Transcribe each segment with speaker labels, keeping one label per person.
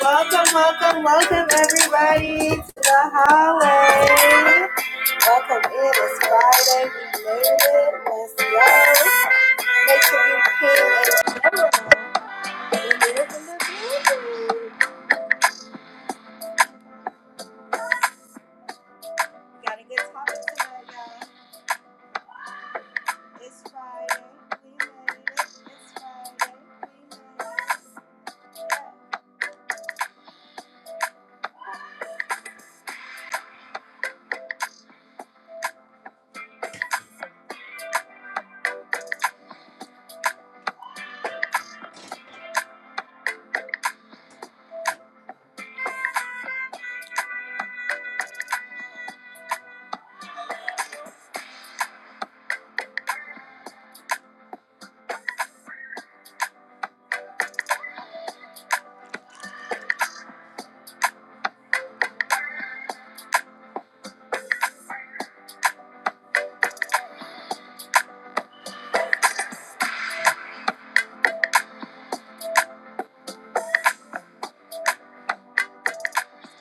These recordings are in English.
Speaker 1: Welcome, welcome, welcome everybody to the hallway. Welcome in. It's Friday. We made it. Let's go. Make sure you pin and share. We live in the building. We got a good topic tonight, y'all. It's Friday. We made it. It's Friday. We made it.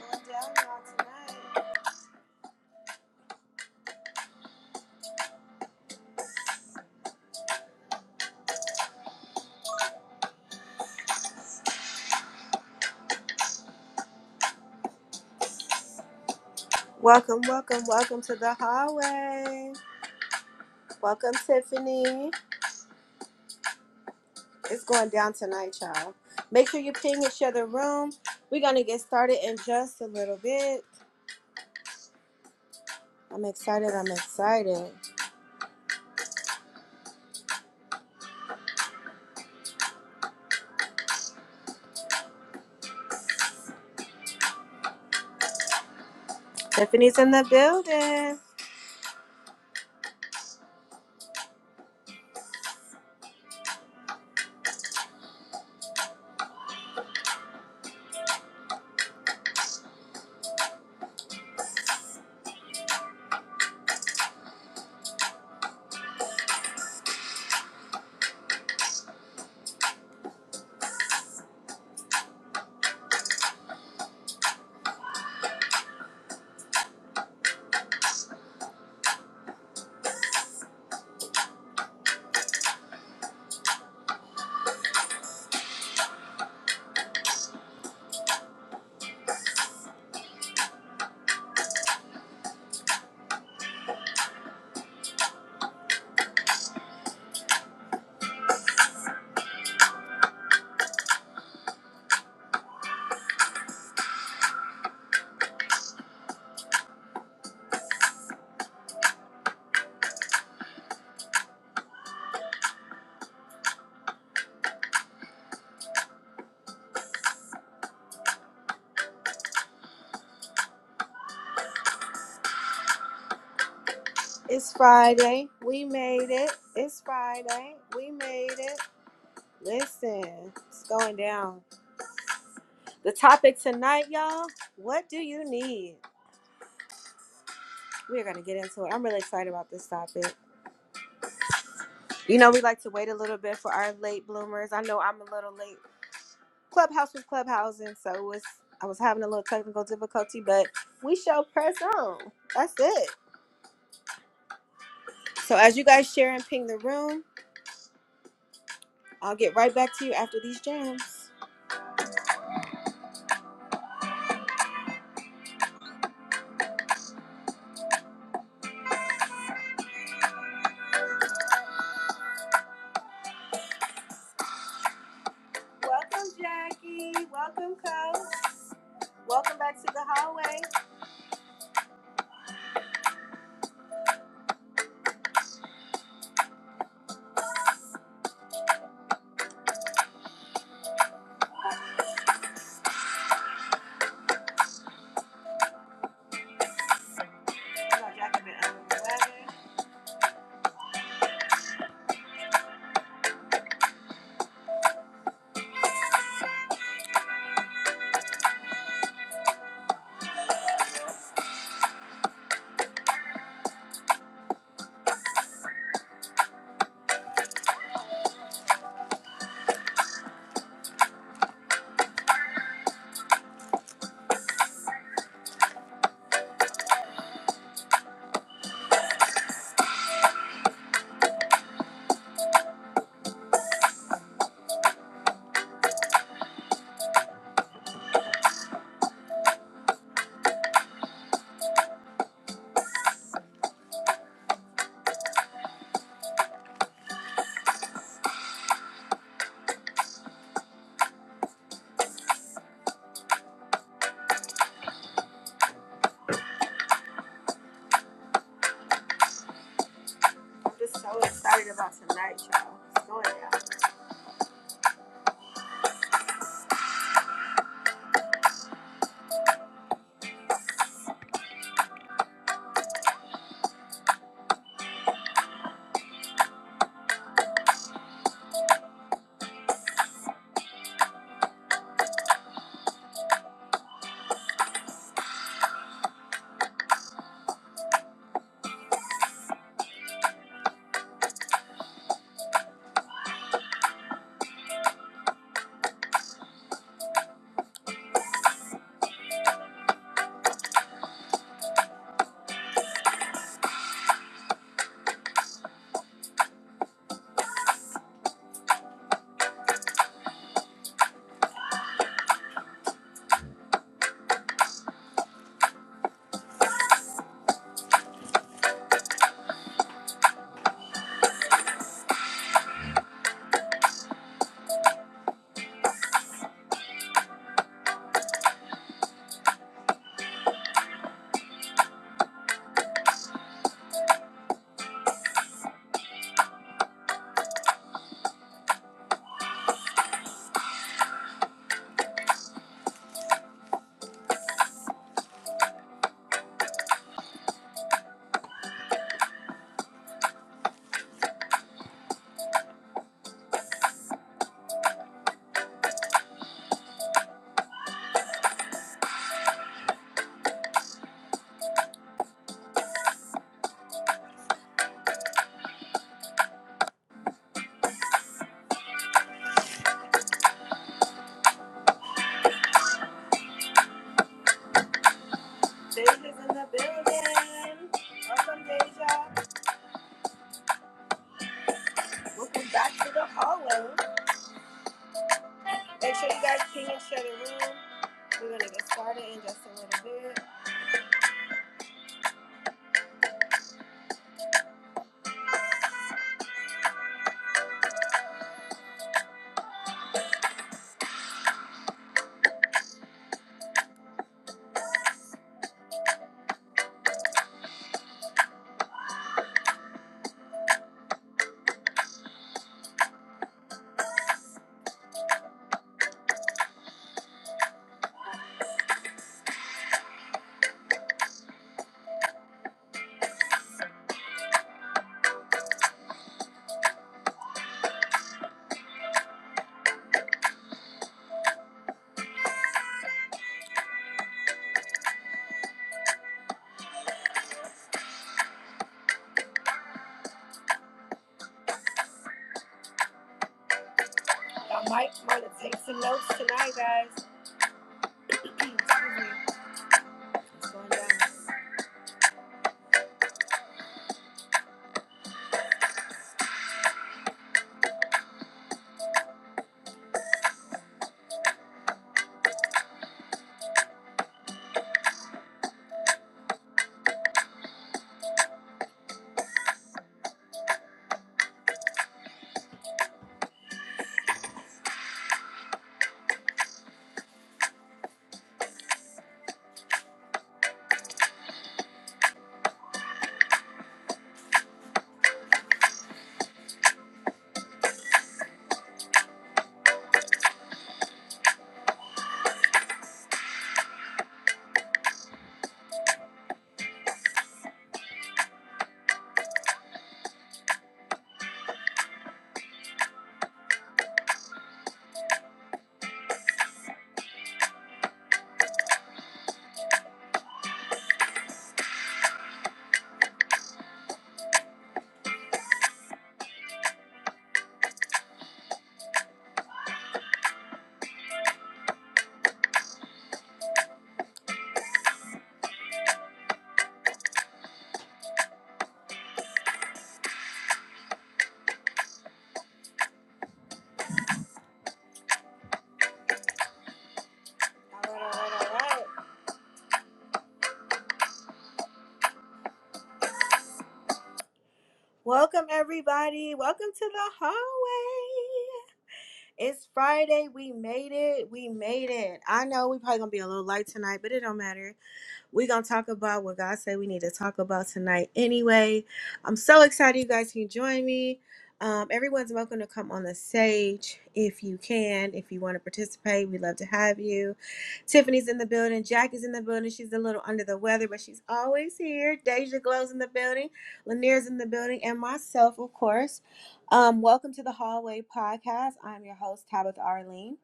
Speaker 1: It's going down, y'all, tonight. Welcome, welcome, welcome to the hallway. Welcome, Tiffany. It's going down tonight, y'all. Make sure you ping and share the room. We're gonna get started in just a little bit. I'm excited. I'm excited. Tiffany's in the building. It's Friday. We made it. It's Friday. We made it. Listen, it's going down. The topic tonight, y'all. What do you need? We're gonna get into it. I'm really excited about this topic. You know, we like to wait a little bit for our late bloomers. I know I'm a little late Clubhouse was clubhousing, so it was I was having a little technical difficulty, but we shall press on. That's it. So as you guys share and ping the room, I'll get right back to you after these jams. Welcome, Jackie. Welcome, Coach. Welcome back to the hallway. You know, Jackie been under the weather. I'm just so excited about tonight, y'all. It's going down. Deja's in the building. Welcome, Deja. Welcome back to the hallway. Make sure you guys ping and share the room. We're gonna get started in just a little bit. Y'all might want to take some notes tonight, guys. Excuse me. It's going down. All right, all right, all right. Welcome everybody. Welcome to the hallway. It's Friday. We made it. We made it. I know we probably gonna be a little light tonight, but it don't matter. We're gonna talk about what God said we need to talk about tonight. Anyway, I'm so excited you guys can join me. Um, everyone's welcome to come on the stage if you can. If you want to participate, we'd love to have you. Tiffany's in the building. Jack is in the building. She's a little under the weather, but she's always here. Deja Glow's in the building. Lanier's in the building, and myself, of course. Um, welcome to the Hallway Podcast. I'm your host, Tabitha Arlene.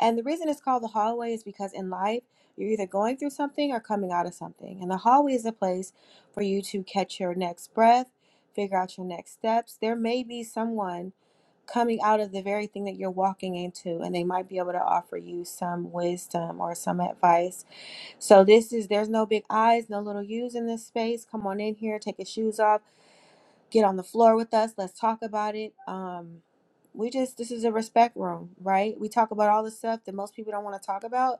Speaker 1: And the reason it's called the hallway is because in life, you're either going through something or coming out of something. And the hallway is a place for you to catch your next breath, figure out your next steps. There may be someone coming out of the very thing that you're walking into, and they might be able to offer you some wisdom or some advice. So, this is there's no big eyes, no little U's in this space. Come on in here, take your shoes off, get on the floor with us. Let's talk about it. Um, we just, this is a respect room, right? We talk about all the stuff that most people don't want to talk about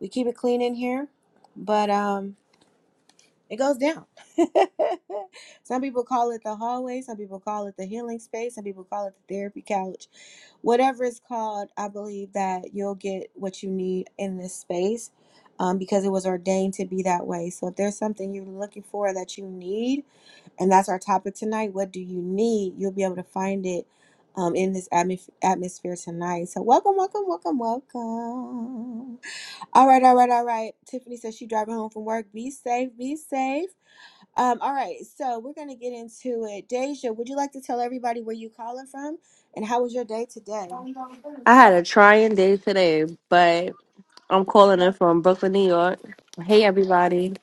Speaker 1: we keep it clean in here, but um, it goes down. some people call it the hallway, some people call it the healing space, some people call it the therapy couch. Whatever it's called, I believe that you'll get what you need in this space um, because it was ordained to be that way. So if there's something you're looking for that you need, and that's our topic tonight, what do you need? You'll be able to find it. Um, in this atmos- atmosphere tonight. So, welcome, welcome, welcome, welcome. All right, all right, all right. Tiffany says she's driving home from work. Be safe, be safe. Um, all right, so we're gonna get into it. Deja, would you like to tell everybody where you calling from and how was your day today?
Speaker 2: I had a trying day today, but I'm calling in from Brooklyn, New York. Hey everybody.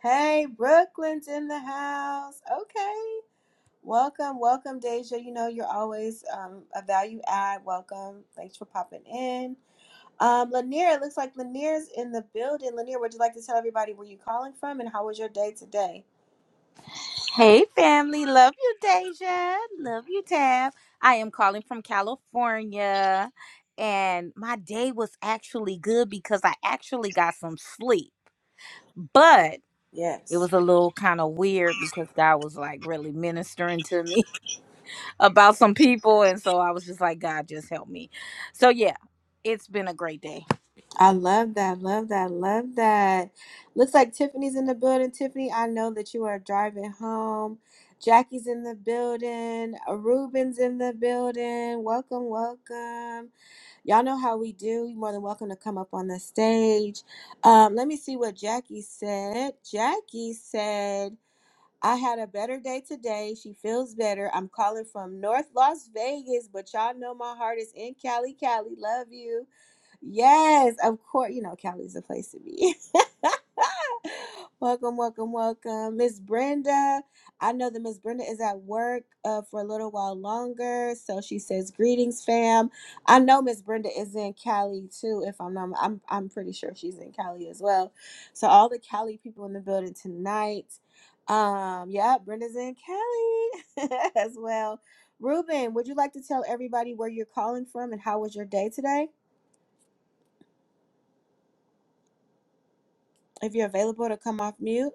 Speaker 1: Hey, Brooklyn's in the house. Okay, welcome, welcome, Deja. You know you're always um, a value add. Welcome. Thanks for popping in. Um, Lanier, it looks like Lanier's in the building. Lanier, would you like to tell everybody where you calling from and how was your day today?
Speaker 3: Hey, family. Love you, Deja. Love you, Tab. I am calling from California, and my day was actually good because I actually got some sleep. But it
Speaker 1: Yes.
Speaker 3: was a little kind of weird because God was like really ministering to me about some people. And so I was just like, God, just help me. So, yeah, it's been a great day.
Speaker 1: I love that. Love that. Love that. Looks like Tiffany's in the building. Tiffany, I know that you are driving home. Jackie's in the building. Ruben's in the building. Welcome, welcome. Y'all know how we do. You're more than welcome to come up on the stage. Um, let me see what Jackie said. Jackie said, I had a better day today. She feels better. I'm calling from North Las Vegas, but y'all know my heart is in Cali, Cali. Love you. Yes, of course. You know, Cali's the place to be. welcome, welcome, welcome. Miss Brenda. I know that Miss Brenda is at work uh, for a little while longer. So she says, Greetings, fam. I know Miss Brenda is in Cali too. If I'm not, I'm, I'm pretty sure she's in Cali as well. So all the Cali people in the building tonight. Um, yeah, Brenda's in Cali as well. Ruben, would you like to tell everybody where you're calling from and how was your day today? If you're available to come off mute.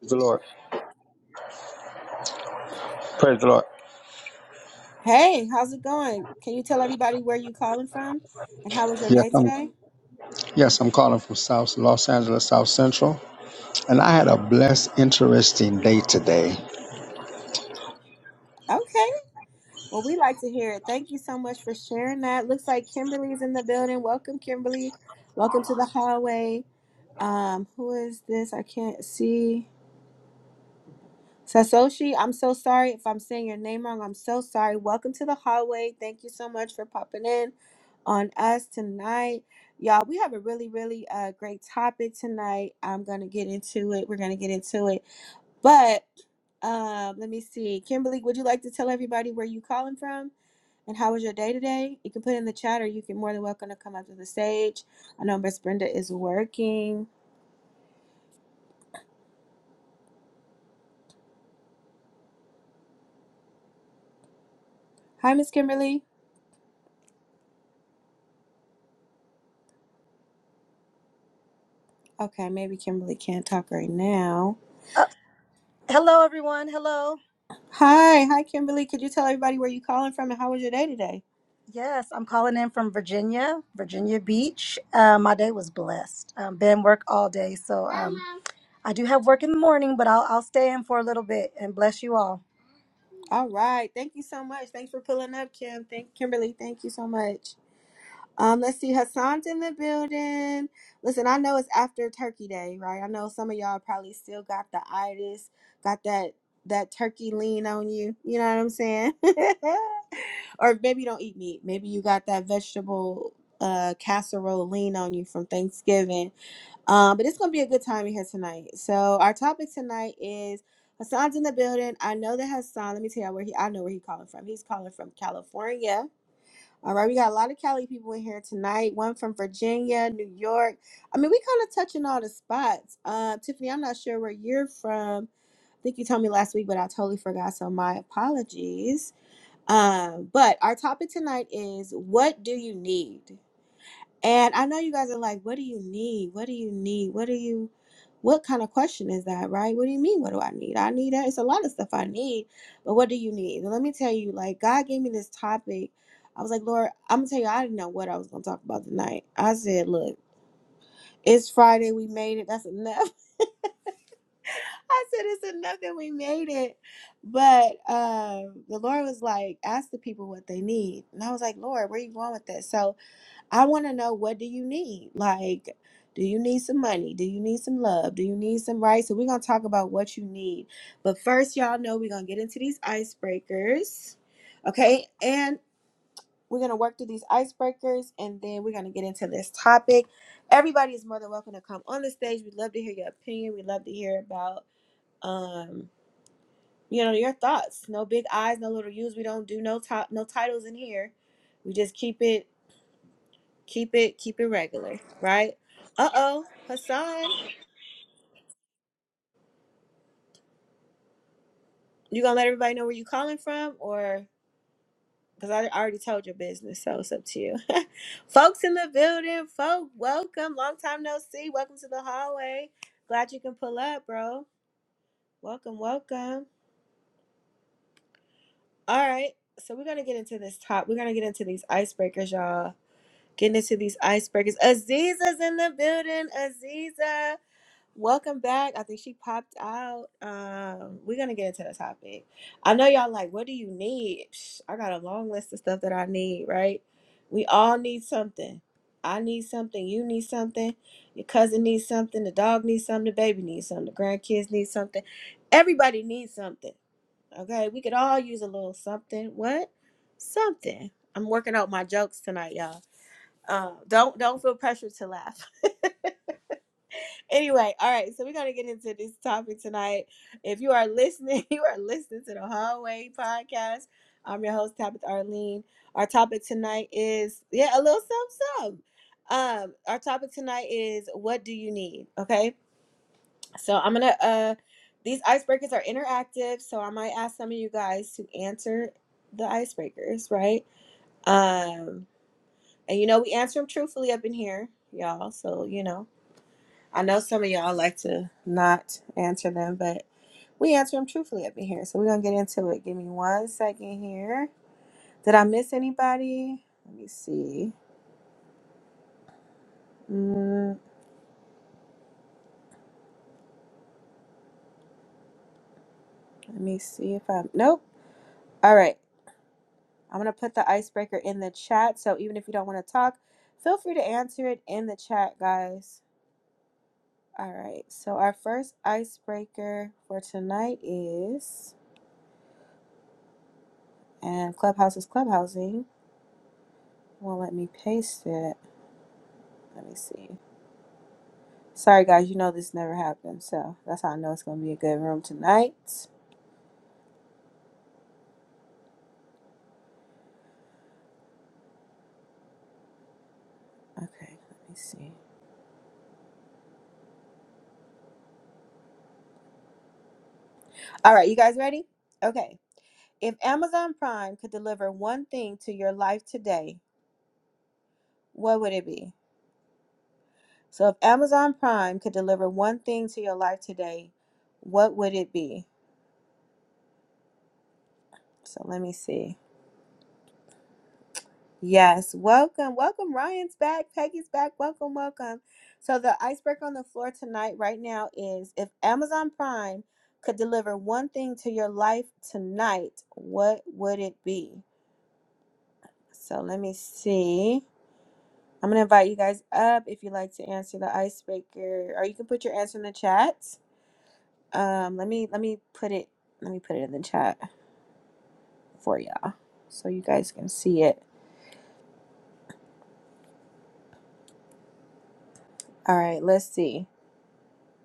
Speaker 4: Praise the Lord. Praise the Lord.
Speaker 1: Hey, how's it going? Can you tell everybody where you calling from and how was your
Speaker 4: Yes,
Speaker 1: day
Speaker 4: I'm
Speaker 1: today?
Speaker 4: yes, I'm calling from South Los Angeles, South Central. And I had a blessed, interesting day today.
Speaker 1: Okay. Well, we like to hear it. Thank you so much for sharing that. Looks like Kimberly's in the building. Welcome, Kimberly. Welcome to the hallway. Um, who is this? I can't see. Sasoshi, I'm so sorry if I'm saying your name wrong. I'm so sorry. Welcome to the hallway. Thank you so much for popping in on us tonight. Y'all, we have a really, really uh, great topic tonight. I'm going to get into it. We're going to get into it. But um, let me see. Kimberly, would you like to tell everybody where you calling from and how was your day today? You can put it in the chat or you can more than welcome to come up to the stage. I know Miss Brenda is working. Hi, Miss Kimberly. Okay, maybe Kimberly can't talk right now.
Speaker 5: Uh, hello, everyone. Hello.
Speaker 1: Hi, hi Kimberly. Could you tell everybody where you calling from and how was your day today?
Speaker 5: Yes, I'm calling in from Virginia, Virginia Beach. Uh, my day was blessed. Um, been work all day, so um, I do have work in the morning, but I'll I'll stay in for a little bit and bless you all.
Speaker 1: All right. Thank you so much. Thanks for pulling up, Kim. Thank Kimberly. Thank you so much. Um, let's see, Hassan's in the building. Listen, I know it's after Turkey Day, right? I know some of y'all probably still got the itis, got that that turkey lean on you. You know what I'm saying? or maybe you don't eat meat. Maybe you got that vegetable uh casserole lean on you from Thanksgiving. Um, but it's gonna be a good time in here tonight. So our topic tonight is Hassan's in the building. I know that Hassan, let me tell you where he I know where he's calling from. He's calling from California all right, we got a lot of Cali people in here tonight. One from Virginia, New York. I mean, we kind of touching all the spots. Uh, Tiffany, I'm not sure where you're from. I think you told me last week, but I totally forgot, so my apologies. Um, but our topic tonight is what do you need? And I know you guys are like, what do you need? What do you need? What do you, what kind of question is that, right? What do you mean? What do I need? I need that. It's a lot of stuff I need, but what do you need? And let me tell you, like, God gave me this topic. I was like, Lord, I'm gonna tell you, I didn't know what I was gonna talk about tonight. I said, look, it's Friday. We made it. That's enough. I said, it's enough that we made it. But um, the Lord was like, ask the people what they need. And I was like, Lord, where you going with this? So, I want to know what do you need? Like, do you need some money? Do you need some love? Do you need some right? So we're gonna talk about what you need. But first, y'all know we're gonna get into these icebreakers. Okay, and we're gonna work through these icebreakers and then we're gonna get into this topic. Everybody is more than welcome to come on the stage. We'd love to hear your opinion. We'd love to hear about um, you know, your thoughts. No big eyes, no little U's. We don't do no top no titles in here. We just keep it Keep it keep it regular, right? Uh oh, Hassan, you gonna let everybody know where you calling from, or because I already told your business, so it's up to you. Folks in the building, folk, welcome. Long time no see. Welcome to the hallway. Glad you can pull up, bro. Welcome, welcome. All right, so we're gonna get into this top. We're gonna get into these icebreakers, y'all. Getting into these icebreakers. Aziza's in the building. Aziza. Welcome back. I think she popped out. Um, we're gonna get into the topic. I know y'all like, what do you need? Psh, I got a long list of stuff that I need, right? We all need something. I need something, you need something, your cousin needs something, the dog needs something, the baby needs something, the grandkids need something. Everybody needs something. Okay, we could all use a little something. What? Something. I'm working out my jokes tonight, y'all. Uh, don't don't feel pressured to laugh. Anyway, all right, so we're gonna get into this topic tonight. If you are listening, you are listening to the Hallway Podcast. I'm your host, Tabitha Arlene. Our topic tonight is yeah, a little something. something. Um, our topic tonight is what do you need? Okay, so I'm gonna uh, these icebreakers are interactive, so I might ask some of you guys to answer the icebreakers, right? Um, and you know we answer them truthfully up in here, y'all. So you know. I know some of y'all like to not answer them, but we answer them truthfully up in here. So we're gonna get into it. Give me one second here. Did I miss anybody? Let me see. Mm, let me see if I'm. Nope. All right. I'm gonna put the icebreaker in the chat. So even if you don't want to talk, feel free to answer it in the chat, guys. All right. So our first icebreaker for tonight is, and Clubhouse is clubhousing. Won't let me paste it. Let me see. Sorry, guys, you know this never happened, so that's how I know it's gonna be a good room tonight. Okay, let me see. All right, you guys ready? Okay. If Amazon Prime could deliver one thing to your life today, what would it be? So, if Amazon Prime could deliver one thing to your life today, what would it be? So, let me see. Yes, welcome, welcome. Ryan's back, Peggy's back. Welcome, welcome. So, the icebreaker on the floor tonight, right now, is if Amazon Prime could deliver one thing to your life tonight, what would it be? So, let me see. I'm going to invite you guys up if you'd like to answer the icebreaker, or you can put your answer in the chat. Um, let me let me put it let me put it in the chat for y'all so you guys can see it. All right, let's see.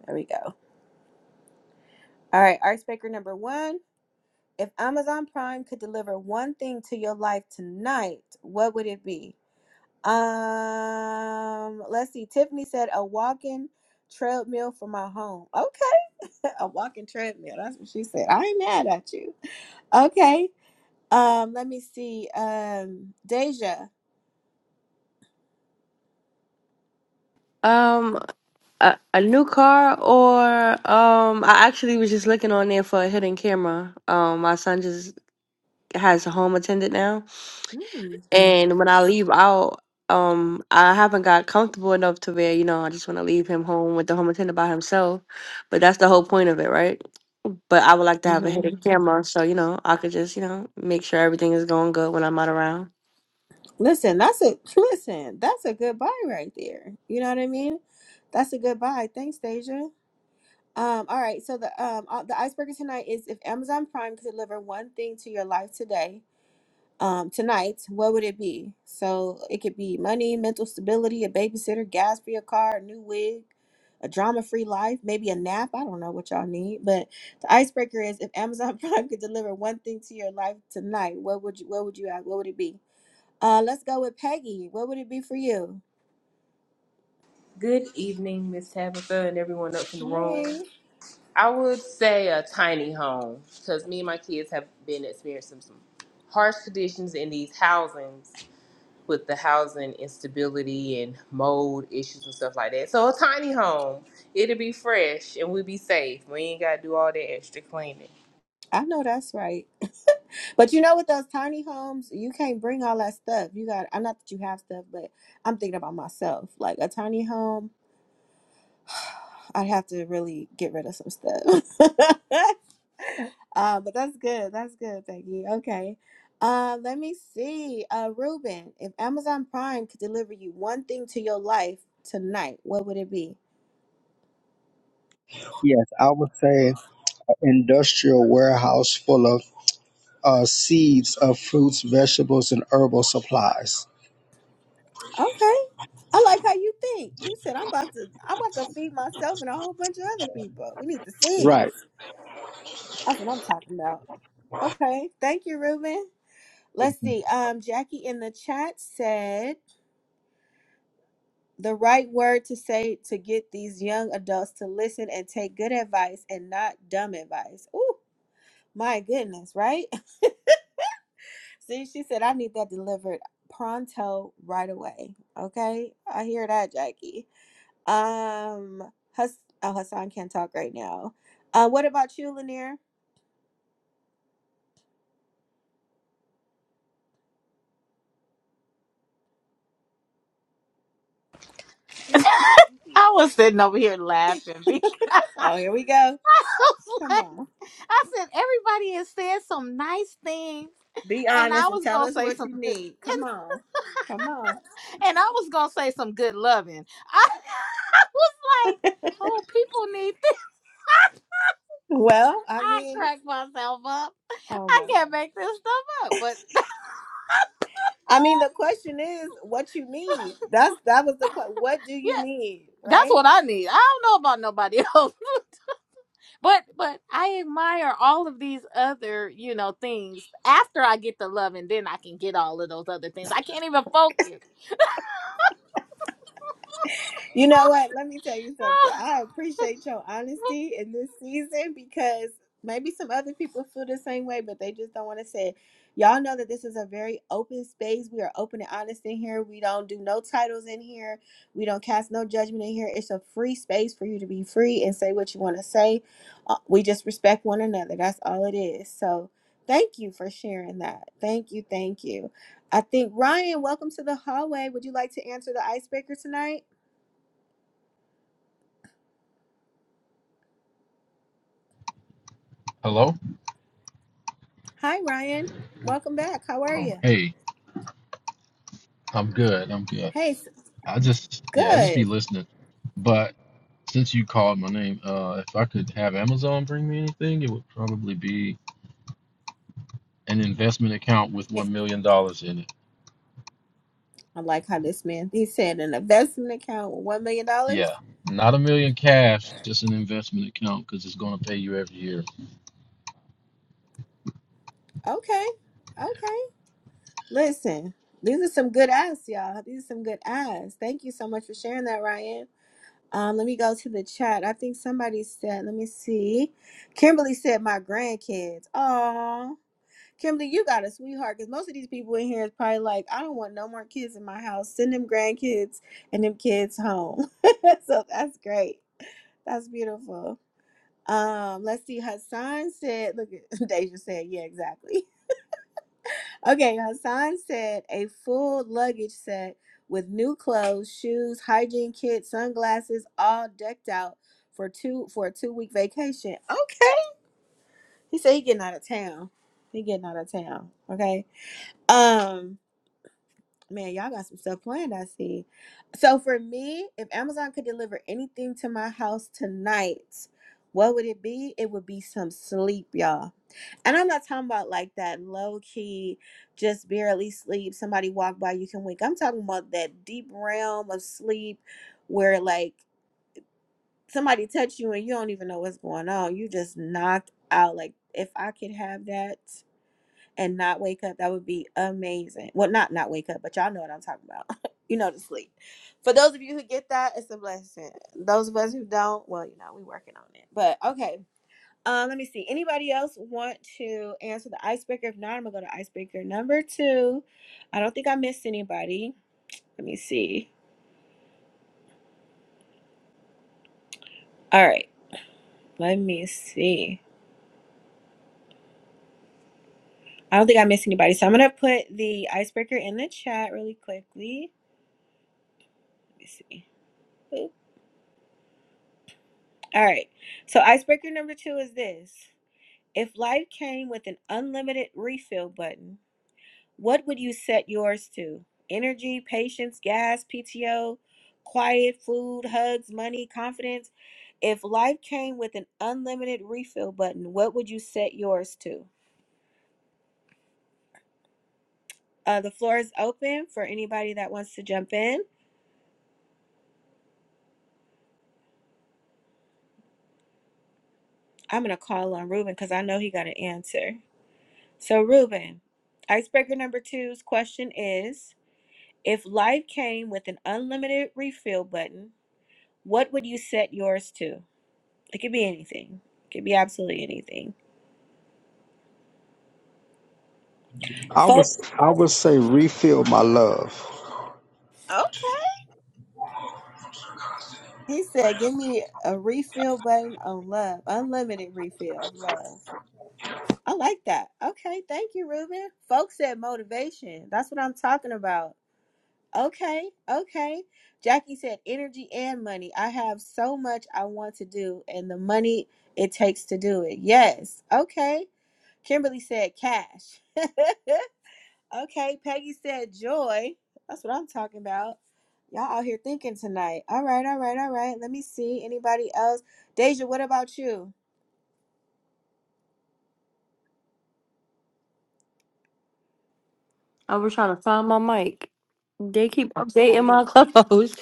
Speaker 1: There we go. All right, icebreaker number one. If Amazon Prime could deliver one thing to your life tonight, what would it be? Um, let's see. Tiffany said a walking treadmill for my home. Okay, a walking treadmill. That's what she said. I ain't mad at you. Okay. Um, let me see. Um, Deja.
Speaker 2: Um a, a new car or um I actually was just looking on there for a hidden camera. Um my son just has a home attendant now.
Speaker 1: Mm.
Speaker 2: And when I leave out, um I haven't got comfortable enough to where, you know, I just want to leave him home with the home attendant by himself. But that's the whole point of it, right? But I would like to have a
Speaker 1: hmm
Speaker 2: hidden camera so, you know, I could just, you know, make sure everything is going good when I'm not around.
Speaker 1: Listen, that's a listen. That's a good buy right there. You know what I mean? That's a good buy. Thanks, Deja. Um, all right. So the um uh, the icebreaker tonight is if Amazon Prime could deliver one thing to your life today, um, tonight, what would it be? So it could be money, mental stability, a babysitter, gas for your car, a new wig, a drama-free life, maybe a nap. I don't know what y'all need, but the icebreaker is if Amazon Prime could deliver one thing to your life tonight, what would you what would you have? What would it be? Uh, let's go with Peggy. What would it be for you?
Speaker 6: Good evening, Miss Tabitha, and everyone up in the room.
Speaker 1: Hey,
Speaker 6: I would say a tiny home because me and my kids have been experiencing some harsh conditions in these housings with the housing instability and mold issues and stuff like that. So a tiny home, it'll be fresh and we'll be safe. We ain't gotta do all that extra cleaning.
Speaker 1: I know that's right. But you know, with those tiny homes, you can't bring all that stuff. You got, I'm not that you have stuff, but I'm thinking about myself. Like a tiny home, I'd have to really get rid of some stuff. uh, but that's good. That's good, Peggy. Okay. Uh, let me see. Uh, Ruben, if Amazon Prime could deliver you one thing to your life tonight, what would it be?
Speaker 4: Yes, I would say an industrial warehouse full of uh, seeds of fruits, vegetables, and herbal supplies.
Speaker 1: Okay. I like how you think. He said, "I'm about to, I'm about to feed myself and a whole bunch of other people. We need to see."
Speaker 4: Right.
Speaker 1: That's what I'm talking about. Okay. Thank you, Ruben. Let's see. Um, Jackie in the chat said the right word to say to get these young adults to listen and take good advice and not dumb advice. Ooh, my goodness, right? see, she said I need that delivered pronto right away. Okay. I hear that, Jackie. Um Hus- oh, Hassan can't talk right now. Uh, what about you, Lanier?
Speaker 3: I was sitting over here laughing because
Speaker 1: Oh, here we go.
Speaker 3: I was
Speaker 1: Come
Speaker 3: like,
Speaker 1: on.
Speaker 3: I said, everybody has said some nice things
Speaker 1: Be
Speaker 3: And I
Speaker 1: honest and
Speaker 3: was
Speaker 1: tell
Speaker 3: gonna
Speaker 1: us
Speaker 3: say
Speaker 1: what
Speaker 3: some
Speaker 1: you
Speaker 3: good, and,
Speaker 1: need. Come on. Come on.
Speaker 3: I was gonna say some good loving. I, I was like, oh, people need this.
Speaker 1: Well, I
Speaker 3: I
Speaker 1: mean,
Speaker 3: cracked myself up.
Speaker 1: oh
Speaker 3: I
Speaker 1: my. God.
Speaker 3: can't make this stuff up, but
Speaker 1: I mean, the question is what you need. That's that was the question. What do you
Speaker 3: yeah,
Speaker 1: need,
Speaker 3: that's
Speaker 1: right?
Speaker 3: what I need. I don't know about nobody else, but but I admire all of these other you know things. After I get the loving, then I can get all of those other things. I can't even focus.
Speaker 1: You know what? Let me tell you something. I appreciate your honesty in this season because maybe some other people feel the same way, but they just don't want to say it. Y'all know that this is a very open space. We are open and honest in here. We don't do no titles in here. We don't cast no judgment in here. It's a free space for you to be free and say what you want to say. Uh, We just respect one another. That's all it is. So thank you for sharing that. Thank you. Thank you. I think, Ryan, welcome to the hallway. Would you like to answer the icebreaker tonight?
Speaker 7: Hello?
Speaker 1: Hi, Ryan. Welcome back. How are
Speaker 7: Oh,
Speaker 1: you?
Speaker 7: hey, I'm good. I'm good.
Speaker 1: Hey, s-
Speaker 7: I just, yeah, I just be
Speaker 1: good.
Speaker 7: listening. But since you called my name, uh, if I could have Amazon bring me anything, it would probably be an investment account with
Speaker 1: Eh,
Speaker 7: $1 million dollars in it.
Speaker 1: I like how this man, he said an investment account with $1 million. dollars.
Speaker 7: Yeah, not a million cash, just an investment account because it's going to pay you every year.
Speaker 1: Okay. Okay. Listen, these are some good ads, y'all. These are some good ads. Thank you so much for sharing that, Ryan. Um, let me go to the chat. I think somebody said, let me see. Kimberly said, my grandkids. Aw. Kimberly, you got a sweetheart because most of these people in here is probably like, I don't want no more kids in my house. Send them grandkids and them kids home. so that's great. That's beautiful. Um, let's see. Hassan said, look at Deja said, yeah, exactly. Okay, Hassan said a full luggage set with new clothes, shoes, hygiene kit, sunglasses, all decked out for two for a two week vacation. Okay. He said he getting out of town. He getting out of town. Okay. Um Man, y'all got some stuff planned, I see. So for me, if Amazon could deliver anything to my house tonight, what would it be? It would be some sleep, y'all. And I'm not talking about like that low key, just barely sleep. Somebody walk by, you can wake. I'm talking about that deep realm of sleep where like somebody touch you and you don't even know what's going on. You just knocked out. Like if I could have that and not wake up, that would be amazing. Well, not not wake up, but y'all know what I'm talking about. you know, to sleep. For those of you who get that, it's a blessing. Those of us who don't, well, you know, we working on it. But okay. Um, let me see. Anybody else want to answer the icebreaker? If not, I'm gonna go to icebreaker number two. I don't think I missed anybody. Let me see. All right, let me see. I don't think I missed anybody, so I'm gonna put the icebreaker in the chat really quickly. Let me see. Boop. All right. So icebreaker number two is this. If life came with an unlimited refill button, what would you set yours to? Energy, patience, gas, PTO, quiet, food, hugs, money, confidence. If life came with an unlimited refill button, what would you set yours to? Uh, the floor is open for anybody that wants to jump in. I'm going to call on Ruben because I know he got an answer. So, Ruben, icebreaker number two's question is If life came with an unlimited refill button, what would you set yours to? It could be anything. It could be absolutely anything.
Speaker 4: I was
Speaker 1: Folks,
Speaker 4: I would say refill my love.
Speaker 1: okay. He said, "Give me a refill button on love, unlimited refill of love." I like that. Okay, thank you, Ruben. Folks said motivation. That's what I'm talking about. Okay, okay. Jackie said energy and money. I have so much I want to do, and the money it takes to do it. Yes. Okay. Kimberly said cash. okay, Peggy said joy. That's what I'm talking about. Y'all out here thinking tonight. All right, all right, all right. Let me see. Anybody else? Deja, what about you?
Speaker 2: I was trying to find my mic. They keep
Speaker 1: Oh,
Speaker 2: updating
Speaker 1: you
Speaker 2: my clubhouse.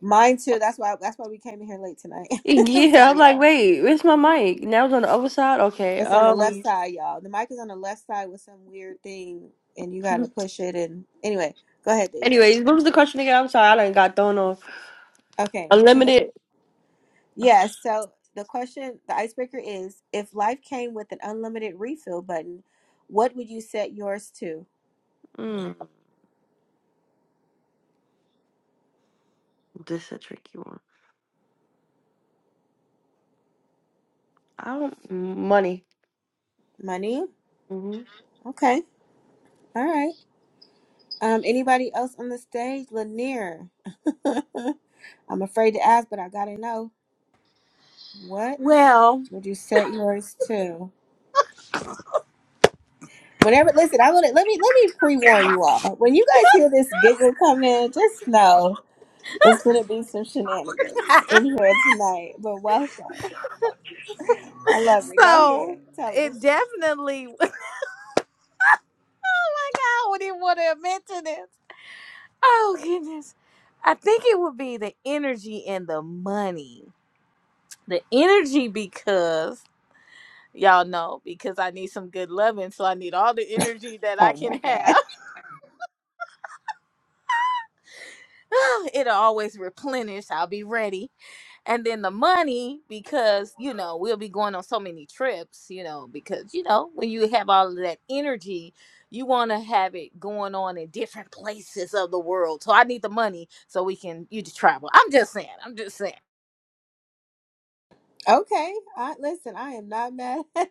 Speaker 1: mine too. That's why that's why we came in here late tonight. I'm
Speaker 2: yeah, I'm
Speaker 1: sorry,
Speaker 2: like,
Speaker 1: y'all.
Speaker 2: wait, where's my mic? Now it's on the other side. Okay.
Speaker 1: It's on the left
Speaker 2: Um.
Speaker 1: side, y'all. The mic is on the left side with some weird thing and you gotta push it and anyway, go ahead, Deja.
Speaker 2: Anyways, what was the question again? I'm sorry, I done got thrown off.
Speaker 1: Okay. so
Speaker 2: Unlimited.
Speaker 1: Yes. so the question, the icebreaker is if life came with an unlimited refill button, what would you set yours to?
Speaker 2: Mm, this is a tricky one. I don't money.
Speaker 1: Money?
Speaker 2: Mm-hmm.
Speaker 1: Okay. All right. Um, anybody else on the stage? Lanier. I'm afraid to ask, but I gotta know. What
Speaker 3: well.
Speaker 1: would you set yours to? Whenever listen, I wanna let me let me pre warn you all. When you guys hear this giggle come in, just know it's gonna be some shenanigans in here tonight. But welcome. I love it. Go ahead.
Speaker 3: So
Speaker 1: Tell
Speaker 3: it
Speaker 1: us.
Speaker 3: definitely. Oh my God! Would even want to admit to this? Oh goodness! I think it would be the energy and the money. The energy because y'all know because I need some good loving, so I need all the energy that I
Speaker 1: Oh my
Speaker 3: can
Speaker 1: God.
Speaker 3: have. It'll always replenish. I'll be ready. and then the money because you know we'll be going on so many trips you know because you know when you have all of that energy you want to have it going on in different places of the world so i need the money so we can you to travel i'm just saying i'm just saying
Speaker 1: Okay. I, listen, I am not mad.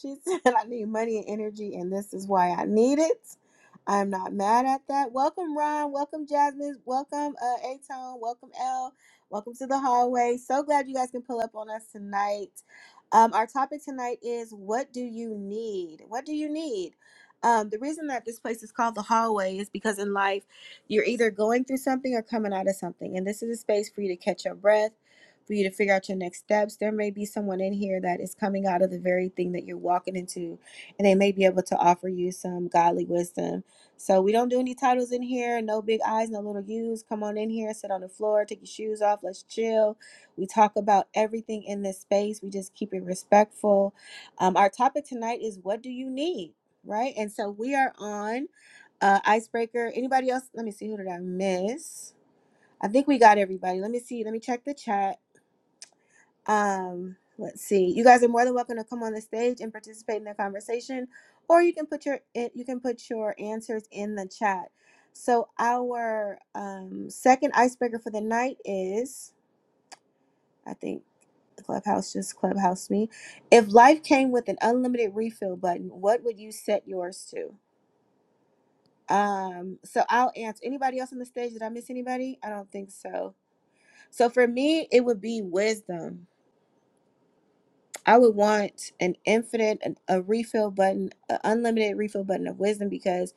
Speaker 1: she said, I need money and energy, and this is why I need it. I'm not mad at that. Welcome, Ron. Welcome, Jasmine. Welcome, uh, Atone. Welcome, L. Welcome to the hallway. So glad you guys can pull up on us tonight. Um, our topic tonight is what do you need? What do you need? Um, the reason that this place is called the hallway is because in life, you're either going through something or coming out of something. And this is a space for you to catch your breath for you to figure out your next steps. There may be someone in here that is coming out of the very thing that you're walking into, and they may be able to offer you some godly wisdom. So, we don't do any titles in here, no big I's, no little U's. Come on in here, sit on the floor, take your shoes off, let's chill. We talk about everything in this space, we just keep it respectful. Um, our topic tonight is what do you need, right? And so, we are on uh, Icebreaker. Anybody else? Let me see, who did I miss? I think we got everybody. Let me see. Let me check the chat. Um, let's see. You guys are more than welcome to come on the stage and participate in the conversation, or you can put your eh, you can put your answers in the chat. So our um, second icebreaker for the night is, I think the clubhouse just clubhouse me. If life came with an unlimited refill button, what would you set yours to? Um, so I'll answer. Anybody else on the stage? Did I miss anybody? I don't think so. So for me, it would be wisdom I would want an infinite, an- a refill button, an unlimited refill button of wisdom because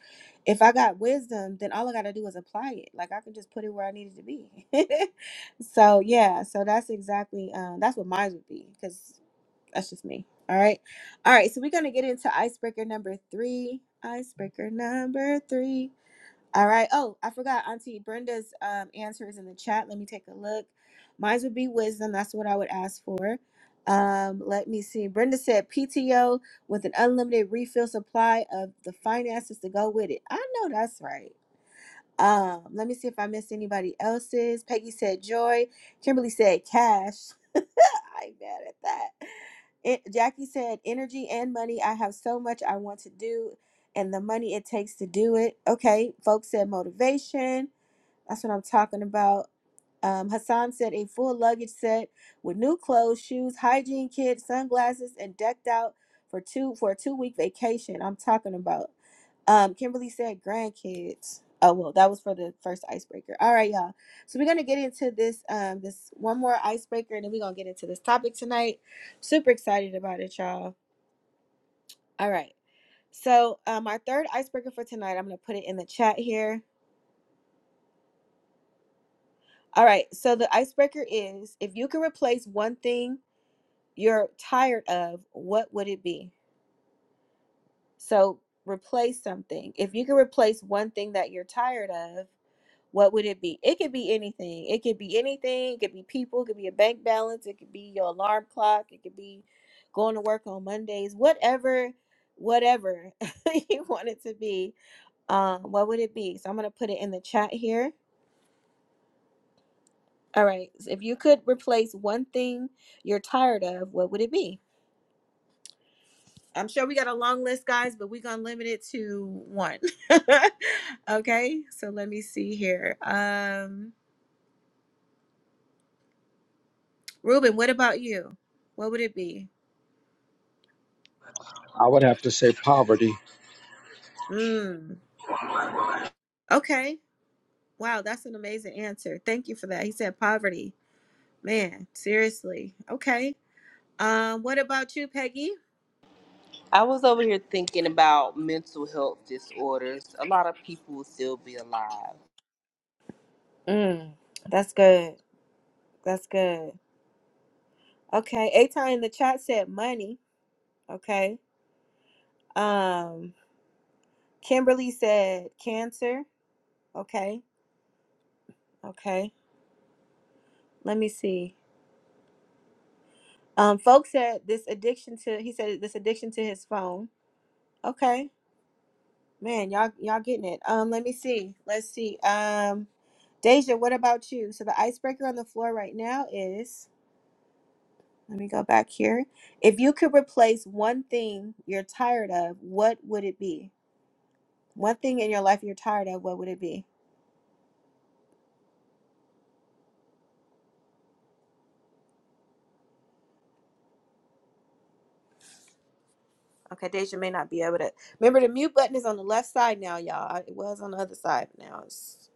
Speaker 1: if I got wisdom, then all I got to do is apply it. Like I can just put it where I need it to be. so yeah, so that's exactly um, that's what mine would be because that's just me. All right, all right. So we're gonna get into icebreaker number three. Icebreaker number three. All right. Oh, I forgot. Auntie Brenda's um, answer is in the chat. Let me take a look. Mine would be wisdom. That's what I would ask for. Um, let me see. Brenda said PTO with an unlimited refill supply of the finances to go with it. I know that's right. Um, let me see if I missed anybody else's. Peggy said joy. Kimberly said cash. I'm mad at that. It, Jackie said energy and money. I have so much I want to do and the money it takes to do it. Okay. Folks said motivation. That's what I'm talking about. Um, Hassan said a full luggage set with new clothes, shoes, hygiene kit, sunglasses, and decked out for two for a two week vacation. I'm talking about. Um, Kimberly said grandkids. Oh well, that was for the first icebreaker. All right, y'all. So we're gonna get into this um this one more icebreaker, and then we're gonna get into this topic tonight. Super excited about it, y'all. All right. So um, our third icebreaker for tonight, I'm gonna put it in the chat here. All right. So the icebreaker is if you could replace one thing you're tired of, what would it be? So replace something. If you could replace one thing that you're tired of, what would it be? It could be anything. It could be anything. It could be people. It could be a bank balance. It could be your alarm clock. It could be going to work on Mondays. Whatever, whatever you want it to be. Um, what would it be? So I'm gonna put it in the chat here. All right. So if you could replace one thing you're tired of, what would it be? I'm sure we got a long list, guys, but we're gonna limit it to one. okay. So let me see here. Um, Ruben, what about you? What would it be?
Speaker 4: I would have to say poverty.
Speaker 1: Mm. Okay. Wow, that's an amazing answer. Thank you for that. He said poverty. Man, seriously. Okay. Um, what about you, Peggy?
Speaker 6: I was over here thinking about mental health disorders. A lot of people will still be alive.
Speaker 1: Mm, that's good. That's good. Okay. Aton in the chat said money. Okay. Um, Kimberly said cancer. Okay, okay. Let me see. Um, folks said this addiction to. He said this addiction to his phone. Okay, man, y'all y'all getting it. Um, let me see. Let's see. Um, Deja, what about you? So the icebreaker on the floor right now is. Let me go back here. If you could replace one thing you're tired of, what would it be? One thing in your life you're tired of, what would it be? Okay, Deja may not be able to. Remember, the mute button is on the left side now, y'all. It was on the other side, but now it's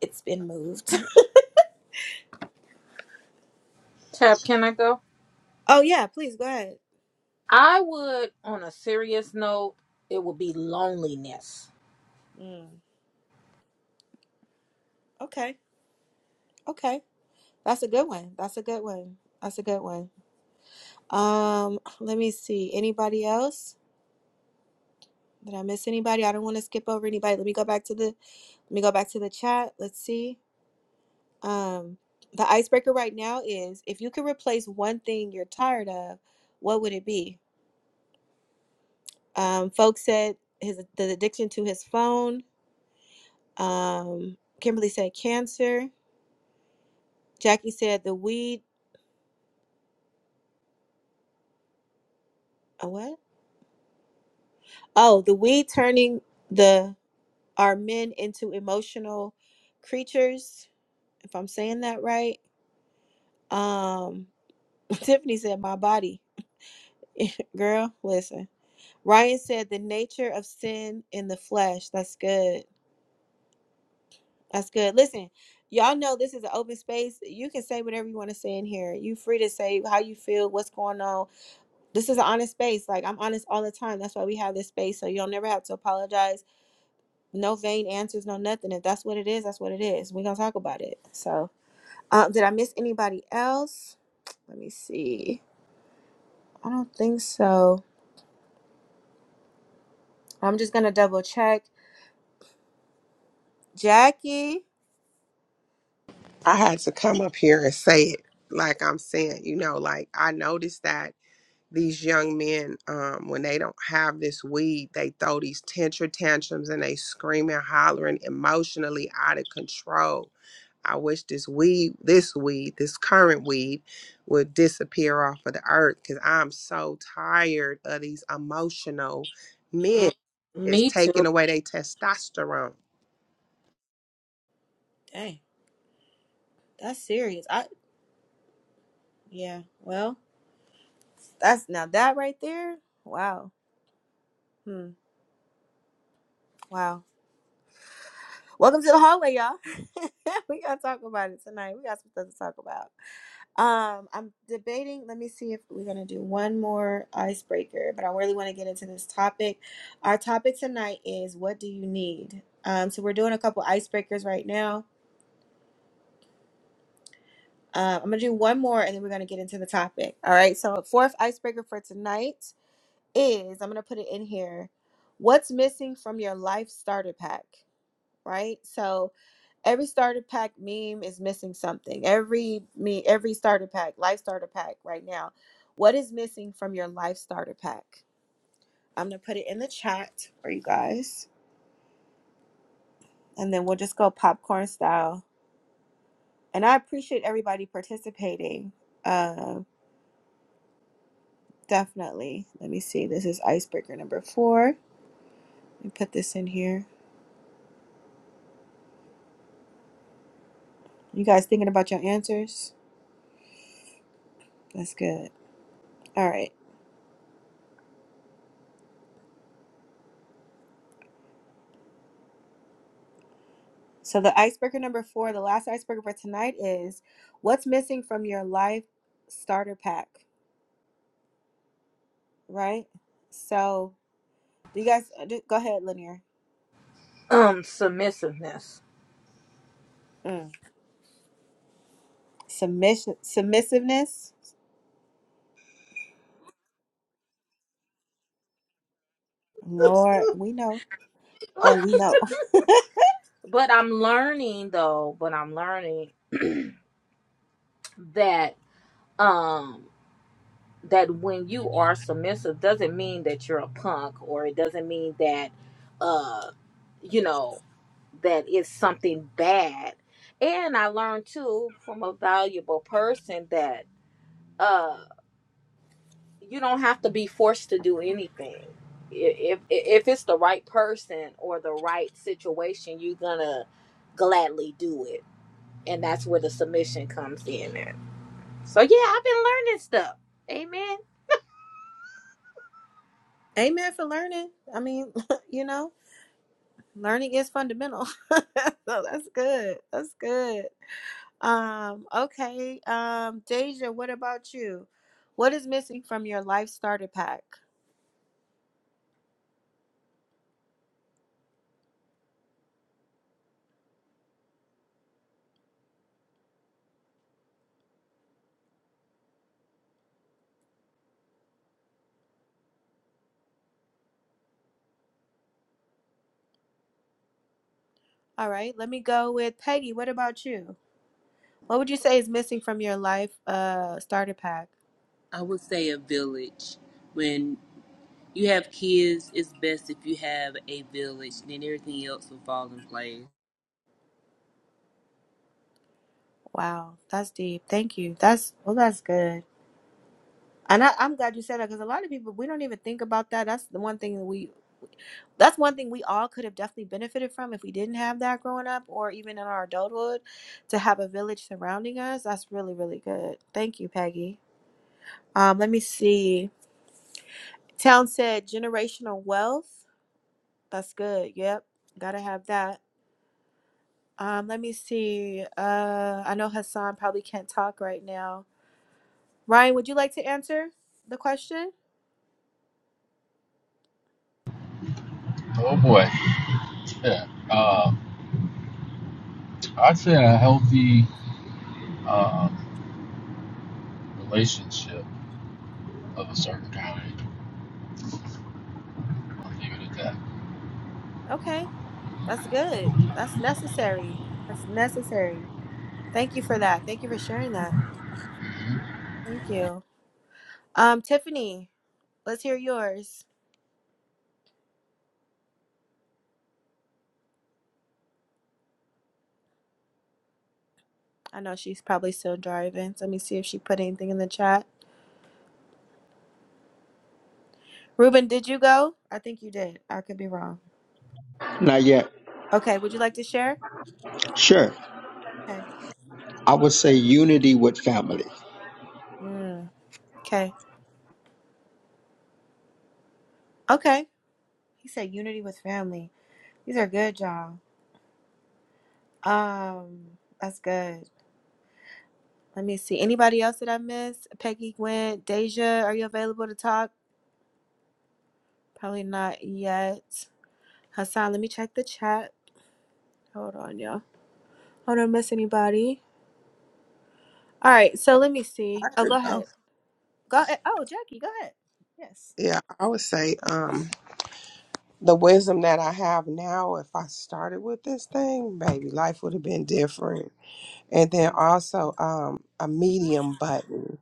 Speaker 1: it's been moved.
Speaker 3: tab can i go
Speaker 1: oh yeah, please go ahead.
Speaker 3: i would on a serious note it would be loneliness
Speaker 1: Mm, okay, okay, that's a good one. That's a good one. That's a good one. Um, let me see. Anybody else? Did I miss anybody? I don't want to skip over anybody. Let me go back to the. Let me go back to the chat. Let's see. Um, the icebreaker right now is if you could replace one thing you're tired of, what would it be? Um, folks said his the addiction to his phone. Um, Kimberly said cancer. Jackie said the weed. A what? Oh, the weed turning the our men into emotional creatures. If I'm saying that right. Um, Tiffany said my body. Girl, listen. Ryan said the nature of sin in the flesh. That's good. That's good. Listen, y'all know this is an open space. You can say whatever you want to say in here. You free to say how you feel, what's going on. This is an honest space. Like I'm honest all the time. That's why we have this space. So you'll never have to apologize. No vain answers, no nothing. If that's what it is, that's what it is. We're gonna talk about it. So um, did I miss anybody else? Let me see. I don't think so. I'm just gonna double check. Jackie.
Speaker 8: I had to come up here and say it like I'm saying, you know, like I noticed that these young men, um, when they don't have this weed, they throw these tantrum tantrums and they screaming, hollering, emotionally out of control. I wish this weed, this weed, this current weed would disappear off of the earth because I'm so tired of these emotional men. It's
Speaker 3: me
Speaker 8: taking
Speaker 3: too
Speaker 8: away their testosterone.
Speaker 1: Dang, that's serious. I yeah, well, that's now that right there. Wow. Hmm. Wow. Welcome to the hallway, y'all. we gotta talk about it tonight. We got some stuff to talk about. Um, I'm debating. Let me see if we're gonna do one more icebreaker, but I really want to get into this topic. Our topic tonight is what do you need? Um, so we're doing a couple icebreakers right now. Um, I'm gonna do one more, and then we're gonna get into the topic. All right. So the fourth icebreaker for tonight is I'm gonna put it in here. What's missing from your life starter pack? Right. So every starter pack meme is missing something. Every me every starter pack, life starter pack right now. What is missing from your life starter pack? I'm gonna put it in the chat for you guys. And then we'll just go popcorn style. And I appreciate everybody participating. Uh definitely. Let me see. This is icebreaker number four. Let me put this in here. You guys thinking about your answers? That's good. All right. So the icebreaker number four, the last icebreaker for tonight is what's missing from your life starter pack, right? So do you guys uh, do- go ahead, Lanier?
Speaker 3: um submissiveness
Speaker 1: Mm. Submission, submissiveness. Lord, we know. Oh, we know.
Speaker 3: but i'm learning though but i'm learning that um that when you are submissive doesn't mean that you're a punk or it doesn't mean that uh you know that it's something bad and i learned too from a valuable person that uh you don't have to be forced to do anything if if, if it's the right person or the right situation you're gonna gladly do it and that's where the submission comes in at. so yeah i've been learning stuff amen
Speaker 1: Amen for learning. I mean, you know, learning is fundamental. so that's good. That's good. Um, okay. Um, Deja, what about you? What is missing from your life starter pack? All right, let me go with Peggy. What about you? What would you say is missing from your life uh starter pack?
Speaker 6: I would say a village. when. you have kids, it's best if you have a village, then everything else will fall in place.
Speaker 1: Wow, that's deep. Thank you. That's well, that's good. And I, I'm glad you said that because a lot of people we don't even think about that. That's the one thing that we that's one thing we all could have definitely benefited from if we didn't have that growing up or even in our adulthood to have a village surrounding us. That's really, really good. Thank you, Peggy. Um, let me see. Town said generational wealth. That's good. Yep. Gotta have that. Um, let me see. Uh, I know Hassan probably can't talk right now. Ryan, would you like to answer the question?
Speaker 7: Oh boy. Yeah. Uh, I'd say a healthy um, relationship of a certain kind. I'll leave it at
Speaker 1: Okay, that's good. That's necessary. That's necessary. Thank you for that. Thank you for sharing that.
Speaker 7: that.
Speaker 1: Thank you. Um, Tiffany, let's hear yours. I know she's probably still driving. so Let me see if she put anything in the chat. Ruben, did you go? I think you did. I could be wrong.
Speaker 4: Not yet.
Speaker 1: Okay, would you like to share?
Speaker 4: Sure.
Speaker 1: Okay.
Speaker 4: I would say unity with family.
Speaker 1: Mm, okay. Okay. He said unity with family. These are good, y'all. Um, that's good. Let me see. Anybody else that I missed? Peggy Gwen, Deja, are you available to talk? Probably not yet. Hassan, let me check the chat. Hold on, y'all. I don't miss anybody. All right, so let me see.
Speaker 8: I
Speaker 1: Oh,
Speaker 8: could
Speaker 1: go ahead.
Speaker 8: go.
Speaker 1: Go ahead. Oh, Jackie, go ahead. Yes.
Speaker 8: Yeah, I would say um the wisdom that I have now, if I started with this thing, baby, life would have been different. And then also um, a medium button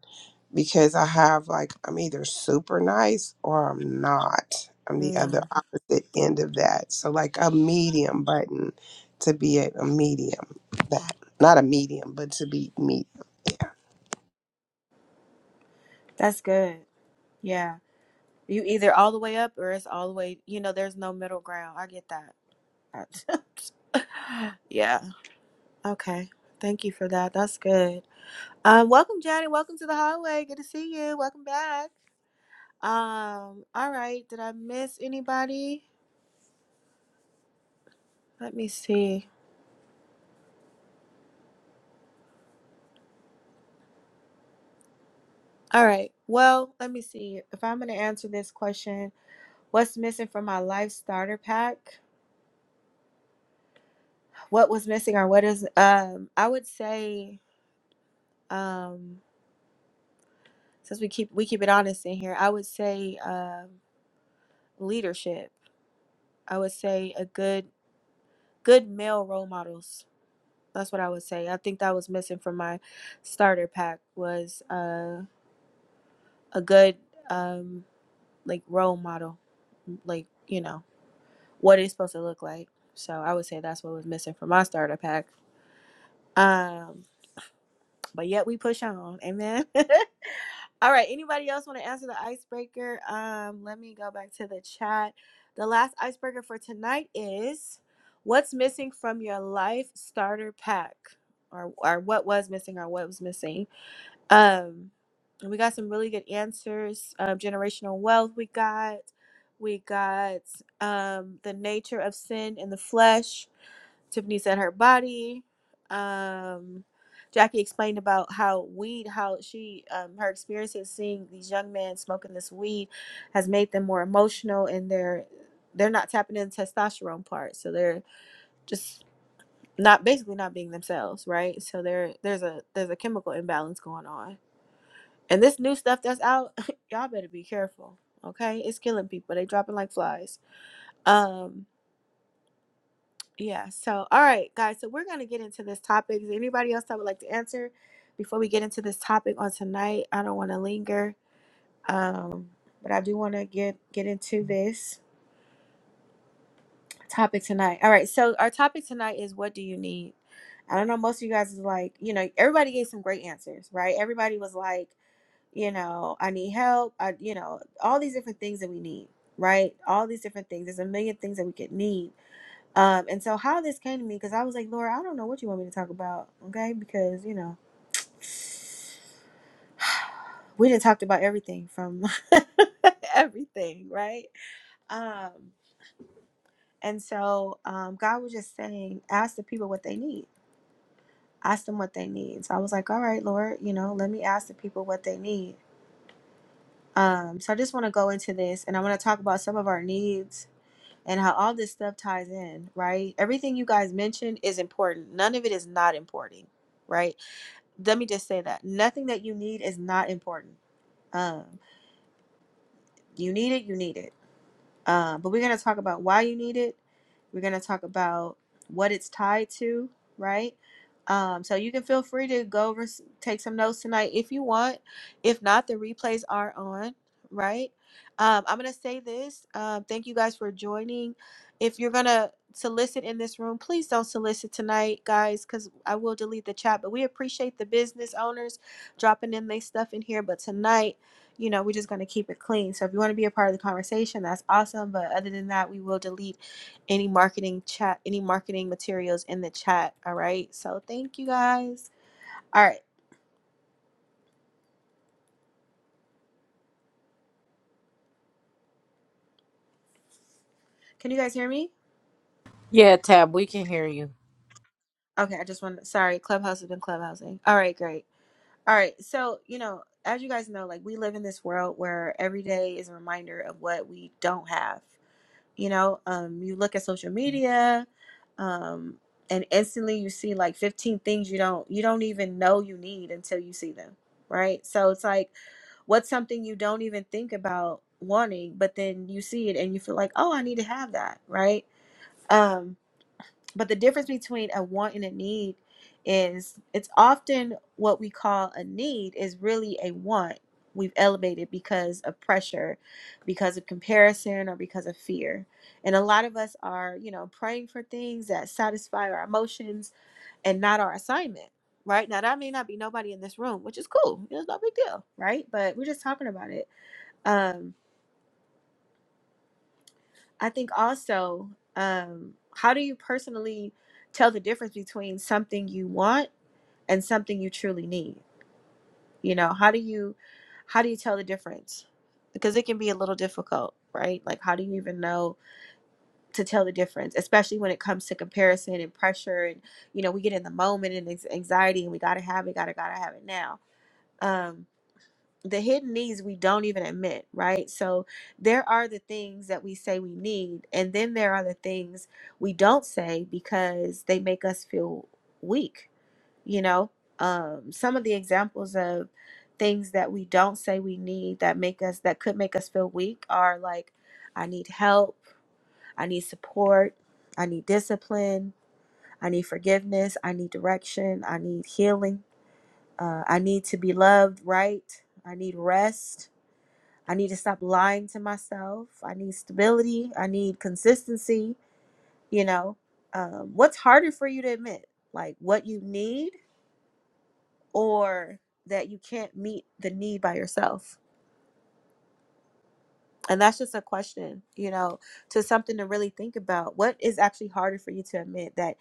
Speaker 8: because I have like I'm either super nice or I'm not. I'm the other
Speaker 1: Mm,
Speaker 8: opposite end of that. So like a medium button to be a, a medium that not a medium, but to be medium.
Speaker 1: that's good. Yeah. You either all the way up or it's all the way, you know, there's no middle ground. I get that. yeah. Okay. Thank you for that. That's good. Um, welcome, Johnny. Welcome to the hallway. Good to see you. Welcome back. Um, all right. Did I miss anybody? Let me see. All right. Well, let me see. If I'm gonna answer this question, what's missing from my life starter pack? What was missing or what is um I would say um since we keep we keep it honest in here, I would say um leadership. I would say a good good male role models That's what I would say. I think that was missing from my starter pack was uh, a good um, like role model, like you know what it's supposed to look like. So I would say that's what was missing from my starter pack. Um, but yet we push on, amen. All right. Anybody else want to answer the icebreaker? Um, let me go back to the chat. The last icebreaker for tonight is what's missing from your life starter pack, or or what was missing, or what was missing Um, and we got some really good answers. Um, generational wealth, we got. We got um, the nature of sin in the flesh. Tiffany said her body. Um, Jackie explained about how weed, how she, um, her experiences seeing these young men smoking this weed has made them more emotional and they're, they're not tapping into testosterone part. So they're just not basically not being themselves. Right. So there, there's a, there's a chemical imbalance going on and this new stuff that's out, y'all better be careful. Okay? It's killing people. They dropping like flies. Um, yeah. So all right, guys. So we're gonna get into this topic. Is there anybody else that would like to answer before we get into this topic on tonight? I don't wanna linger. Um, but I do wanna get get into this topic tonight. All right, so our topic tonight is what do you need? I don't know, most of you guys is like, you know, everybody gave some great answers, right? Everybody was like you know, I need help, I, you know, all these different things that we need, right? All these different things. There's a million things that we could need. Um, and so how this came to me, because I was like, Laura, I don't know what you want me to talk about, okay? Because, you know, we didn't talked about everything from everything, right? Um, and so um, God was just saying, ask the people what they need. Ask them what they need. So I was like, all right, Lord, you know, let me ask the people what they need. Um, so I just want to go into this and I want to talk about some of our needs and how all this stuff ties in, right? Everything you guys mentioned is important. None of it is not important, right? Let me just say that. Nothing that you need is not important. Um, you need it, you need it. Uh, but we're going to talk about why you need it. We're going to talk about what it's tied to, right? Um, so you can feel free to go over, take some notes tonight if you want. If not, the replays are on, right? Um, I'm going to say this. Um, thank you guys for joining. If you're going to solicit in this room, please don't solicit tonight, guys, because I will delete the chat. But we appreciate the business owners dropping in their stuff in here. But tonight, you know, we're just going to keep it clean. So if you want to be a part of the conversation, that's awesome. But other than that, we will delete any marketing chat, any marketing materials in the chat. All right. So thank you guys. All right. Can you guys hear me?
Speaker 3: yeah tab we can hear you
Speaker 1: Okay. I just want to, sorry. Clubhouse has been clubhousing. All right. Great. All right. So, you know, as you guys know, like we live in this world where every day is a reminder of what we don't have. you know um, you look at social media um, and instantly you see like 15 things you don't you don't even know you need until you see them right so it's like what's something you don't even think about wanting but then you see it and you feel like oh i need to have that right um but the difference between a want and a need is it's often what we call a need is really a want we've elevated because of pressure, because of comparison, or because of fear. And a lot of us are, you know, praying for things that satisfy our emotions and not our assignment, right? Now, that may not be nobody in this room, which is cool. It's no big deal, right? But we're just talking about it. Um, I think also, um, how do you personally tell the difference between something you want? and something you truly need you know how do you how do you tell the difference because it can be a little difficult right like how do you even know to tell the difference especially when it comes to comparison and pressure and you know we get in the moment and it's anxiety and we gotta have it gotta gotta have it now um the hidden needs we don't even admit right so there are the things that we say we need and then there are the things we don't say because they make us feel weak you know um, some of the examples of things that we don't say we need that make us that could make us feel weak are like i need help i need support i need discipline i need forgiveness i need direction i need healing uh, i need to be loved right i need rest i need to stop lying to myself i need stability i need consistency you know um, what's harder for you to admit like what you need or that you can't meet the need by yourself? And that's just a question, you know, to something to really think about. What is actually harder for you to admit that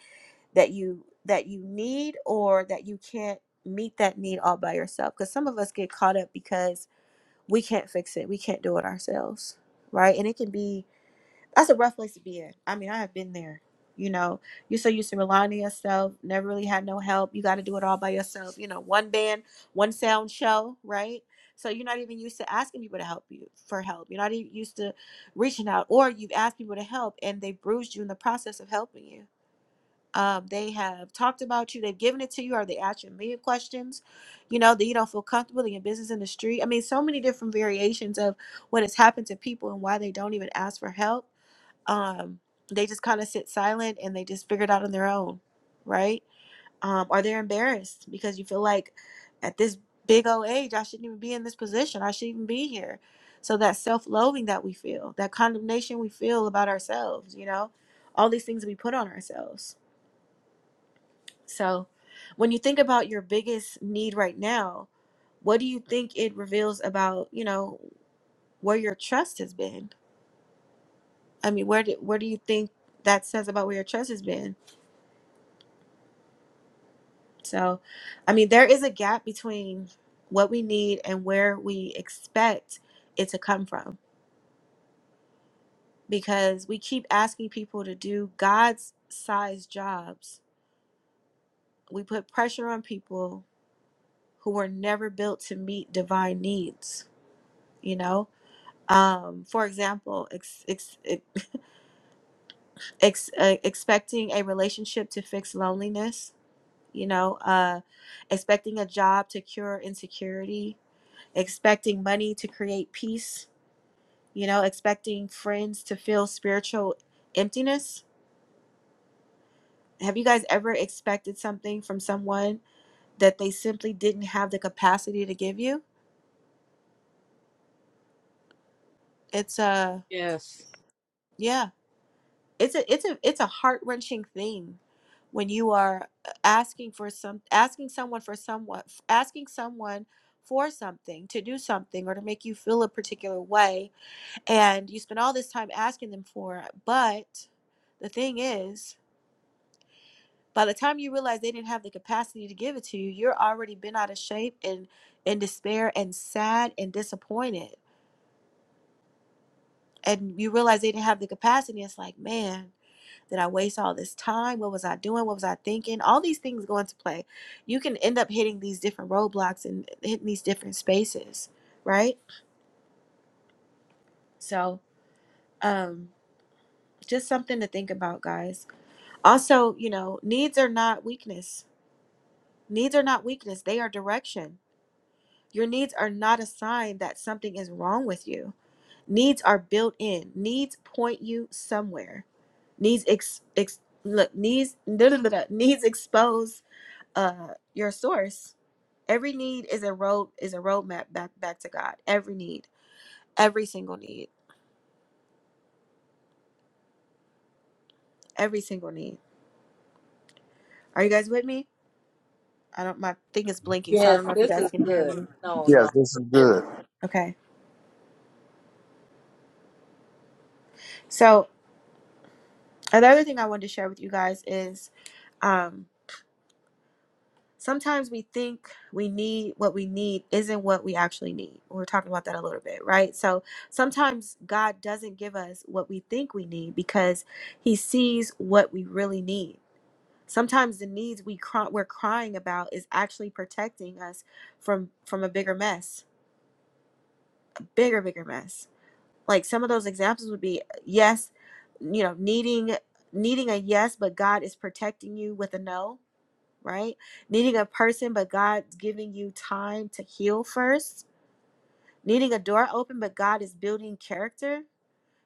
Speaker 1: that you that you need or that you can't meet that need all by yourself? Because some of us get caught up because we can't fix it. We can't do it ourselves. Right. And it can be that's a rough place to be in. I mean, I have been there. You know, you're so used to relying on yourself, never really had no help. You got to do it all by yourself. You know, one band, one sound show, right? So you're not even used to asking people to help you for help. You're not even used to reaching out, or you've asked people to help and they bruised you in the process of helping you. Um, they have talked about you, they've given it to you, or they asked you a million questions, you know, that you don't feel comfortable in your business in the street. I mean, so many different variations of what has happened to people and why they don't even ask for help um, they just kind of sit silent and they just figure it out on their own, right? Um, or they're embarrassed because you feel like at this big old age, I shouldn't even be in this position. I shouldn't even be here. So that self loathing that we feel, that condemnation we feel about ourselves, you know, all these things we put on ourselves. So when you think about your biggest need right now, what do you think it reveals about, you know, where your trust has been? I mean, where do, where do you think that says about where your trust has been? So, I mean, there is a gap between what we need and where we expect it to come from because we keep asking people to do God's size jobs. We put pressure on people who were never built to meet divine needs, you know? Um, for example, ex- ex- ex- ex- uh, expecting a relationship to fix loneliness, you know, uh, expecting a job to cure insecurity, expecting money to create peace you know, expecting friends to feel spiritual emptiness. Have you guys ever expected something from someone that they simply didn't have the capacity to give you? It's a
Speaker 3: Yes.
Speaker 1: yeah, it's a it's a it's a heart-wrenching thing when you are asking for some asking someone for someone asking someone for something to do something or to make you feel a particular way and you spend all this time asking them for it, but the thing is by the time you realize they didn't have the capacity to give it to you you're already been out of shape and in despair and sad and disappointed and you realize they didn't have the capacity it's like man did i waste all this time what was i doing what was i thinking all these things go into play you can end up hitting these different roadblocks and hitting these different spaces right so um just something to think about guys also you know needs are not weakness needs are not weakness they are direction Your needs are not a sign that something is wrong with you. Needs are built in. Needs point you somewhere. Needs ex, ex look needs da, da, da, da, needs expose uh your source. Every need is a road is a roadmap back back to God. Every need, every single need, every single need. Are you guys with me? I don't. My thing is blinking, so I
Speaker 3: Yes,
Speaker 1: don't know if you
Speaker 3: this
Speaker 1: guys
Speaker 3: is
Speaker 1: can hear
Speaker 3: good.
Speaker 1: me.
Speaker 3: No, no.
Speaker 4: Yes, this is
Speaker 3: Good.
Speaker 4: good.
Speaker 1: Okay. So another thing I wanted to share with you guys is, um, sometimes we think we need what we need isn't what we actually need. We We're talking about that a little bit, right? So sometimes God doesn't give us what we think we need because he sees what we really need. Sometimes the needs we cry, we're crying about is actually protecting us from from a bigger mess, bigger bigger mess. Like some of those examples would be yes, you know, needing needing a yes, but God is protecting you with a no right? Needing a person, but God's giving you time to heal first. Needing a door open, but God is building character.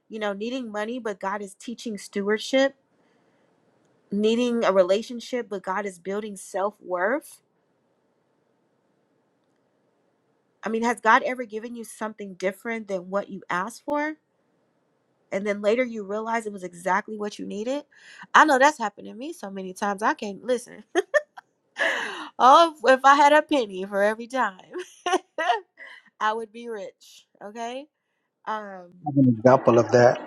Speaker 1: You know, needing money, but God is teaching stewardship. Needing a relationship, but God is building self worth. I mean, has God ever given you something different than what you asked for? And then later you realize it was exactly what you needed? I know that's happened to me so many times. I can't listen. Oh, if I had a penny for every time, I would be rich. Okay. Um,
Speaker 4: An example of that.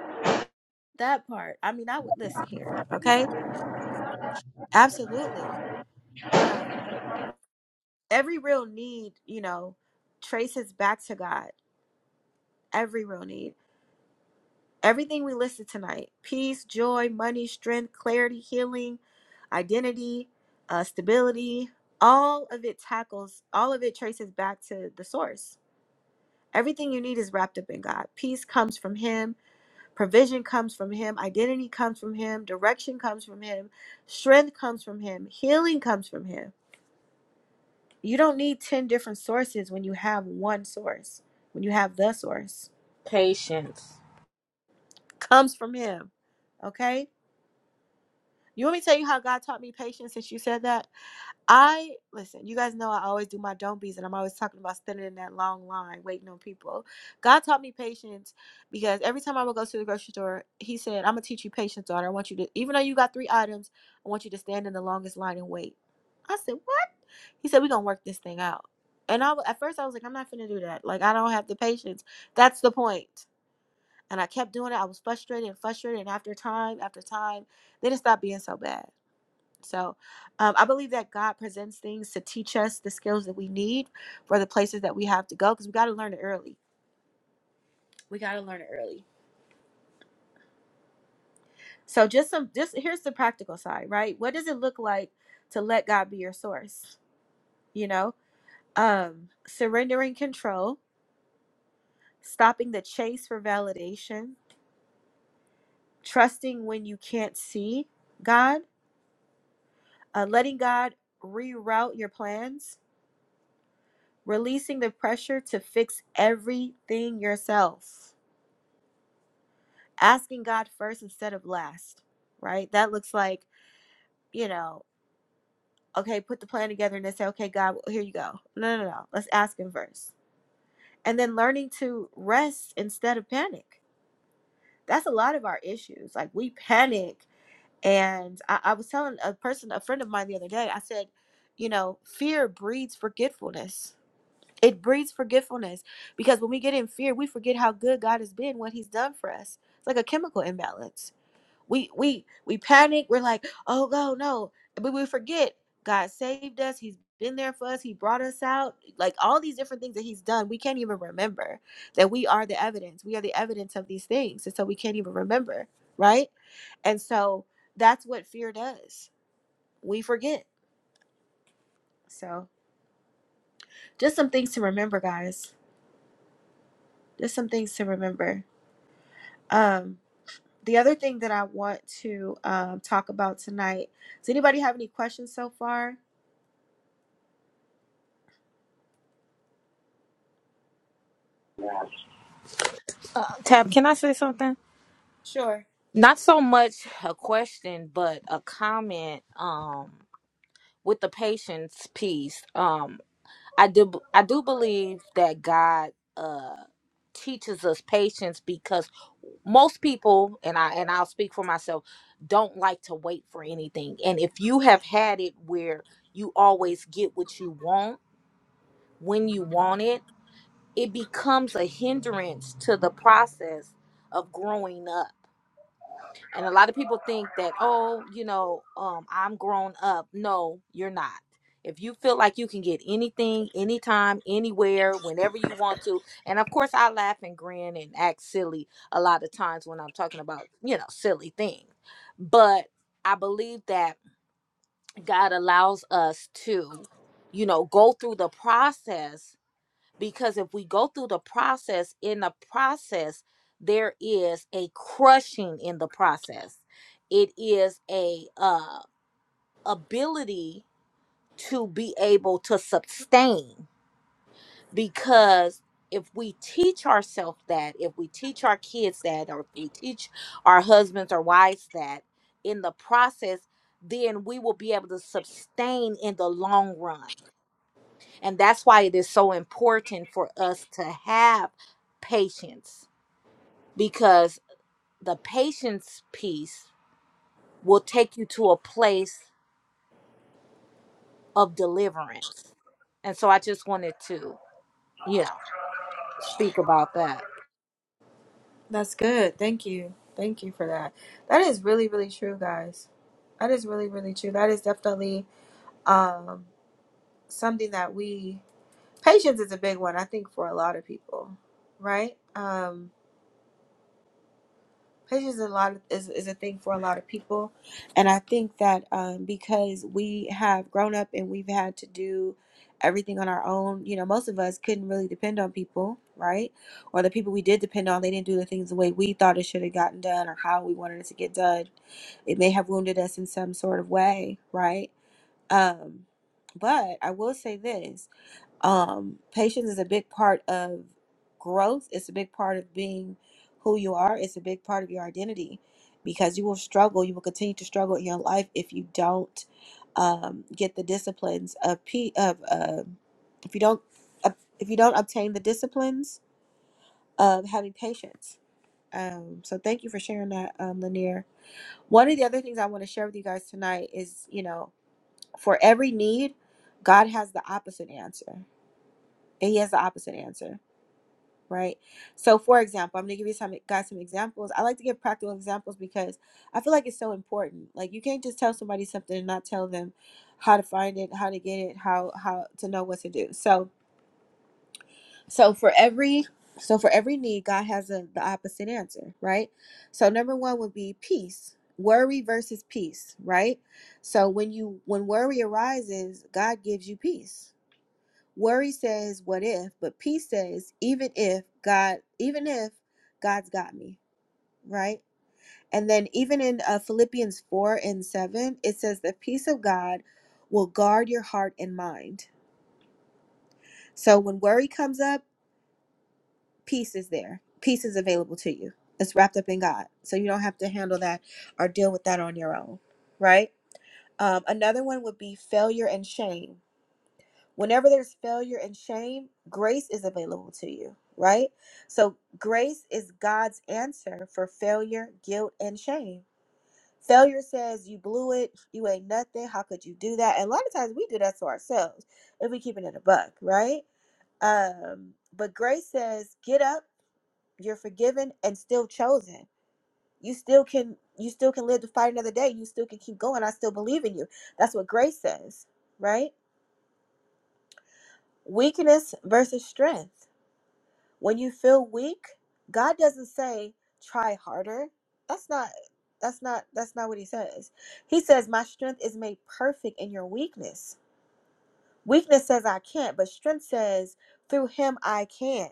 Speaker 1: that part. I mean, I would listen here. Okay. Absolutely. Um, every real need, you know, traces back to God. Every real need. Everything we listed tonight peace, joy, money, strength, clarity, healing, identity, uh, stability all of it tackles, all of it traces back to the source Everything you need is wrapped up in God. Peace comes from Him, provision comes from Him, identity comes from Him, direction comes from Him, strength comes from Him, healing comes from Him. You don't need 10 different sources when you have one source, when you have the source.
Speaker 3: Patience.
Speaker 1: Comes from Him. Okay? You want me to tell you how God taught me patience since you said that? I listen, you guys know I always do my don't be's and I'm always talking about standing in that long line waiting on people. God taught me patience because every time I would go to the grocery store, he said, I'm gonna teach you patience, daughter. I want you to even though you got three items, I want you to stand in the longest line and wait. I said, What? He said, We're gonna work this thing out. And I at first I was like, I'm not gonna do that. Like I don't have the patience. That's the point. And I kept doing it. I was frustrated and frustrated and after time, after time, then it stopped being so bad. So um, I believe that God presents things to teach us the skills that we need for the places that we have to go because we got to learn it early. We got to learn it early. So just some, just here's the practical side, right? What does it look like to let God be your source? You know, um, surrendering control, stopping the chase for validation, trusting when you can't see God, uh, letting God reroute your plans, releasing the pressure to fix everything yourself asking God first instead of last, right? That looks like, you know, okay, put the plan together and then say, okay, God, well, here you go. No, no, no. Let's ask Him first. And then learning to rest instead of panic. That's a lot of our issues. Like we panic. And I, I was telling a person, a friend of mine the other day, I said, you know, fear breeds forgetfulness. It breeds forgetfulness because when we get in fear, we forget how good God has been, what He's done for us. It's like a chemical imbalance we we we panic we're like oh no no but we forget god saved us he's been there for us he brought us out like all these different things that he's done we can't even remember that we are the evidence we are the evidence of these things and so we can't even remember right and so that's what fear does we forget so just some things to remember guys just some things to remember um the other thing that i want to um, talk about tonight does anybody have any questions so far
Speaker 3: Uh, Tab, can I say something?
Speaker 1: sure
Speaker 3: Not so much a question, but a comment um with the patience piece. Um I do I do believe that God uh teaches us patience because most people and I and I'll speak for myself don't like to wait for anything. And if you have had it where you always get what you want when you want it, it becomes a hindrance to the process of growing up. And a lot of people think that, oh, you know, um, I'm grown up. No, you're not. If you feel like you can get anything, anytime, anywhere, whenever you want to, and of course, I laugh and grin and act silly a lot of times when I'm talking about, you know, silly things. But I believe that God allows us to, you know, go through the process because if we go through the process in the process there is a crushing in the process it is a uh ability to be able to sustain because if we teach ourselves that if we teach our kids that or if we teach our husbands or wives that in the process then we will be able to sustain in the long run and that's why it is so important for us to have patience because the patience piece will take you to a place of deliverance. And so I just wanted to, you know, speak about that.
Speaker 1: That's good. Thank you. Thank you for that. That is really, really true, guys. That is really, really true. That is definitely um, something that we patience is a big one, I think, for a lot of people, right? Um, Patience is a lot of, is is a thing for a lot of people, and I think that um, because we have grown up and we've had to do everything on our own, you know, most of us couldn't really depend on people, right? Or the people we did depend on, they didn't do the things the way we thought it should have gotten done or how we wanted it to get done. It may have wounded us in some sort of way, right? Um, but I will say this um, patience is a big part of growth it's a big part of being who you are it's a big part of your identity because you will struggle you will continue to struggle in your life if you don't um, get the disciplines of p of uh, if you don't ob- if you don't obtain the disciplines of having patience um, so thank you for sharing that um, lanier one of the other things i want to share with you guys tonight is you know for every need god has the opposite answer he has the opposite answer right? So, for example, I'm gonna give you some guys some examples. I like to give practical examples because I feel like it's so important. Like you can't just tell somebody something and not tell them how to find it, how to get it, how how to know what to do. So, so for every so for every need, God has a, the opposite answer, right? So, number one would be peace. Worry versus peace, right? So when you when worry arises, God gives you peace, Worry says, what if? But peace says, even if God, even if God's got me, right? And then even in uh, Philippians 4 and 7, it says, the peace of God will guard your heart and mind. So when worry comes up, peace is there. Peace is available to you. It's wrapped up in God. So you don't have to handle that or deal with that on your own, right? Um, another one would be failure and shame Whenever there's failure and shame, grace is available to you, right? So, grace is God's answer for failure, guilt, and shame. Failure says, You blew it. You ain't nothing. How could you do that? And a lot of times we do that to ourselves if we keep it in a buck, right? Um, but grace says, Get up. You're forgiven and still chosen. You still can. You still can live to fight another day. You still can keep going. I still believe in you. That's what grace says, right? Weakness versus strength. When you feel weak, God doesn't say try harder. That's not that's not that's not what he says. He says my strength is made perfect in your weakness. Weakness says I can't, but strength says through him I can.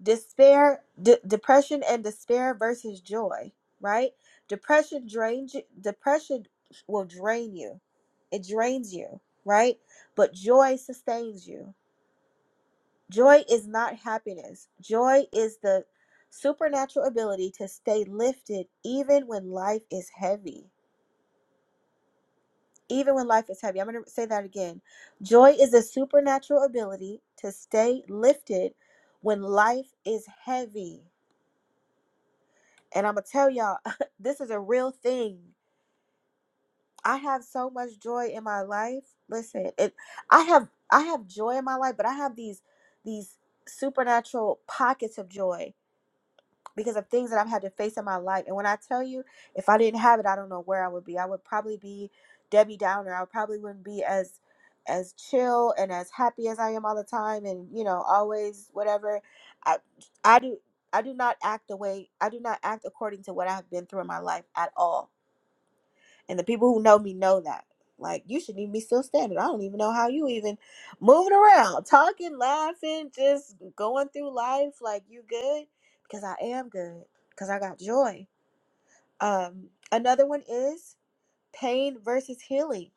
Speaker 1: Despair, de- depression and despair versus joy, right? Depression drains you, depression will drain you. It drains you, right? But joy sustains you. Joy is not happiness. Joy is the supernatural ability to stay lifted even when life is heavy. Even when life is heavy. I'm going to say that again. Joy is a supernatural ability to stay lifted when life is heavy. And I'm going to tell y'all, this is a real thing. I have so much joy in my life. Listen, it, I have I have joy in my life, but I have these these supernatural pockets of joy because of things that I've had to face in my life. And when I tell you, if I didn't have it, I don't know where I would be. I would probably be Debbie Downer. I probably wouldn't be as as chill and as happy as I am all the time and you know, always whatever. I I do I do not act the way I do not act according to what I have been through in my life at all. And the people who know me know that. Like, you shouldn't even be still standing. I don't even know how you even moving around, talking, laughing, just going through life like you good. Because I am good. Because I got joy. Um, another one is pain versus healing.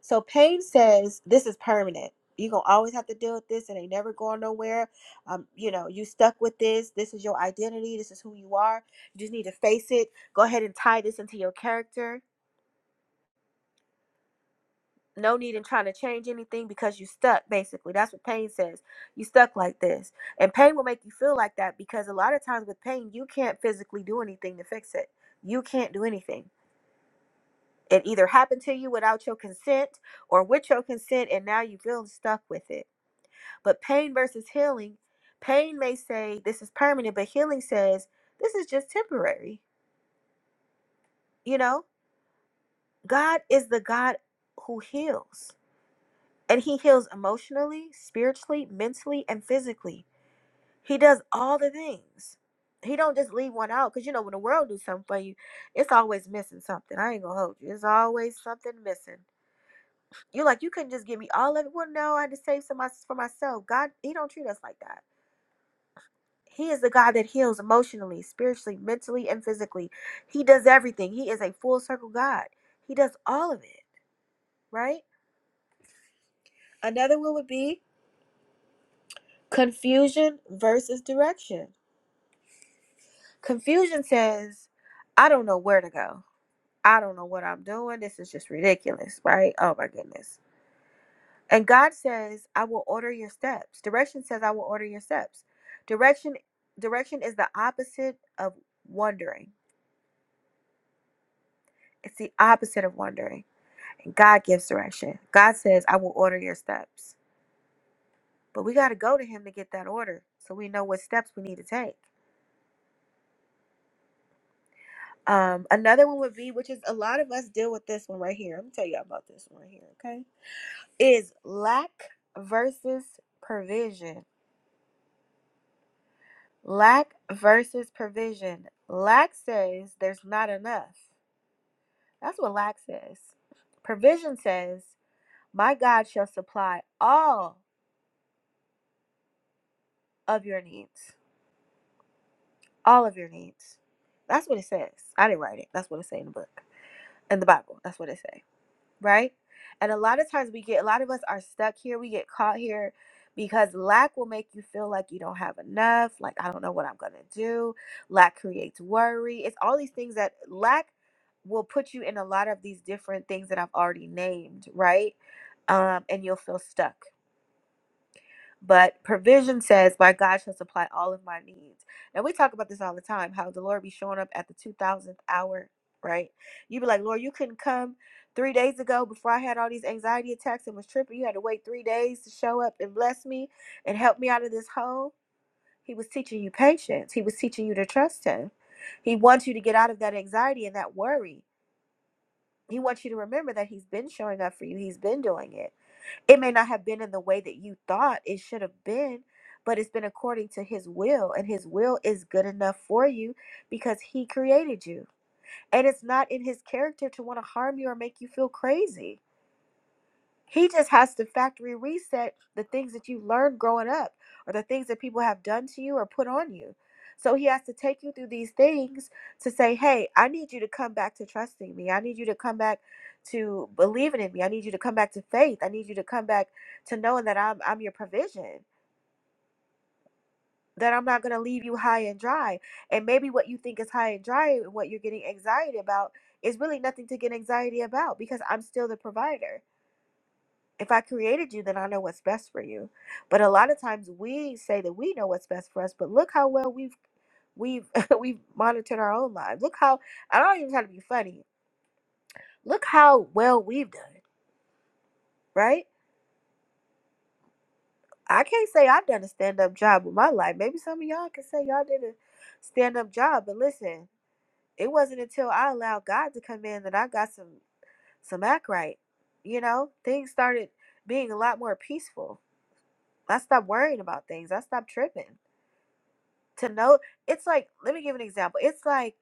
Speaker 1: So pain says this is permanent. You're gonna always have to deal with this. It ain't never going nowhere. Um, you know, you stuck with this. This is your identity. This is who you are. You just need to face it. Go ahead and tie this into your character no need in trying to change anything because you stuck basically that's what pain says you stuck like this and pain will make you feel like that because a lot of times with pain you can't physically do anything to fix it you can't do anything it either happened to you without your consent or with your consent and now you feel stuck with it but pain versus healing pain may say this is permanent but healing says this is just temporary you know god is the god who heals And he heals emotionally, spiritually, mentally, and physically. He does all the things. He don't just leave one out because you know when the world do something for you, it's always missing something. I ain't gonna hold you. It's always something missing. You are like you couldn't just give me all of it. Well, no, I had to save some mys- for myself. God, He don't treat us like that. He is the God that heals emotionally, spiritually, mentally, and physically. He does everything. He is a full circle God. He does all of it. Right. Another one would be confusion versus direction Confusion says, I don't know where to go. I don't know what I'm doing. This is just ridiculous, right? Oh my goodness. And God says, I will order your steps. Direction says, I will order your steps. Direction direction is the opposite of wondering. It's the opposite of wondering. And God gives direction. God says, I will order your steps. But we got to go to him to get that order so we know what steps we need to take. Um, another one would be, which is a lot of us deal with this one right here. Let me tell you about this one right here, okay? is lack versus provision. Lack versus provision. Lack says there's not enough. That's what lack says. Provision says, My God shall supply all of your needs. All of your needs. That's what it says. I didn't write it. That's what it says in the book. In the Bible. That's what it says. right? And a lot of times we get, a lot of us are stuck here. We get caught here because lack will make you feel like you don't have enough. Like, I don't know what I'm going to do. Lack creates worry. It's all these things that lack will put you in a lot of these different things that I've already named, right? Um, and you'll feel stuck. But provision says, my God shall supply all of my needs." And we talk about this all the time. How the Lord be showing up at the two thousandth hour, right? You be like, Lord, you couldn't come three days ago before I had all these anxiety attacks and was tripping. You had to wait three days to show up and bless me and help me out of this hole. He was teaching you patience. He was teaching you to trust Him. He wants you to get out of that anxiety and that worry. He wants you to remember that He's been showing up for you. He's been doing it it may not have been in the way that you thought it should have been, but it's been according to His will, and His will is good enough for you because He created you. And it's not in His character to want to harm you or make you feel crazy. He just has to factory reset the things that you learned growing up or the things that people have done to you or put on you. So he has to take you through these things to say, hey, I need you to come back to trusting me. I need you to come back to believing in me. I need you to come back to faith. I need you to come back to knowing that I'm, I'm your provision, that I'm not going to leave you high and dry. And maybe what you think is high and dry and what you're getting anxiety about is really nothing to get anxiety about because I'm still the provider if I created you, then I know what's best for you. But a lot of times we say that we know what's best for us, but look how well we've we've we've monitored our own lives. Look how I don't even try to be funny. Look how well we've done, it, right? I can't say I've done a stand up job with my life. Maybe some of y'all can say y'all did a stand up job, but listen, it wasn't until I allowed God to come in that I got some some act right. You know, things started being a lot more peaceful. I stopped worrying about things. I stopped tripping. to know it's like let me give an example it's like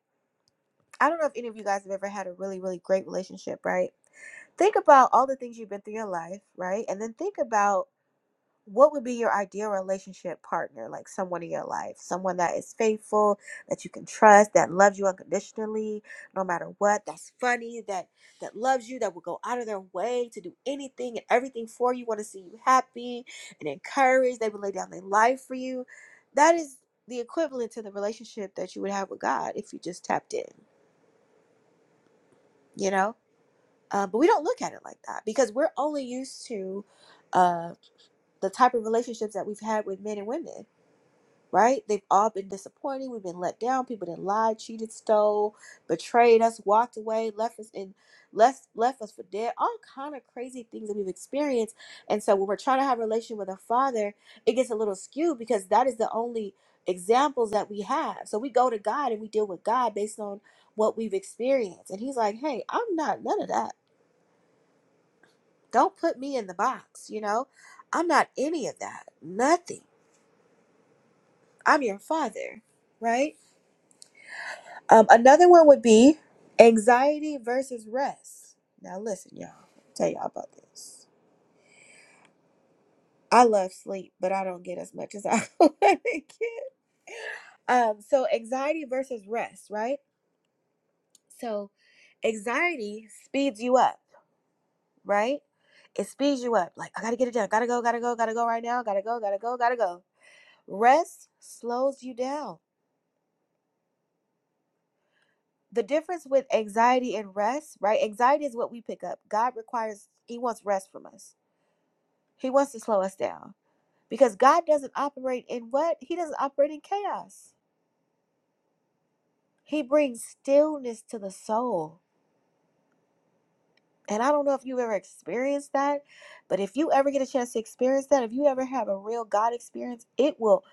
Speaker 1: i don't know if any of you guys have ever had a really really great relationship right think about all the things you've been through in your life right and then think about what would be your ideal relationship partner like someone in your life someone that is faithful that you can trust that loves you unconditionally no matter what that's funny that that loves you that will go out of their way to do anything and everything for you want to see you happy and encouraged they will lay down their life for you that is the equivalent to the relationship that you would have with god if you just tapped in you know uh, but we don't look at it like that because we're only used to uh, the type of relationships that we've had with men and women right? They've all been disappointing. We've been let down. People that lied, cheated, stole, betrayed us, walked away, left us in left left us for dead. All kind of crazy things that we've experienced. And so when we're trying to have a relationship with a father, it gets a little skewed because that is the only examples that we have. So we go to God and we deal with God based on what we've experienced. And he's like, "Hey, I'm not none of that. Don't put me in the box, you know? I'm not any of that. Nothing. I'm your father." Right? Um, another one would be anxiety versus rest. Now listen, y'all. I'll tell y'all about this. I love sleep, but I don't get as much as I want to get. Um, so anxiety versus rest, right? So anxiety speeds you up, right? It speeds you up. Like I gotta get it done. Gotta go. Gotta go. Gotta go right now. Gotta go. Gotta go. Gotta go. Rest slows you down. The difference with anxiety and rest, right? Anxiety is what we pick up. God requires. He wants rest from us He wants to slow us down because God doesn't operate in what? He doesn't operate in chaos. He brings stillness to the soul. And I don't know if you've ever experienced that, but if you ever get a chance to experience that, if you ever have a real God experience, it will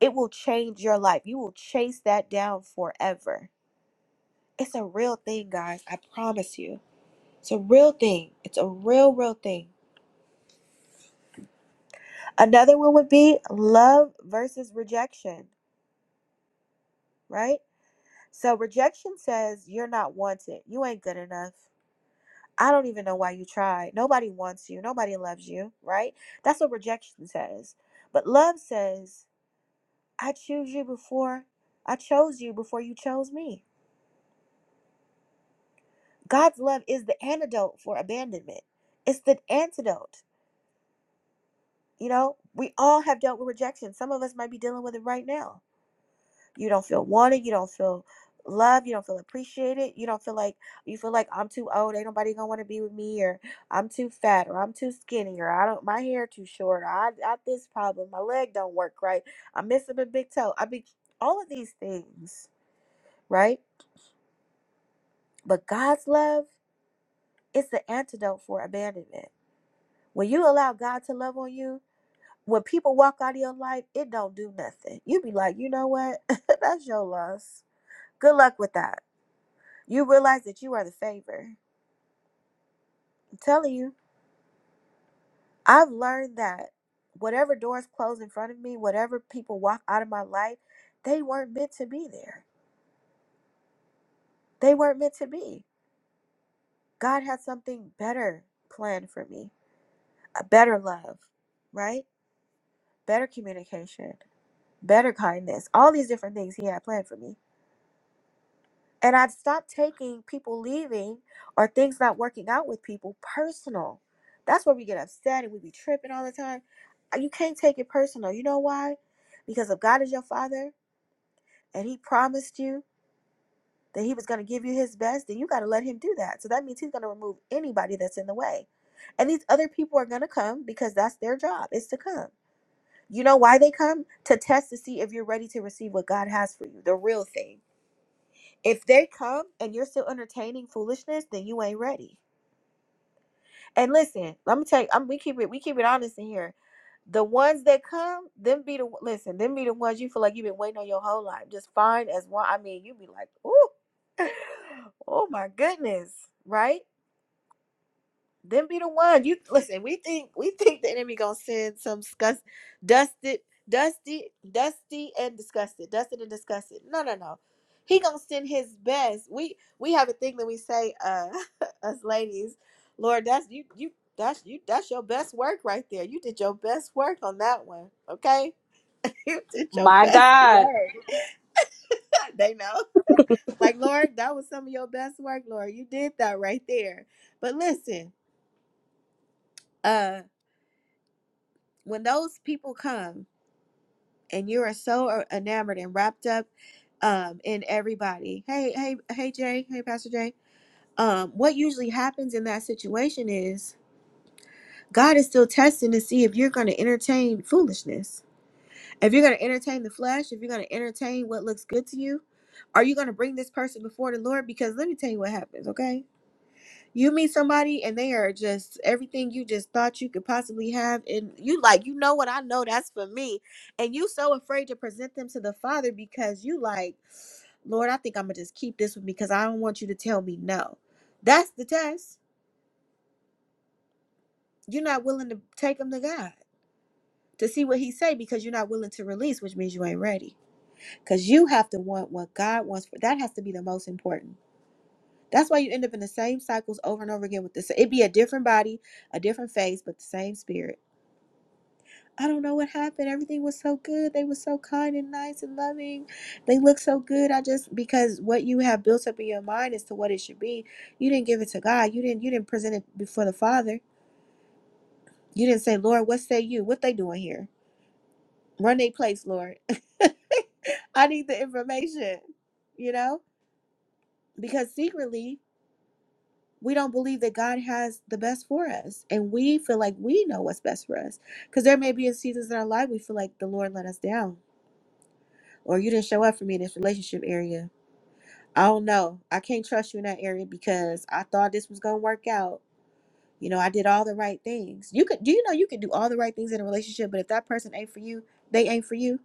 Speaker 1: it will change your life. You will chase that down forever. It's a real thing, guys. I promise you. It's a real thing. It's a real real thing. Another one would be love versus rejection, right? So rejection says you're not wanted. You ain't good enough. I don't even know why you tried. Nobody wants you. Nobody loves you, right? That's what rejection says. But love says, I choose you before I chose you before you chose me. God's love is the antidote for abandonment. It's the antidote. You know, we all have dealt with rejection. Some of us might be dealing with it right now You don't feel wanted. You don't feel loved. You don't feel appreciated. You don't feel like you feel like I'm too old. Ain't nobody gonna want to be with me, or I'm too fat, or I'm too skinny, or I don't my hair too short, or I got this problem. My leg don't work right. I'm missing a big toe. I mean, all of these things, right? But God's love is the antidote for abandonment. When you allow God to love on you, when people walk out of your life, it don't do nothing. You be like, you know what? That's your loss. Good luck with that You realize that you are the favor. I'm telling you, I've learned that whatever doors close in front of me, whatever people walk out of my life, they weren't meant to be there. They weren't meant to be. God had something better planned for me a better love, right? Better communication, better kindness, all these different things He had planned for me. And I'd stopped taking people leaving or things not working out with people personal. That's where we get upset and we be tripping all the time. Uh, You can't take it personal. You know why? Because if God is your father and he promised you that he was going to give you his best, then you got to let him do that. So that means he's going to remove anybody that's in the way. And these other people are going to come because that's their job is to come. You know why they come? To test to see if you're ready to receive what God has for you, the real thing if they come and you're still entertaining foolishness, then you ain't ready. And listen, let me tell you, I'm, we keep it we keep it honest in here. The ones that come, them be the listen, them be the ones you feel like you've been waiting on your whole life. Just fine as one. I mean, you be like, ooh, oh my goodness, right? Them be the one. You listen. We think we think the enemy gonna send some disgust, dusted, dusty, dusty and disgusted, dusted and disgusted. No, no, no. He gonna send his best. We we have a thing that we say, uh, us ladies, Lord, that's you, you, that's you, that's your best work right there. You did your best work on that one. Okay, you did your
Speaker 3: My
Speaker 1: best
Speaker 3: God,
Speaker 1: work. they know. Like Lord, that was some of your best work, Lord. You did that right there. But listen. uh. when those people come and you are so e, enamored and wrapped up um in everybody hey hey hey jay hey pastor jay um what usually happens in that situation is god is still testing to see if you're going to entertain foolishness if you're going to entertain the flesh if you're going to entertain what looks good to you are you going to bring this person before the lord because let me tell you what happens okay You meet somebody and they are just everything you just thought you could possibly have, and you like, you know what? I know that's for me, and you so afraid to present them to the Father because you like, Lord, I think I'm gonna just keep this one because I don't want you to tell me no. That's the test. You're not willing to take them to God to see what He say because you're not willing to release, which means you ain't ready. Because you have to want what God wants for that has to be the most important. That's why you end up in the same cycles over and over again with this. It'd be a different body, a different face, but the same spirit I don't know what happened. Everything was so good. They were so kind and nice and loving. They looked so good. I just because what you have built up in your mind as to what it should be, you didn't give it to God. You didn't you didn't present it before the Father. You didn't say, Lord, what say you? What they doing here? Run their place, Lord. I need the information. You know? Because secretly we don't believe that God has the best for us. And we feel like we know what's best for us. Because there may be in seasons in our life we feel like the Lord let us down or you didn't show up for me in this relationship area. I don't know. I can't trust you in that area because I thought this was gonna work out. You know, I did all the right things. You could do you know you can do all the right things in a relationship, but if that person ain't for you, they ain't for you.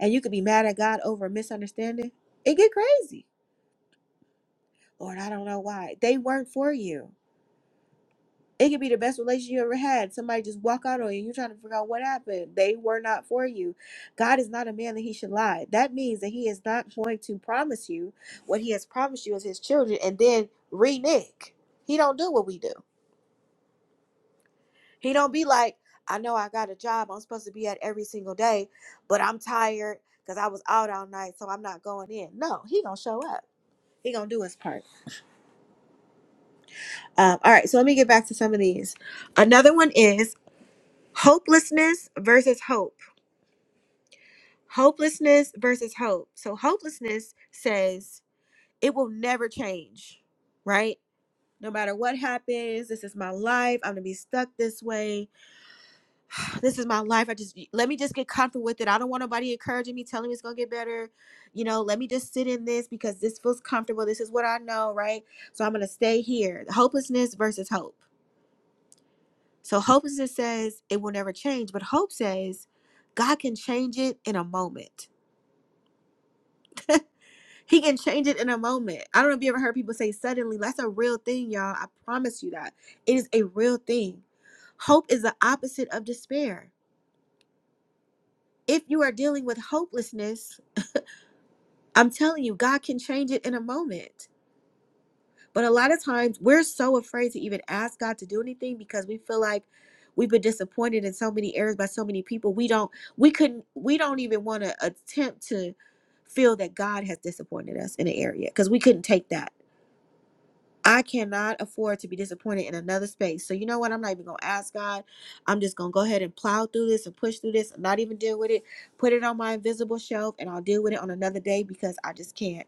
Speaker 1: And you could be mad at God over a misunderstanding, it get crazy. Lord, I don't know why. They weren't for you. It could be the best relationship you ever had. Somebody just walk out on you. You're trying to figure out what happened. They were not for you. God is not a man that he should lie. That means that he is not going to promise you what he has promised you as his children and then renege. He don't do what we do. He don't be like, I know I got a job I'm supposed to be at every single day, but I'm tired because I was out all night, so I'm not going in. No, he gonna show up. He gonna do his part. Um, all right, so let me get back to some of these. Another one is hopelessness versus hope. hopelessness versus hope. So hopelessness says it will never change, right? No matter what happens, this is my life. I'm gonna be stuck this way. This is my life. I just let me just get comfortable with it. I don't want nobody encouraging me, telling me it's gonna get better. You know, let me just sit in this because this feels comfortable. This is what I know, right? So I'm gonna stay here. Hopelessness versus hope. So hopelessness says it will never change, but hope says God can change it in a moment. He can change it in a moment. I don't know if you ever heard people say suddenly. That's a real thing, y'all. I promise you that. It is a real thing. Hope is the opposite of despair. If you are dealing with hopelessness, I'm telling you, God can change it in a moment. But a lot of times we're so afraid to even ask God to do anything because we feel like we've been disappointed in so many areas by so many people. We don't we couldn't we don't even want to attempt to feel that God has disappointed us in an area because we couldn't take that. I cannot afford to be disappointed in another space. So you know what? I'm not even gonna ask God. I'm just gonna go ahead and plow through this and push through this and not even deal with it. Put it on my invisible shelf and I'll deal with it on another day because I just can't.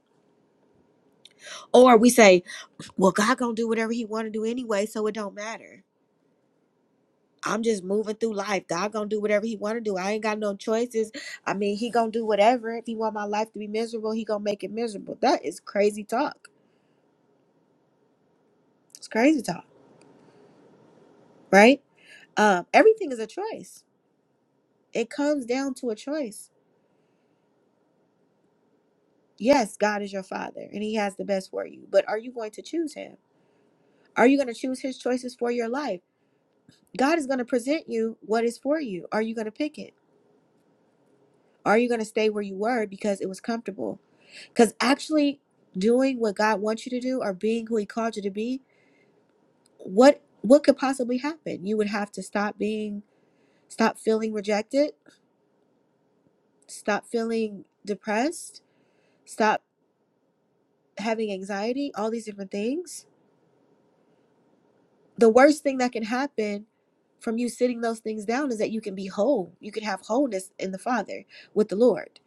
Speaker 1: Or we say, Well, God gonna do whatever he wanna do anyway, so it don't matter. I'm just moving through life. God gonna do whatever he wanna do. I ain't got no choices. I mean, he gonna do whatever. If he want my life to be miserable, he gonna make it miserable. That is crazy talk. It's crazy talk, right? Um, everything is a choice It comes down to a choice. Yes, God is your father and he has the best for you, but are you going to choose him? Are you going to choose his choices for your life? God is going to present you what is for you. Are you going to pick it? Are you going to stay where you were because it was comfortable? Cuz actually doing what God wants you to do or being who he called you to be, what what could possibly happen? You would have to stop being stop feeling rejected, stop feeling depressed, stop having anxiety, all these different things the worst thing that can happen from you sitting those things down is that you can be whole. You can have wholeness in the Father with the Lord.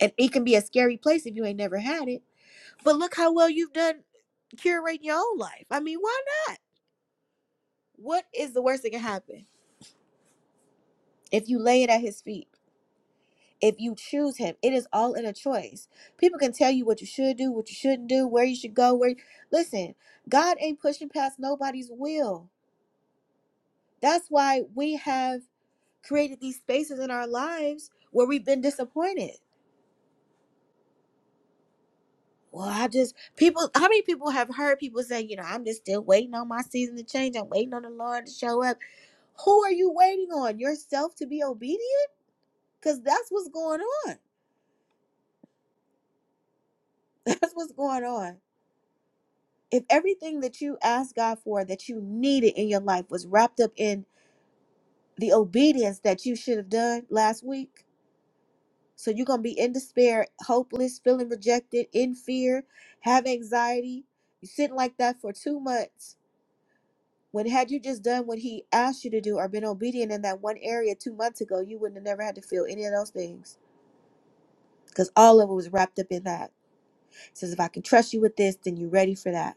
Speaker 1: And it can be a scary place if you ain't never had it. But look how well you've done curating your own life. I mean, why not? What is the worst that can happen? If you lay it at his feet, if you choose him, it is all in a choice. People can tell you what you should do, what you shouldn't do, where you should go, where listen, God ain't pushing past nobody's will. That's why we have created these spaces in our lives where we've been disappointed. Well, I just people how many people have heard people say, you know, I'm just still waiting on my season to change. I'm waiting on the Lord to show up. Who are you waiting on? Yourself to be obedient? Because that's what's going on. That's what's going on. If everything that you asked God for that you needed in your life was wrapped up in the obedience that you should have done last week, So you're going to be in despair, hopeless, feeling rejected, in fear, have anxiety. You sitting like that for two months. When had you just done what he asked you to do or been obedient in that one area two months ago, you wouldn't have never had to feel any of those things. Because all of it was wrapped up in that. It says, if I can trust you with this, then you're ready for that.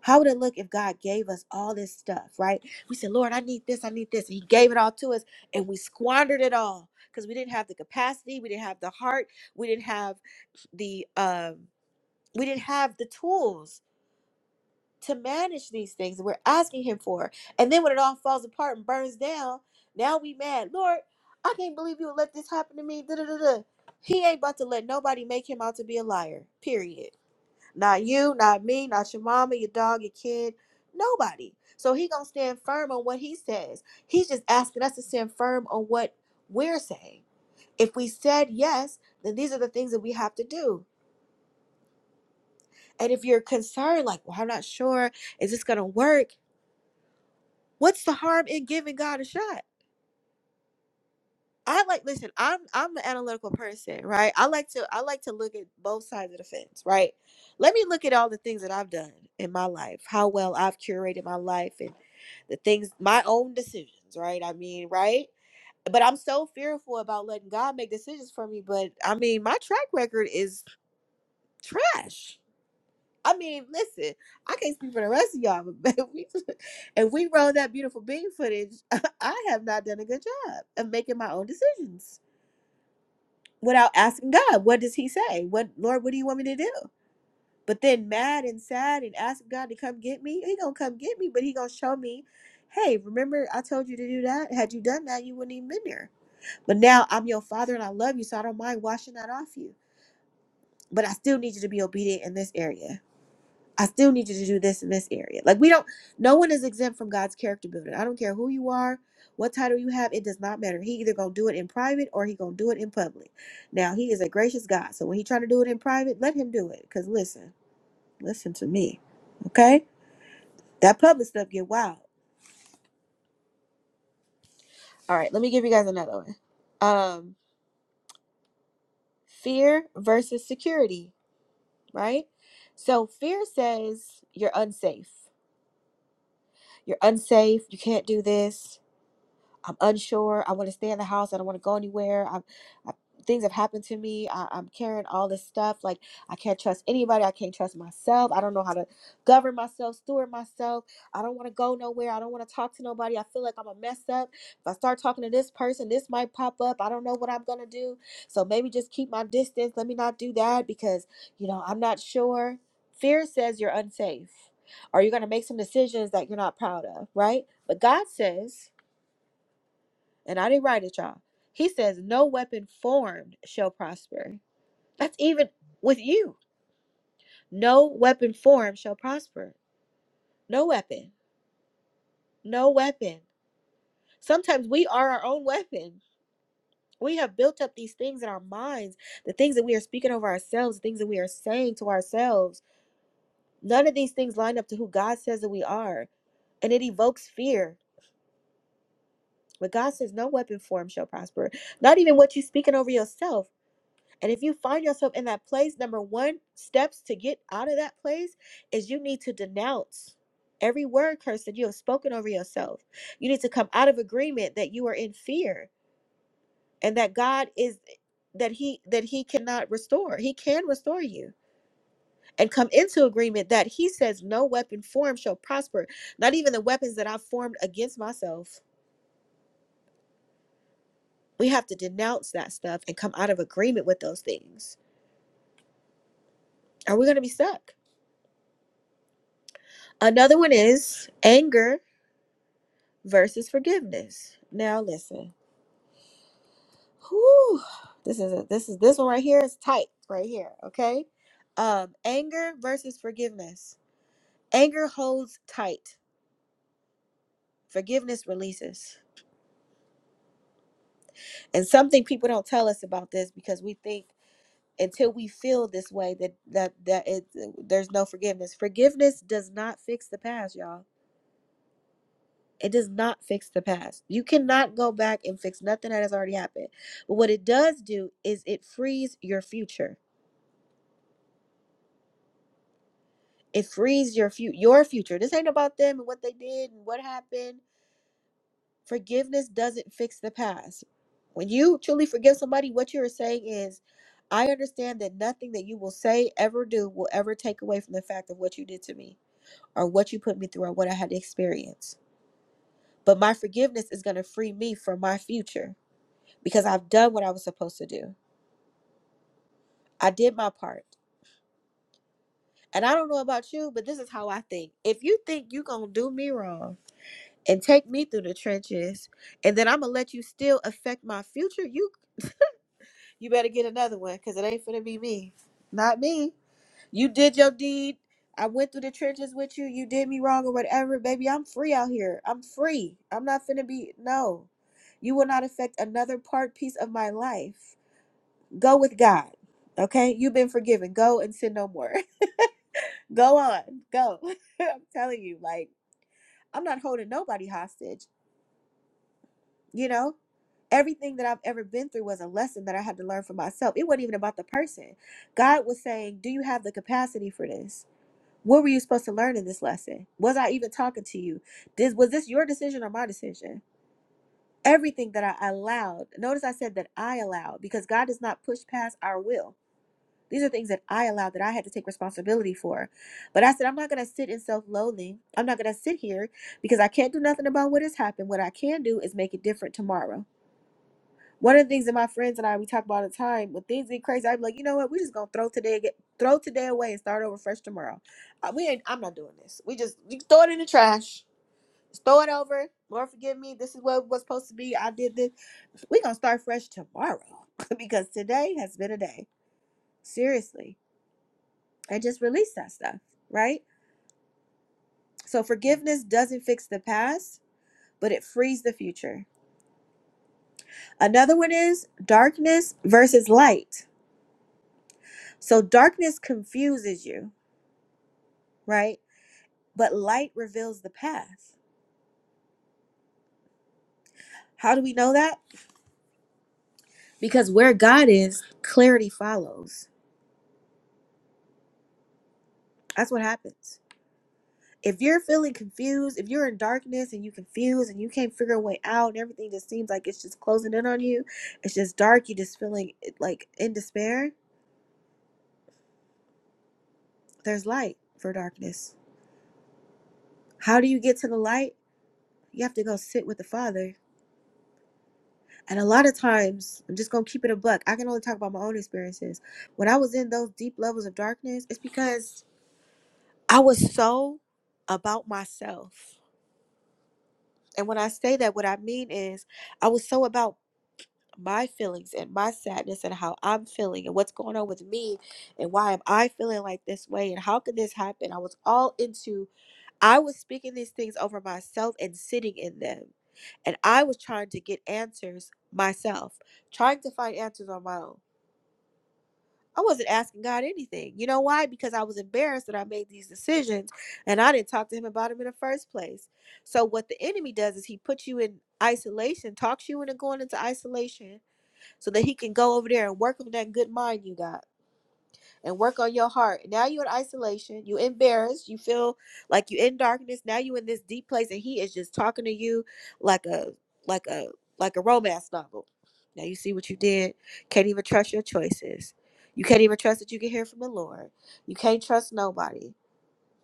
Speaker 1: How would it look if God gave us all this stuff, right? We said, Lord, I need this, I need this. And He gave it all to us, and we squandered it all because we didn't have the capacity, we didn't have the heart, we didn't have the um, we didn't have the tools to manage these things that we're asking Him for. And then when it all falls apart and burns down, now we mad, Lord, I can't believe you would let this happen to me. Da, da, da, da. He ain't about to let nobody make him out to be a liar. Period. Not you, not me, not your mama, your dog, your kid, nobody. So he gonna stand firm on what he says. He's just asking us to stand firm on what we're saying. If we said yes, then these are the things that we have to do. And if you're concerned, like, well, I'm not sure, is this gonna work? What's the harm in giving God a shot? I like listen, I'm I'm an analytical person, right? I like to I like to look at both sides of the fence, right? Let me look at all the things that I've done in my life, how well I've curated my life and the things my own decisions, right? I mean, right? But I'm so fearful about letting God make decisions for me, but I mean, my track record is trash. I mean, listen, I can't speak for the rest of y'all, but if we, if we roll that beautiful being footage, I have not done a good job of making my own decisions without asking God, what does he say? What Lord, what do you want me to do? But then mad and sad and ask God to come get me, he gonna come get me, but he gonna show me, hey, remember I told you to do that? Had you done that, you wouldn't even been there. But now I'm your father and I love you, so I don't mind washing that off you. But I still need you to be obedient in this area. I still need you to do this in this area. Like we don't no one is exempt from God's character building. I don't care who you are, what title you have, it does not matter. He either gonna do it in private or he gonna do it in public. Now he is a gracious God. So when he trying to do it in private, let him do it. Cause listen, listen to me. Okay? That public stuff get wild. All right, let me give you guys another one. Um fear versus security, right? So fear says you're unsafe. You're unsafe, you can't do this, I'm unsure. I want to stay in the house. I don't want to go anywhere. I'm, I, things have happened to me. I, I'm carrying all this stuff. Like I can't trust anybody. I can't trust myself. I don't know how to govern myself, steward myself. I don't want to go nowhere. I don't want to talk to nobody. I feel like I'm a mess up. If I start talking to this person, this might pop up. I don't know what I'm gonna do. So maybe just keep my distance. Let me not do that because you know I'm not sure. Fear says you're unsafe. Or you're gonna make some decisions that you're not proud of, right? But God says and I didn't write it, y'all. He says, No weapon formed shall prosper. That's even with you. No weapon formed shall prosper. No weapon. No weapon. Sometimes we are our own weapon. We have built up these things in our minds, the things that we are speaking over ourselves, the things that we are saying to ourselves. None of these things line up to who God says that we are. And it evokes fear. But God says, No weapon formed shall prosper. Not even what you're speaking over yourself. And if you find yourself in that place, number one steps to get out of that place is you need to denounce every word curse that you have spoken over yourself. You need to come out of agreement that you are in fear and that God is that he that he cannot restore. He can restore you. And come into agreement that he says no weapon formed shall prosper, not even the weapons that I've formed against myself. We have to denounce that stuff and come out of agreement with those things. Are we going to be stuck? Another one is anger versus forgiveness. Now listen. Whew, this is a, this is this one right here is tight right here, okay? Um anger versus forgiveness. Anger holds tight. Forgiveness releases. And something people don't tell us about this because we think until we feel this way that that that it there's no forgiveness. Forgiveness does not fix the past, y'all. It does not fix the past. You cannot go back and fix nothing that has already happened. But what it does do is it frees your future it frees your future your future this ain't about them and what they did and what happened forgiveness doesn't fix the past when you truly forgive somebody what you're saying is i understand that nothing that you will say ever do will ever take away from the fact of what you did to me or what you put me through or what i had to experience but my forgiveness is going to free me from my future because i've done what i was supposed to do i did my part and i don't know about you but this is how i think if you think you're going to do me wrong and take me through the trenches and then i'm gonna let you still affect my future you you better get another one because it ain't finna be me not me you did your deed i went through the trenches with you you did me wrong or whatever baby i'm free out here i'm free i'm not finna be no you will not affect another part piece of my life go with god okay you've been forgiven go and sin no more go on go i'm telling you like i'm not holding nobody hostage You know, everything that I've ever been through was a lesson that I had to learn for myself. It wasn't even about the person. God was saying, Do you have the capacity for this? What were you supposed to learn in this lesson? Was I even talking to you? This was this your decision or my decision? Everything that I allowed. Notice I said that I allowed because God does not push past our will. These are things that I allowed that I had to take responsibility for. But I said, I'm not going to sit in self loathing. I'm not going to sit here because I can't do nothing about what has happened. What I can do is make it different tomorrow. One of the things that my friends and I we talk about all the time when things get crazy, I'm like, you know what? We're just gonna throw today, ag- throw today away, and start over fresh tomorrow. Uh, we ain't. I'm not doing this. We just you throw it in the trash. Just throw it over. Lord forgive me. This is what it was supposed to be. I did this. We're gonna start fresh tomorrow because today has been a day. Seriously, and just release that stuff, right? So forgiveness doesn't fix the past, but it frees the future. Another one is darkness versus light. So darkness confuses you right? But light reveals the path. How do we know that? Because where God is, clarity follows. That's what happens. If you're feeling confused, if you're in darkness and you confused and you can't figure a way out and everything just seems like it's just closing in on you, it's just dark, you're just feeling like in despair, there's light for darkness. How do you get to the light? You have to go sit with the Father. And a lot of times, I'm just going to keep it a buck. I can only talk about my own experiences. When I was in those deep levels of darkness, it's because I was so about myself. And when I say that, what I mean is I was so about my feelings and my sadness and how I'm feeling and what's going on with me and why am I feeling like this way and how could this happen? I was all into I was speaking these things over myself and sitting in them. And I was trying to get answers myself, trying to find answers on my own. I wasn't asking God anything. You know why? Because I was embarrassed that I made these decisions and I didn't talk to him about them in the first place. So what the enemy does is he puts you in isolation, talks you into going into isolation so that he can go over there and work on that good mind you got and work on your heart. Now you're in isolation. You are embarrassed. You feel like you are in darkness. Now you are in this deep place, and he is just talking to you like a like a like a romance novel. Now you see what you did. Can't even trust your choices. You can't even trust that you can hear from the Lord. You can't trust nobody.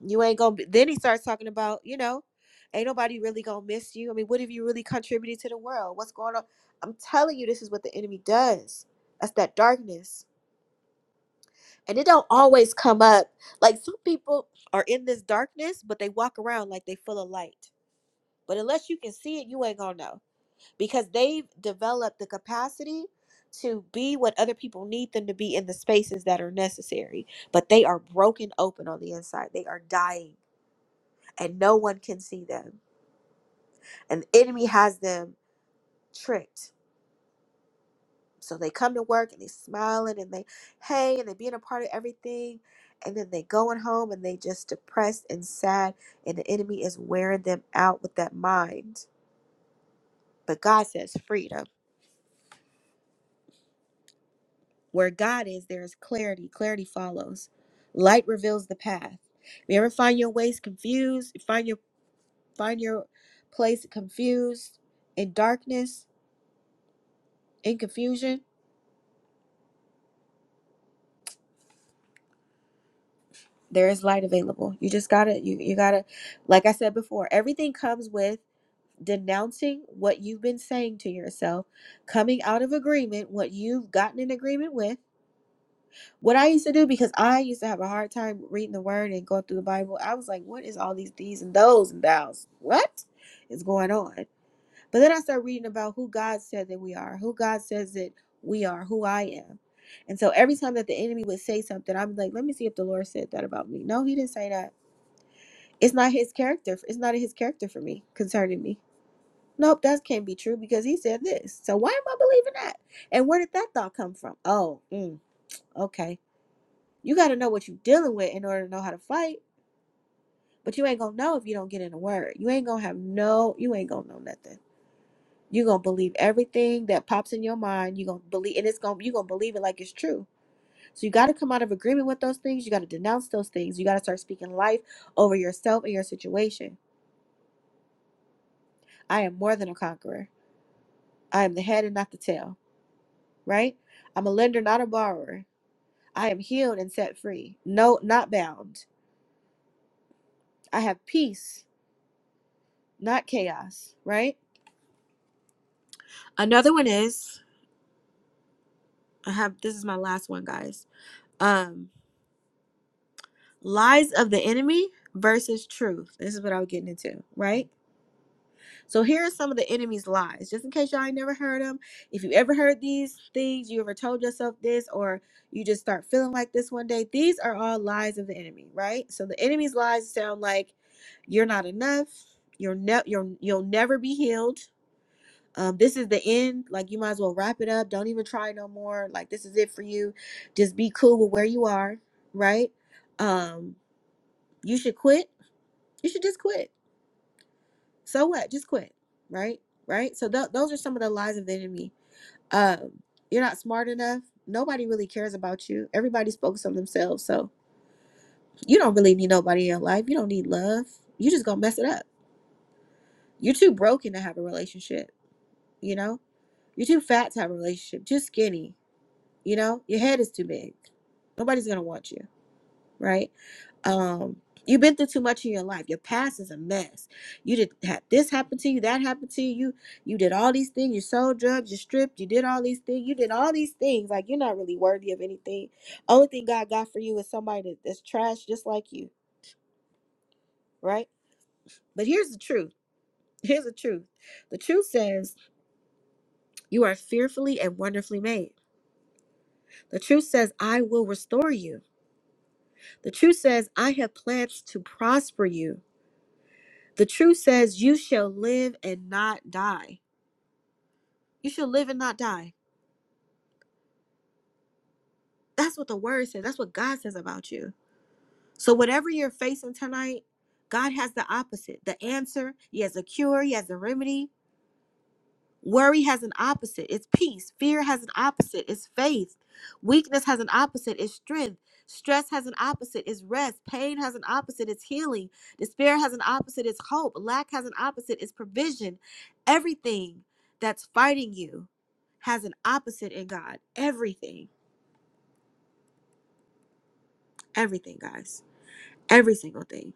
Speaker 1: You ain't gonna. Be, then he starts talking about you know, ain't nobody really gonna miss you. I mean, what have you really contributed to the world? What's going on? I'm telling you, this is what the enemy does. That's that darkness and it don't always come up. Like some people are in this darkness, but they walk around like they full of light. But unless you can see it, you ain't gonna know because they've developed the capacity to be what other people need them to be in the spaces that are necessary. But they are broken open on the inside. They are dying, and no one can see them. And the enemy has them tricked So they come to work and they smiling and they hey and they being a part of everything and then they going home and they just depressed and sad and the enemy is wearing them out with that mind. But God says freedom. Where God is, there is clarity. Clarity follows. Light reveals the path. If you ever find your ways confused, you find your find your place confused in darkness, in confusion, there is light available. You just gotta you you gotta like I said before, everything comes with denouncing what you've been saying to yourself, coming out of agreement, what you've gotten in agreement with. What I used to do, because I used to have a hard time reading the word and going through the Bible, I was like, what is all these these and those and thous? What is going on? But then I started reading about who God said that we are, who God says that we are, who I am. And so every time that the enemy would say something, I'm like, let me see if the Lord said that about me. No, he didn't say that. It's not his character. It's not his character for me concerning me Nope, that can't be true because he said this. So why am I believing that? And where did that thought come from? Oh, mm, okay. You got to know what you're dealing with in order to know how to fight. But you ain't gonna know if you don't get in the word. You ain't gonna have no. You ain't gonna know nothing. You gonna believe everything that pops in your mind. You gonna believe, and it's gonna you gonna believe it like it's true. So you got to come out of agreement with those things. You got to denounce those things. You got to start speaking life over yourself and your situation. I am more than a conqueror. I am the head and not the tail. Right? I'm a lender, not a borrower. I am healed and set free. No, not bound. I have peace, not chaos, right? Another one is I have this is my last one, guys. Um lies of the enemy versus truth. This is what I was getting into, right? So here are some of the enemy's lies, just in case y'all ain't never heard them. If you ever heard these things, you ever told yourself this, or you just start feeling like this one day, these are all lies of the enemy, right? So the enemy's lies sound like you're not enough, you're ne- you're you'll never be healed. Um, this is the end. Like you might as well wrap it up. Don't even try no more. Like this is it for you. Just be cool with where you are, right? Um, you should quit. You should just quit so what? Just quit, right? Right? So th- those are some of the lies of the enemy. Um, you're not smart enough. Nobody really cares about you. Everybody's focused on themselves. So you don't really need nobody in your life. You don't need love. you just gonna mess it up. You're too broken to have a relationship. You know, you're too fat to have a relationship. Too skinny. You know, your head is too big. Nobody's gonna want you right? Um, you've been through too much in your life. Your past is a mess. You did have this happen to you, that happened to you. You did all these things. You sold drugs. You stripped. You did all these things. You did all these things. Like you're not really worthy of anything. Only thing God got for you is somebody that- that's trash, just like you, right? But here's the truth. Here's the truth. The truth says you are fearfully and wonderfully made. The truth says I will restore you. The truth says I have plans to prosper you. The truth says, You shall live and not die. You shall live and not die. That's what the word says. That's what God says about you. So, whatever you're facing tonight, God has the opposite the answer, He has a cure, He has a remedy. Worry has an opposite, it's peace. Fear has an opposite, it's faith. Weakness has an opposite, it's strength. Stress has an opposite, it's rest. Pain has an opposite, it's healing. Despair has an opposite, it's hope. Lack has an opposite, it's provision. Everything that's fighting you has an opposite in God. Everything, everything, guys. Every single thing.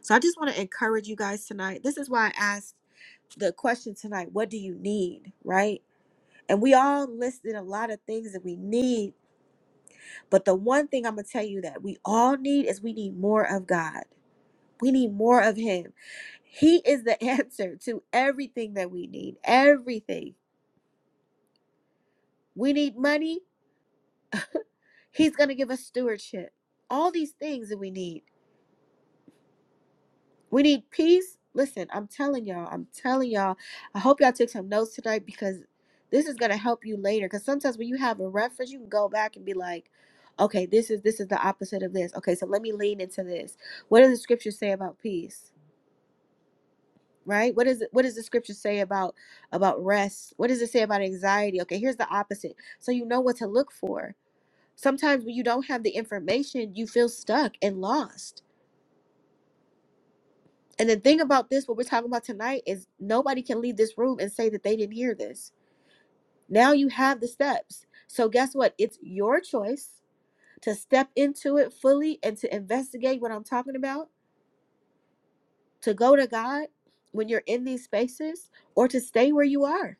Speaker 1: So I just want to encourage you guys tonight. This is why I asked the question tonight what do you need, right? And we all listed a lot of things that we need. But the one thing I'm going to tell you that we all need is we need more of God. We need more of Him. He is the answer to everything that we need. Everything. We need money. He's going to give us stewardship. All these things that we need. We need peace. Listen, I'm telling y'all, I'm telling y'all. I hope y'all took some notes tonight because this is gonna help you later. Because sometimes when you have a reference, you can go back and be like, okay, this is this is the opposite of this. Okay, so let me lean into this. What does the scripture say about peace? Right? What is it? What does the scripture say about about rest? What does it say about anxiety? Okay, here's the opposite. So you know what to look for. Sometimes when you don't have the information, you feel stuck and lost And the thing about this, what we're talking about tonight, is nobody can leave this room and say that they didn't hear this. Now you have the steps. So, guess what? It's your choice to step into it fully and to investigate what I'm talking about, to go to God when you're in these spaces, or to stay where you are.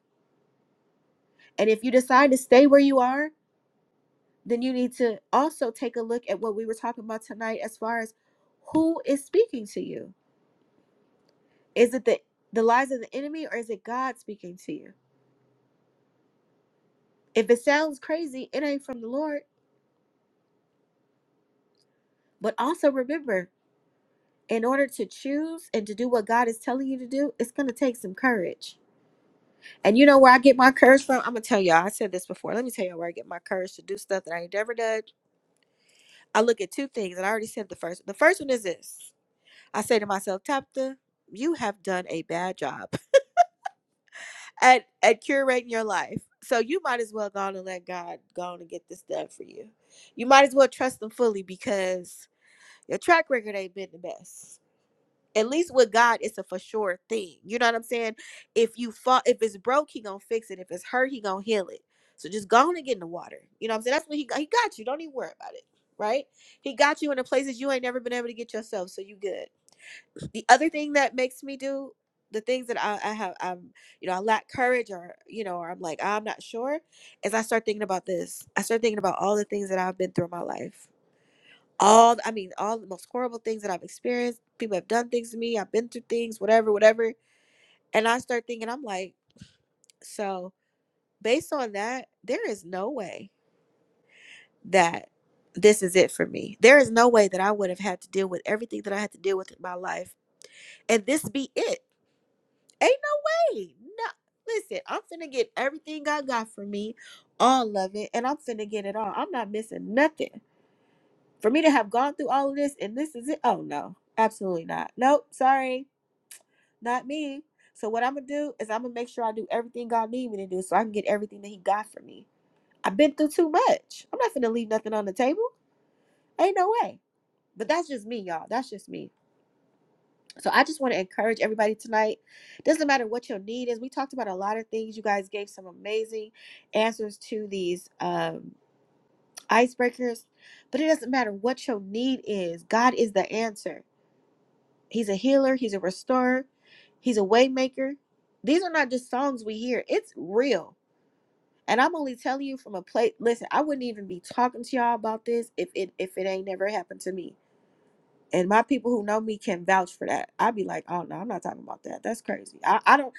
Speaker 1: And if you decide to stay where you are, then you need to also take a look at what we were talking about tonight as far as who is speaking to you. Is it the, the lies of the enemy or is it God speaking to you? If it sounds crazy, it ain't from the Lord. But also remember, in order to choose and to do what God is telling you to do, it's going to take some courage. And you know where I get my courage from? I'm going to tell y'all. I said this before. Let me tell y'all where I get my courage to do stuff that I ain't never done. I look at two things, and I already said the first. The first one is this I say to myself, Tabitha, you have done a bad job at, at curating your life. So you might as well go on and let God go on and get this done for you. You might as well trust Him fully because Your track record ain't been the best. At least with God, it's a for sure thing. You know what I'm saying? If you fall, if it's broke, he gonna fix it. If it's hurt, he gonna heal it. So just go on and get in the water. You know what I'm saying? That's what he got. He got you. Don't even worry about it. Right? He got you in the places you ain't never been able to get yourself. So you good. The other thing that makes me do the things that I, I have, I'm, you know, I lack courage or, you know, or I'm like, I'm not sure. is I start thinking about this, I start thinking about all the things that I've been through in my life all I mean, all the most horrible things that I've experienced. People have done things to me. I've been through things, whatever, whatever. And I start thinking, I'm like, so based on that, there is no way that this is it for me. There is no way that I would have had to deal with everything that I had to deal with in my life, and this be it. Ain't no way. No, listen, I'm finna get everything God got for me, all of it, and I'm finna get it all. I'm not missing nothing. For me to have gone through all of this and this is it. Oh no, absolutely not. Nope, sorry not me. So what I'm gonna do is I'm gonna make sure I do everything God need me to do, so I can get everything that He got for me. I've been through too much. I'm not gonna leave nothing on the table. Ain't no way. But that's just me, y'all. That's just me. So I just want to encourage everybody tonight. Doesn't matter what your need is. We talked about a lot of things. You guys gave some amazing answers to these um, icebreakers, but it doesn't matter what your need is. God is the answer. He's a healer, he's a restorer, he's a waymaker. These are not just songs we hear. It's real. And I'm only telling you from a place listen, I wouldn't even be talking to y'all about this if it if it ain't never happened to me. And my people who know me can vouch for that. I'd be like, oh no, I'm not talking about that. That's crazy. I, I don't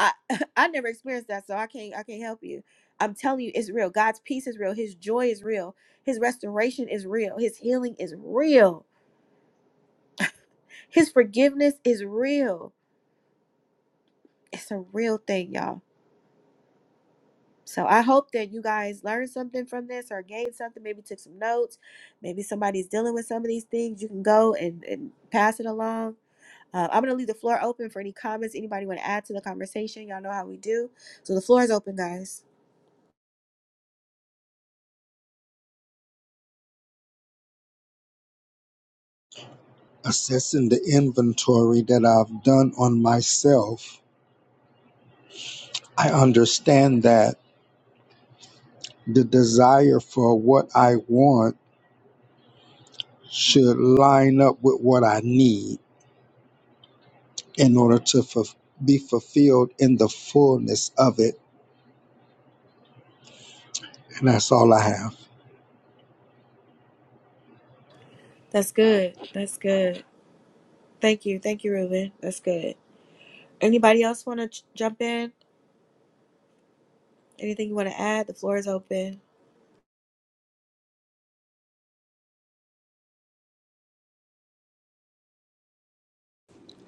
Speaker 1: I I never experienced that, so I can't I can't help you. I'm telling you, it's real. God's peace is real. His joy is real. His restoration is real. His healing is real. His forgiveness is real. It's a real thing, y'all. So I hope that you guys learned something from this or gained something, maybe took some notes. Maybe somebody's dealing with some of these things. You can go and, and pass it along. Uh, I'm going to leave the floor open for any comments. Anybody want to add to the conversation? Y'all know how we do. So the floor is open, guys.
Speaker 4: assessing the inventory that I've done on myself, I understand that the desire for what I want should line up with what I need in order to fu- be fulfilled in the fullness of it. And that's all I have.
Speaker 1: That's good. That's good. Thank you. Thank you, Ruben. That's good. Anybody else want to ch- jump in? Anything you want to add? The floor is open.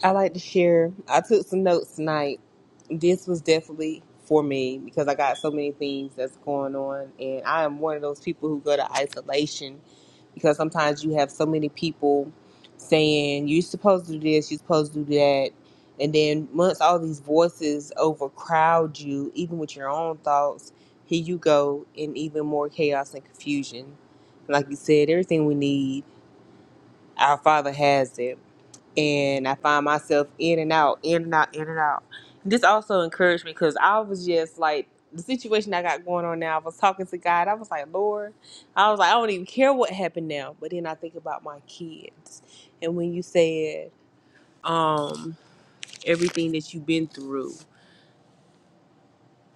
Speaker 6: I like to share. I took some notes tonight. This was definitely for me because I got so many things that's going on, and I am one of those people who go to isolation because sometimes you have so many people saying you're supposed to do this, you're supposed to do that, and then once all these voices overcrowd you, even with your own thoughts, here you go in even more chaos and confusion. Like you said, everything we need, our Father has it and I find myself in and out, in and out, in and out. This also encouraged me because I was just like the situation I got going on now. I was talking to God. I was like, Lord, I was like, I don't even care what happened now. But then I think about my kids, and when you said um everything that you've been through,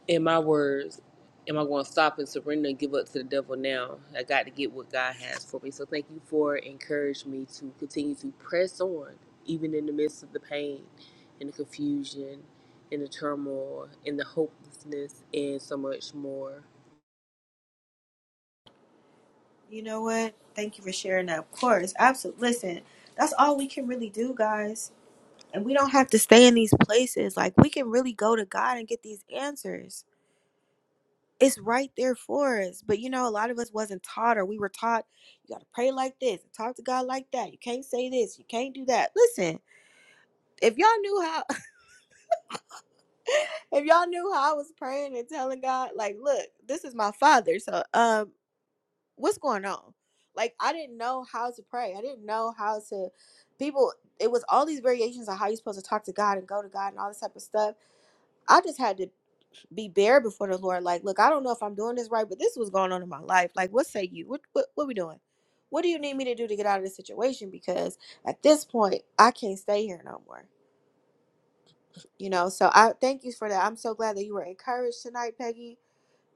Speaker 6: in my words, am I going to stop and surrender and give up to the devil now? I got to get what God has for me. So thank you for encouraging me to continue to press on, even in the midst of the pain and the confusion and the turmoil and the hopelessness and so much more.
Speaker 1: You know what? Thank you for sharing that. Of course. Absolutely. Listen, that's all we can really do, guys. And we don't have to stay in these places. Like we can really go to God and get these answers. It's right there for us. But you know, a lot of us wasn't taught or we were taught you gotta pray like this talk to God like that. You can't say this, you can't do that. Listen, if y'all knew how if y'all knew how I was praying and telling God, like, look, this is my father. So um what's going on? Like I didn't know how to pray. I didn't know how to people it was all these variations on how you're supposed to talk to God and go to God and all this type of stuff I just had to be bare before the Lord. Like, look, I don't know if I'm doing this right, but this was going on in my life. Like, what say you? What what what we doing? What do you need me to do to get out of this situation? Because at this point, I can't stay here no more. You know, so I thank you for that. I'm so glad that you were encouraged tonight, Peggy.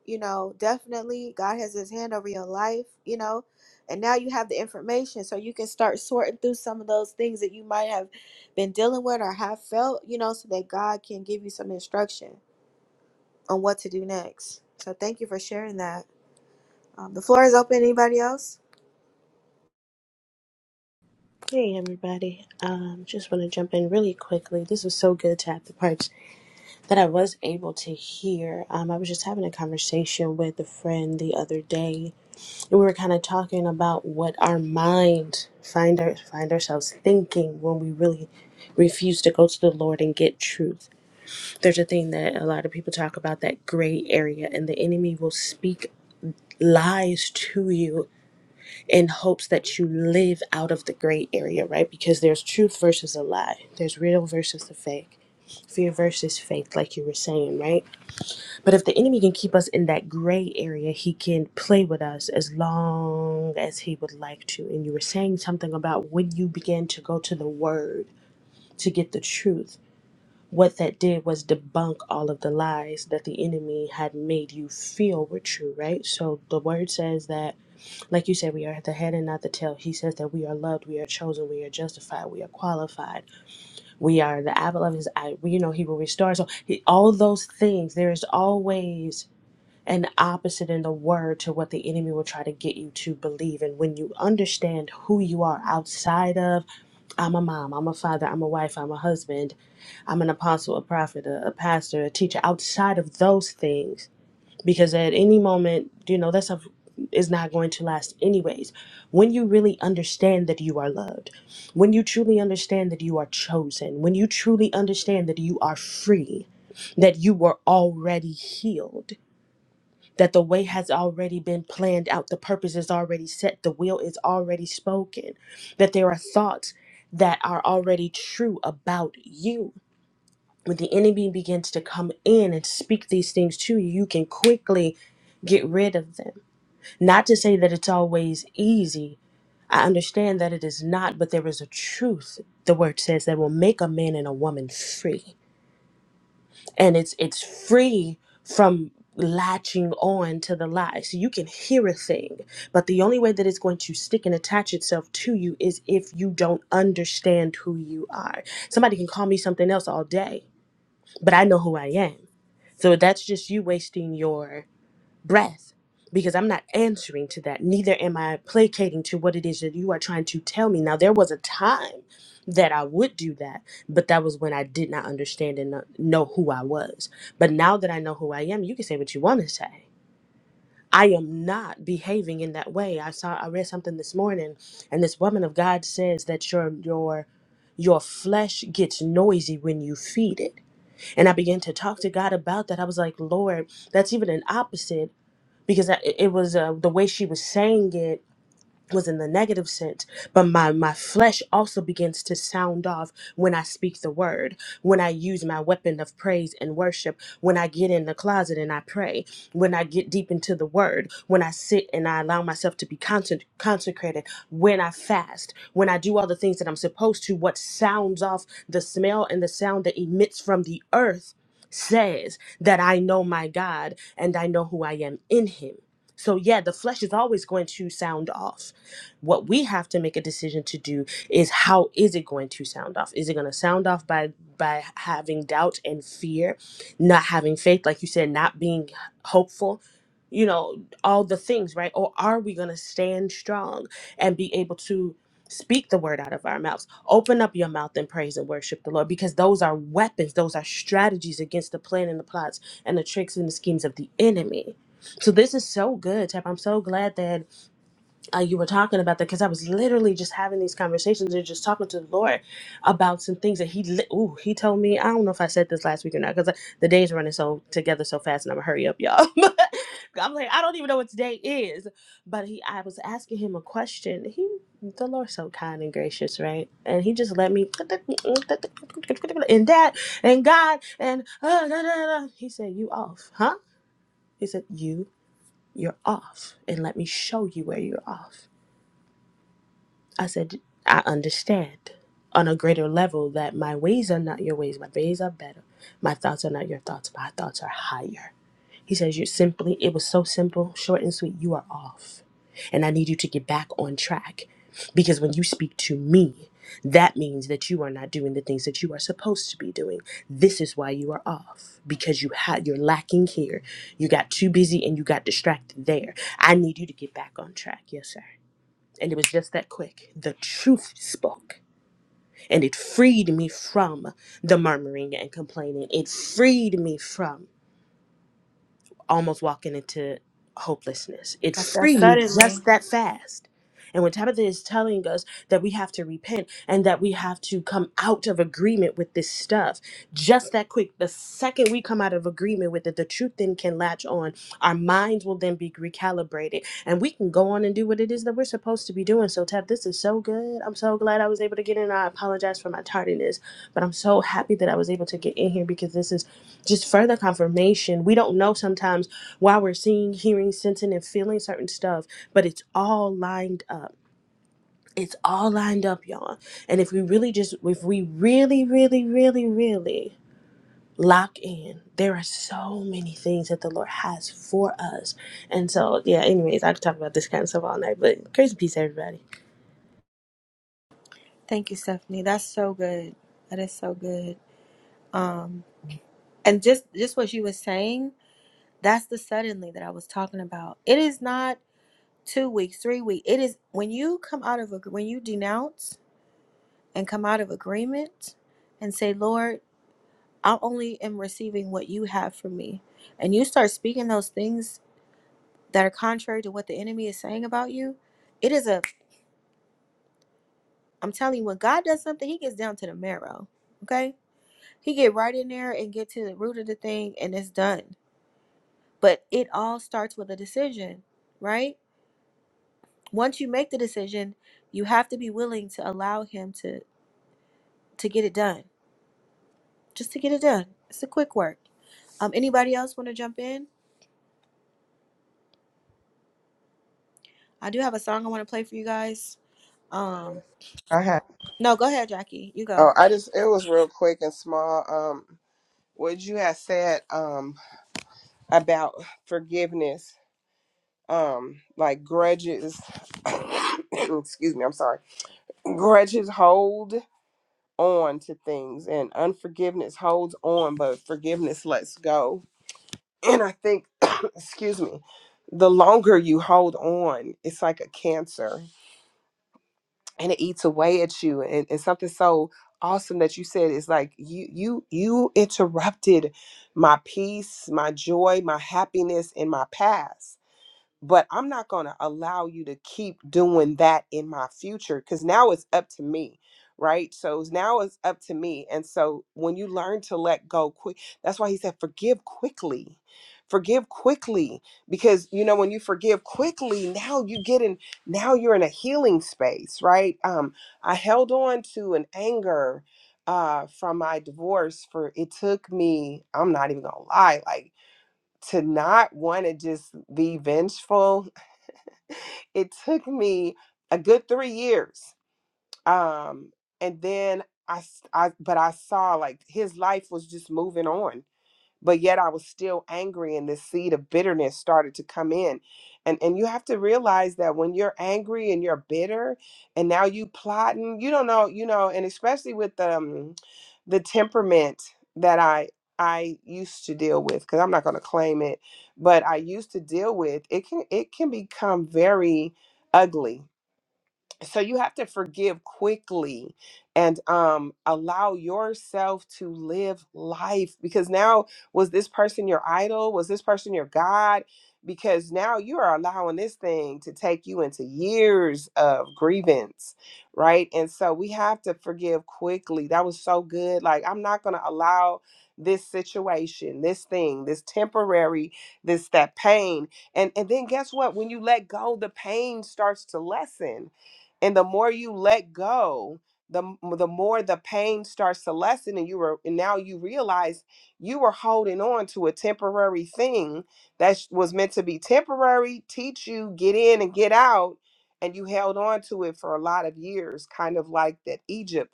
Speaker 1: You know, definitely God has his hand over your life, you know, and now you have the information so you can start sorting through some of those things that you might have been dealing with or have felt, you know, so that God can give you some instruction on what to do next. So thank you for sharing that. Um, the floor is open. Anybody else?
Speaker 9: Hey everybody. Um just want to jump in really quickly. This was so good to have the parts that I was able to hear. Um I was just having a conversation with a friend the other day and we were kind of talking about what our mind find our, find ourselves thinking when we really refuse to go to the Lord and get truth. There's a thing that a lot of people talk about that gray area and the enemy will speak lies to you in hopes that you live out of the gray area, right? Because there's truth versus a lie, there's real versus the fake, fear versus faith, like you were saying, right? But if the enemy can keep us in that gray area, he can play with us as long as he would like to. And you were saying something about when you began to go to the word to get the truth. What that did was debunk all of the lies that the enemy had made you feel were true, right? So the word says that like you said, we are the head and not the tail. He says that we are loved, we are chosen, we are justified, we are qualified, we are the apple of his eye. We, you know, he will restore. So he, all those things, there is always an opposite in the word to what the enemy will try to get you to believe. And when you understand who you are outside of, I'm a mom, I'm a father, I'm a wife, I'm a husband, I'm an apostle, a prophet, a, a pastor, a teacher, outside of those things because at any moment, you know, that stuff is not going to last anyways. When you really understand that you are loved, when you truly understand that you are chosen, when you truly understand that you are free, that you were already healed, that the way has already been planned out, the purpose is already set, the will is already spoken, that there are thoughts that are already true about you when the enemy begins to come in and speak these things to you, you can quickly get rid of them. Not to say that it's always easy. I understand that it is not, but there is a truth, the word says, that will make a man and a woman free. And it's it's free from latching on to the lie. So you can hear a thing, but the only way that it's going to stick and attach itself to you is if you don't understand who you are. Somebody can call me something else all day but I know who I am. So that's just you wasting your breath because I'm not answering to that. Neither am I placating to what it is that you are trying to tell me. Now, there was a time that I would do that, but that was when I did not understand and not know who I was. But now that I know who I am, you can say what you want to say. I am not behaving in that way. I saw I read something this morning and this woman of God says that your your your flesh gets noisy when you feed it and I began to talk to God about that. I was like, Lord, that's even an opposite because I, it was uh, the way she was saying it was in the negative sense but my my flesh also begins to sound off when i speak the word when i use my weapon of praise and worship when i get in the closet and i pray when i get deep into the word when i sit and i allow myself to be conse- consecrated when i fast when i do all the things that i'm supposed to what sounds off the smell and the sound that emits from the earth says that i know my god and i know who i am in him so yeah the flesh is always going to sound off what we have to make a decision to do is how is it going to sound off? Is it going to sound off by by having doubt and fear, not having faith, like you said, not being hopeful, you know, all the things, right? Or are we going to stand strong and be able to speak the word out of our mouths? Open up your mouth and praise and worship the Lord because those are weapons, those are strategies against the plan and the plots and the tricks and the schemes of the enemy. So this is so good, Tap. I'm so glad that uh, you were talking about that because I was literally just having these conversations and just talking to the Lord about some things that He, li- ooh, He told me. I don't know if I said this last week or not because the day's running so together so fast, and I'm gonna hurry up, y'all. But I'm like, I don't even know what today is. But he, I was asking him a question. He, the Lord's so kind and gracious, right? And He just let me and that and God and uh, da, da, da. He said, "You off, huh?" He said, "You, you're off, and let me show you where you're off." I said, I understand on a greater level that my ways are not your ways. My ways are better. My thoughts are not your thoughts. My thoughts are higher. He says, you simply, it was so simple, short and sweet. You are off. And I need you to get back on track because when you speak to me, that means that you are not doing the things that you are supposed to be doing. This is why you are off because you had you're lacking here. You got too busy and you got distracted there. I need you to get back on track. Yes, sir. And it was just that quick. The truth spoke. And it freed me from the murmuring and complaining. It freed me from almost walking into hopelessness. It
Speaker 1: That's that
Speaker 9: freed me
Speaker 1: suddenly.
Speaker 9: just that fast. And when Tabitha is telling us that we have to repent and that we have to come out of agreement with this stuff, just that quick, the second we come out of agreement with it, the truth then can latch on. Our minds will then be recalibrated and we can go on and do what it is that we're supposed to be doing. So, Tab, this is so good. I'm so glad I was able to get in. I apologize for my tardiness, but I'm so happy that I was able to get in here because this is just further confirmation. We don't know sometimes why we're seeing, hearing, sensing, and feeling certain stuff, but it's all lined up. It's all lined up, y'all. And if we really just, if we really, really, really, really lock in, there are so many things that the Lord has for us. And so, yeah, anyways, I could talk about this kind of stuff all night, but grace and peace, everybody.
Speaker 1: Thank you, Stephanie. That's so good. That is so good. Um, and just just what you were saying, that's the suddenly that I was talking about. It is not two weeks, three weeks. It is when you come out of a when you denounce and come out of agreement and say, Lord, I only am receiving what you have for me, and you start speaking those things that are contrary to what the enemy is saying about you. It is a I'm telling you, when God does something, He gets down to the marrow. Okay, He get right in there and get to the root of the thing, and it's done. But it all starts with a decision, right? Once you make the decision, you have to be willing to allow Him to to get it done, just to get it done. It's a quick work. Um, anybody else want to jump in? I do have a song I want to play for you guys. Um,
Speaker 8: I had
Speaker 1: no, go ahead, Jackie. You go.
Speaker 8: oh I just it was real quick and small. Um, what you had said um about forgiveness um like grudges excuse me i'm sorry grudges hold on to things and unforgiveness holds on but forgiveness lets go and i think excuse me the longer you hold on it's like a cancer and it eats away at you and, and something so awesome that you said is like you you you interrupted my peace my joy my happiness and my past but I'm not going to allow you to keep doing that in my future because now it's up to me, right? So it's- now it's up to me. And so when you learn to let go quick, that's why he said, forgive quickly. Forgive quickly because you know when you forgive quickly, now you get in now you're in a healing space, right? Um, I held on to an anger uh from my divorce for it took me, I'm not even gonna lie, like to not want to just be vengeful it took me a good three years um and then I, s- I- but i saw like his life was just moving on but yet I was still angry and this seed of bitterness started to come in. And and you have to realize that when you're angry and you're bitter and now you plotting, you don't know, you know, and especially with um the temperament that I I used to deal with cuz I'm not going to claim it, but I used to deal with, it can it can become very ugly so you have to forgive quickly and um allow yourself to live life because now was this person your idol was this person your god because now you are allowing this thing to take you into years of grievance right and so we have to forgive quickly that was so good like i'm not going to allow this situation this thing this temporary this that pain and and then guess what when you let go the pain starts to lessen and the more you let go the m- the more the pain starts to lessen and you were and now you realize you were holding on to a temporary thing that sh- was meant to be temporary teach you get in and get out and you held on to it for a lot of years kind of like that egypt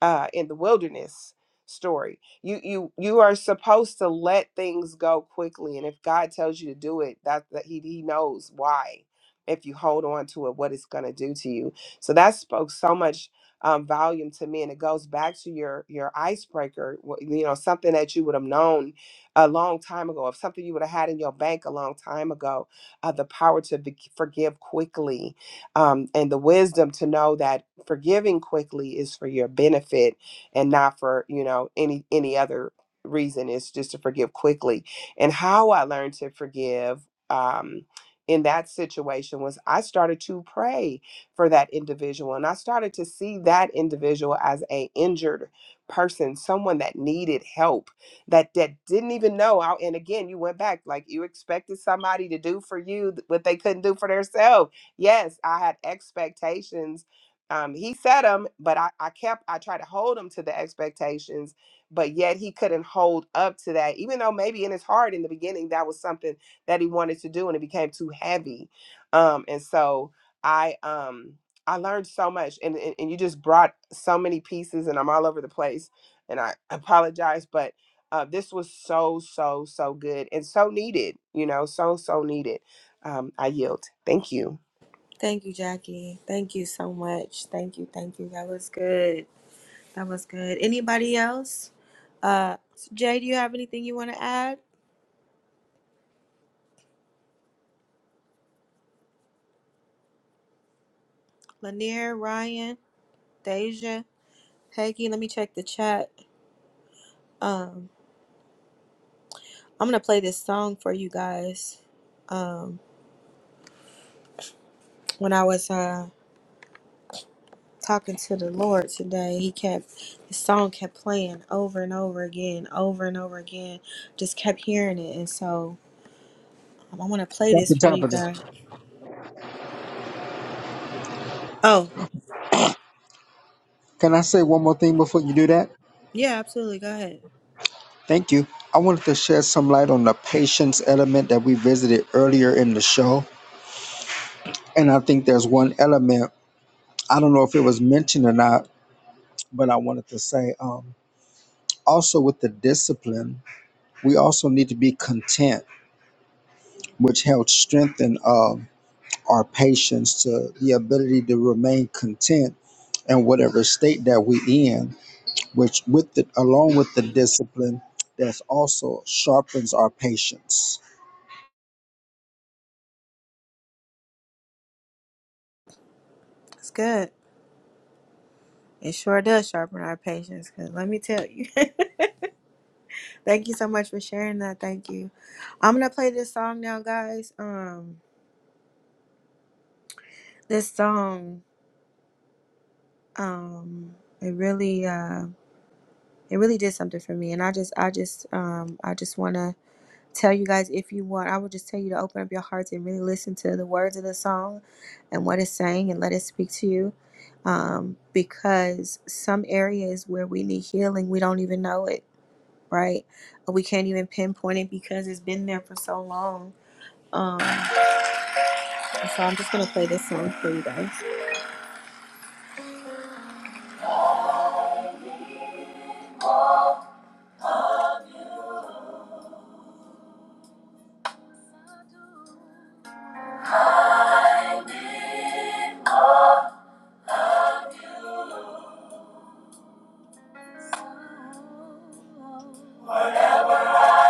Speaker 8: uh, in the wilderness story you you you are supposed to let things go quickly and if god tells you to do it that, that he, he knows why if you hold on to it what it's going to do to you so that spoke so much um, volume to me, and it goes back to your your icebreaker. wh- You know, something that you would have known a long time ago, if something you would have had in your bank a long time ago, uh, the power to be- forgive quickly, um, and the wisdom to know that forgiving quickly is for your benefit and not for you know any any other reason. It's just to forgive quickly, and how I learned to forgive. Um, in that situation was I started to pray for that individual. And I started to see that individual as a injured person, someone that needed help, that that didn't even know. how- And again, you went back like you expected somebody to do for you th- what they couldn't do for themselves. Yes, I had expectations. Um, he set them, but I, I kept I tried to hold him to the expectations, but yet he couldn't hold up to that, even though maybe in his heart in the beginning that was something that he wanted to do and it became too heavy. Um, and so I um I learned so much and, and and you just brought so many pieces and I'm all over the place and I apologize but uh, this was so so so good and so needed you know so so needed um, I yield thank you
Speaker 1: Thank you, Jackie. Thank you so much. Thank you, thank you. That was good. That was good. Anybody else? Uh, Jay, do you have anything you want to add? Lanier, Ryan, Deja, Peggy. Let me check the chat. Um, I'm gonna play this song for you guys. Um, when I was uh talking to the Lord today, he kept the song kept playing over and over again, over and over again. Just kept hearing it, and so um, I want to play
Speaker 4: Dr.
Speaker 1: this for you
Speaker 4: Tabitha.
Speaker 1: guys. Oh,
Speaker 4: Can I say one more thing before you do that?
Speaker 1: yeah, absolutely. Go ahead.
Speaker 4: Thank you. I wanted to shed some light on the patience element that we visited earlier in the show. And I think there's one element, I don't know if it was mentioned or not, but I wanted to say um, also with the discipline, we also need to be content, which helps strengthen um, our patience to the ability to remain content in whatever state that we in, which with the, along with the discipline, that's also sharpens our patience.
Speaker 1: It's good. It sure does sharpen our patience, because let me tell you. Thank you so much for sharing that. Thank you. I'm gonna play this song now, guys. Um, this song, um, it really, uh, it really did something for me, and I just, I just, um, I just wanna tell you guys if you want, I would just tell you to open up your hearts and really listen to the words of the song and what it's saying, and let it speak to you. Um, because some areas where we need healing, we don't even know it right? Uh, We can't even pinpoint it because it's been there for so long. Um, so I'm just gonna play this song for you guys.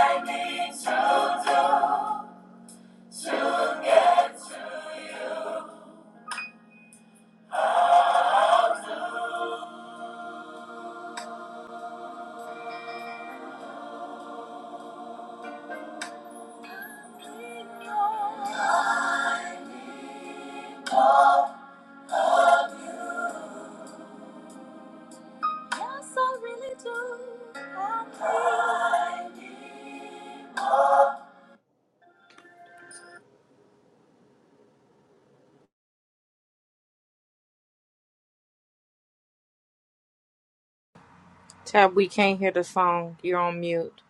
Speaker 1: Yes, I really do. I need more.
Speaker 3: Tab, we can't hear the song. You're on mute.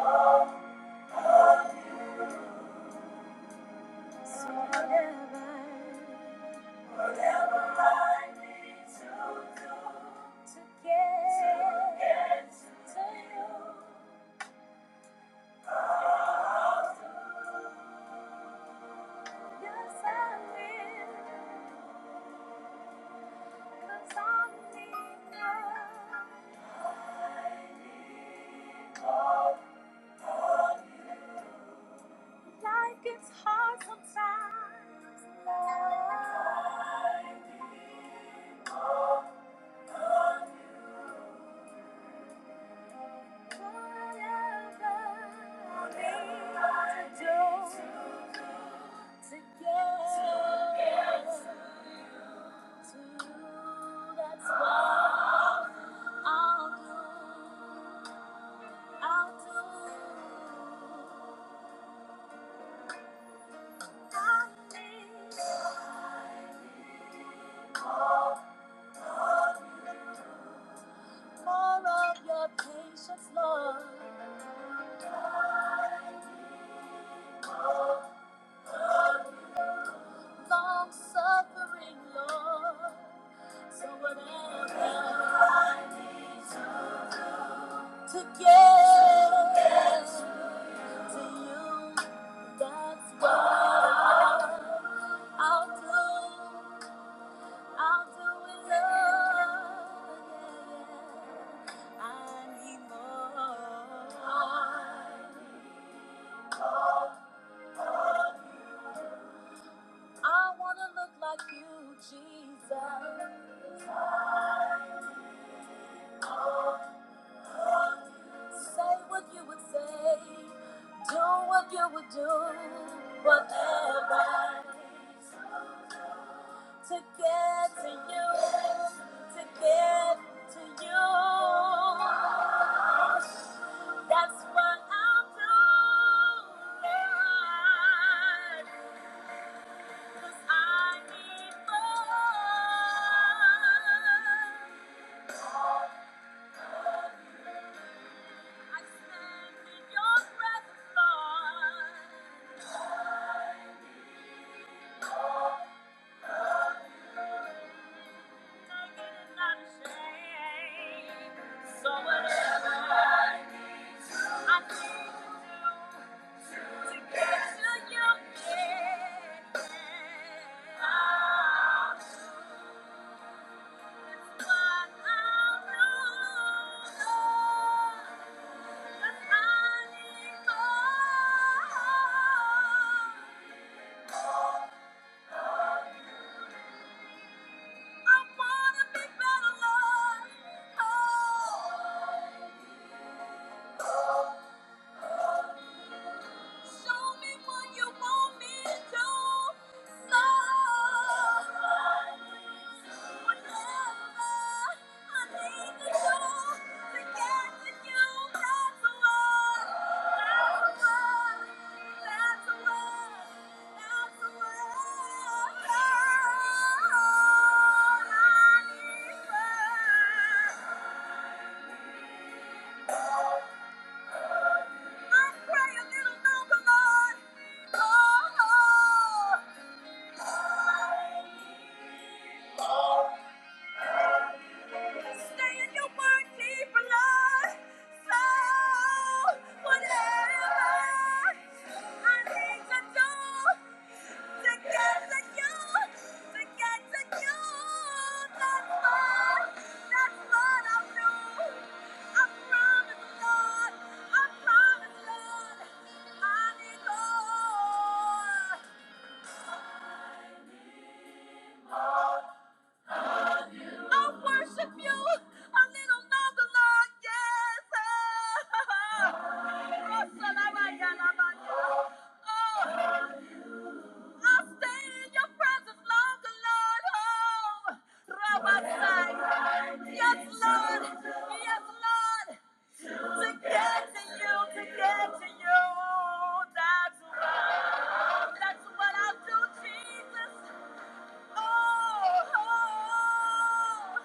Speaker 1: I need. So whatever, I need to do to get to you, yes I will, 'cause I need love. Life gets hard sometimes, love. All of your patience, Lord. long suffering, Lord. So whatever I need to do to get to you, that's what I'll do. I'll do it, Lord. I need more. I wanna look like you, Jesus. Say what you would say, do what you would do, whatever. To get to you, to get to you. That's what i doing, 'cause I need more. I stand in your presence, Lord. So whatever I need to do to get to your head, I'll do what I'll need more. I wanna be better, Oh. Show me what you want me to love. Whatever I need to do to get to you, that's what. That's what. That's what. That's what I need. I pray a little number, Lord. Oh. I promise, Lord, I need more. I'll worship you a little longer, Lord. Yes. Oh, Oh, I'll stay in your presence longer, Lord. Oh, Rabbasai. Yes, Lord. Yes, Lord. To get to you, to get to you. That's what, that's what I'll do, Jesus. Oh, oh. oh.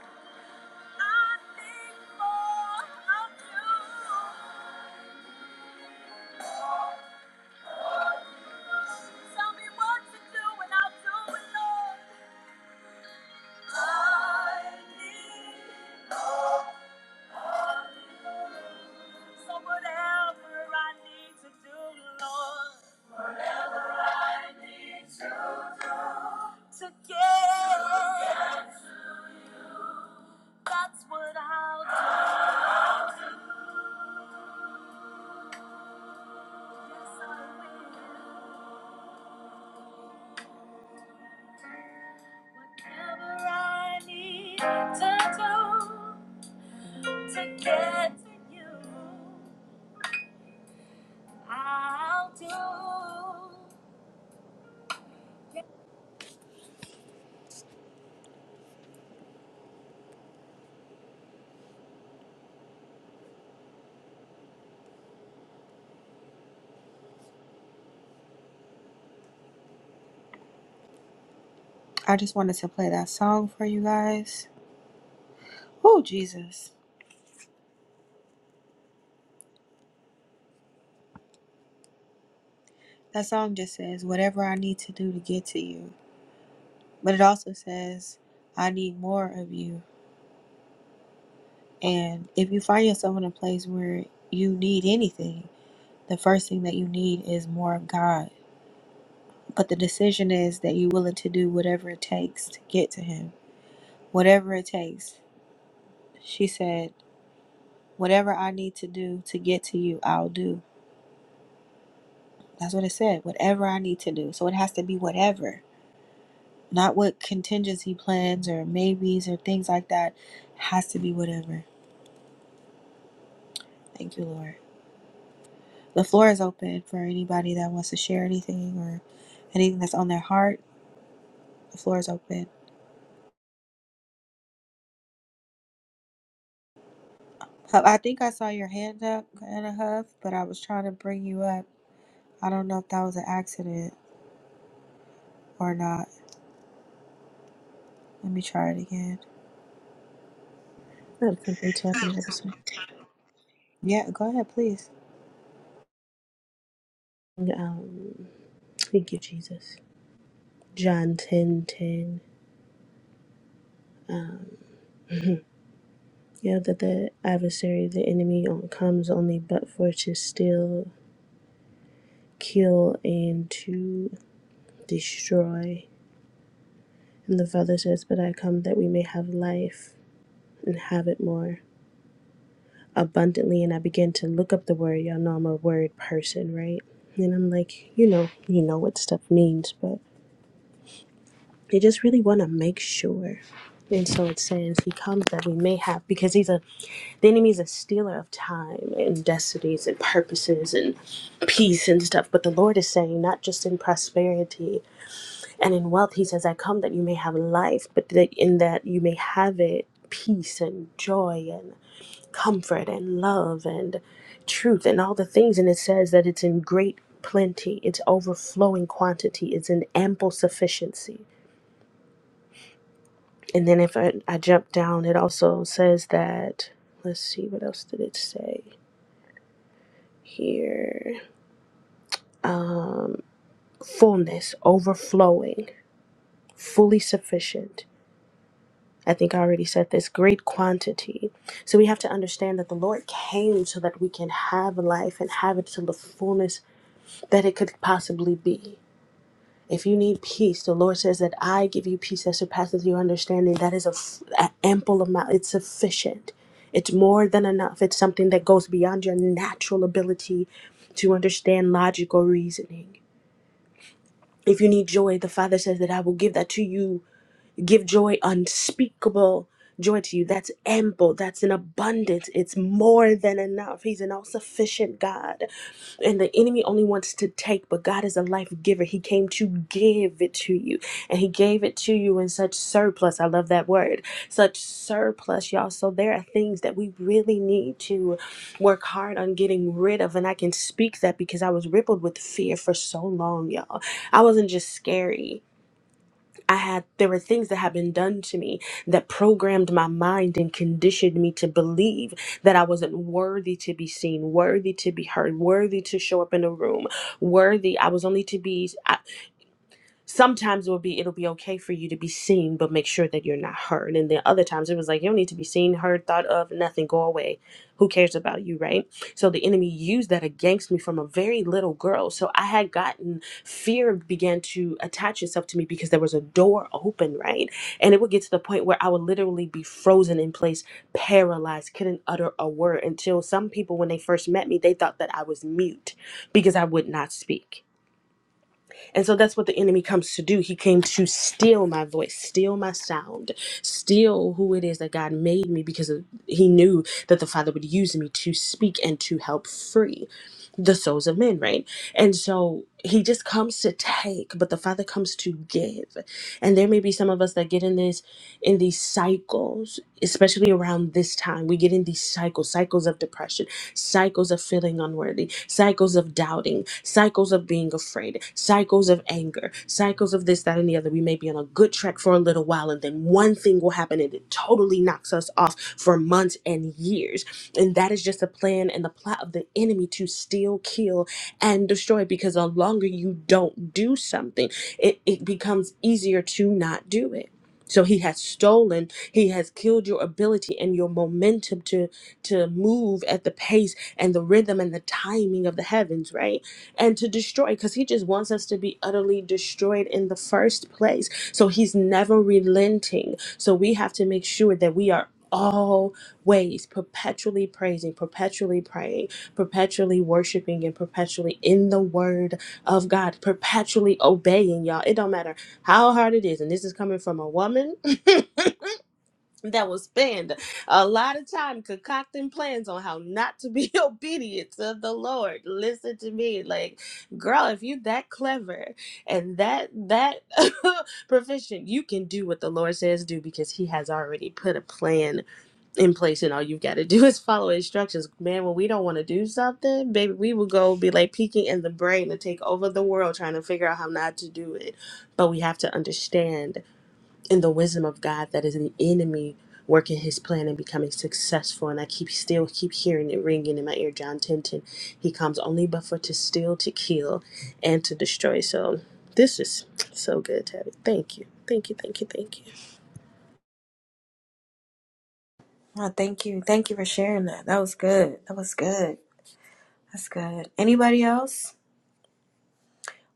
Speaker 1: To get, that's what I'll do. Yes, I will. Whatever I need to do to get to you. I'll do. I just wanted to play that song for you guys. Oh, Jesus. That song just says, whatever I need to do to get to you. But it also says, I need more of you. And if you find yourself in a place where you need anything, the first thing that you need is more of God. But the decision is that you're willing to do whatever it takes to get to Him. Whatever it takes. She said, whatever I need to do to get to you, I'll do. That's what it said. Whatever I need to do. So it has to be whatever, not what contingency plans or maybes or things like that. It has to be whatever. Thank you, Lord. The floor is open for anybody that wants to share anything or anything that's on their heart. The floor is open. Huff, I think I saw your hand up, Anna Huff, but I was trying to bring you up. I don't know if that was an accident or not. Let me try it again.
Speaker 9: I have something to happen, have a second.
Speaker 1: Yeah, go ahead, please.
Speaker 9: Um, thank you, Jesus. John ten ten. um, You know, that the adversary, the enemy, um, comes only but for to steal, kill, and to destroy. And the Father says, But I come that we may have life and have it more abundantly. And I began to look up the word. Y'all know I'm a word person, right? And I'm like, you know, you know what stuff means, but they just really want to make sure. And so it says, He comes that we may have, because He's a The enemy is a stealer of time and destinies and purposes and peace and stuff. But the Lord is saying, not just in prosperity and in wealth, He says, I come that you may have life, but that in that you may have it peace and joy and comfort and love and truth and all the things. And it says that it's in great plenty, it's overflowing quantity, it's in ample sufficiency. And then if I, I jump down, it also says that, let's see, what else did it say? here fullness overflowing fully sufficient i think i already said this great quantity so we have to understand that the lord came so that we can have life and have it to the fullness that it could possibly be if you need peace the lord says that i give you peace that surpasses your understanding that is a, f- a ample amount it's sufficient it's more than enough it's something that goes beyond your natural ability to understand logical reasoning If you need joy, the Father says that I will give that to you give joy unspeakable joy to you that's ample that's an abundance it's more than enough he's an all-sufficient god and the enemy only wants to take but god is a life giver he came to give it to you and he gave it to you in such surplus i love that word such surplus y'all so there are things that we really need to work hard on getting rid of and i can speak that because i was rippled with fear for so long y'all i wasn't just scary I had there were things that had been done to me that programmed my mind and conditioned me to believe that I wasn't worthy to be seen, worthy to be heard, worthy to show up in a room, worthy. I was only to be sometimes it will be it'll be okay for you to be seen but make sure that you're not heard and then other times it was like you don't need to be seen heard thought of nothing go away who cares about you right so the enemy used that against me from a very little girl so i had gotten fear began to attach itself to me because there was a door open right and it would get to the point where i would literally be frozen in place paralyzed couldn't utter a word until some people when they first met me they thought that i was mute because i would not speak and so that's what the enemy comes to do. He came to steal my voice, steal my sound, steal who it is that God made me because of, he knew that the Father would use me to speak and to help free the souls of men, right? And so he just comes to take, but the Father comes to give. And there may be some of us that get in this in these cycles, especially around this time. We get in these cycles, cycles of depression, cycles of feeling unworthy, cycles of doubting, cycles of being afraid, cycles of anger, cycles of this, that, and the other. We may be on a good track for a little while, and then one thing will happen and it totally knocks us off for months and years. And that is just a plan and the plot of the enemy to steal, kill, and destroy because the longer you don't do something, it, it becomes easier to not do it. So he has stolen, he has killed your ability and your momentum to to move at the pace and the rhythm and the timing of the heavens, right? And to destroy, because he just wants us to be utterly destroyed in the first place. So he's never relenting. So we have to make sure that we are always perpetually praising, perpetually praying, perpetually worshiping, and perpetually in the word of God, perpetually obeying, y'all. It don't matter how hard it is. And this is coming from a woman. that will spend a lot of time concocting plans on how not to be obedient to the Lord. Listen to me, like, girl, if you that clever and that that proficient, you can do what the Lord says do because He has already put a plan in place, and all you've got to do is follow instructions. Man, when we don't want to do something, baby, we will go be like peeking in the brain and take over the world trying to figure out how not to do it. But we have to understand and the wisdom of God that is an enemy working his plan and becoming successful. And I keep still keep hearing it ringing in my ear. John 10 ten, He comes only but for to steal, to kill, and to destroy. So this is so good, Tabby. Thank you. Thank you. Thank you. Thank you.
Speaker 1: Oh, thank you. Thank you for sharing that. That was good. That was good. That's good. Anybody else?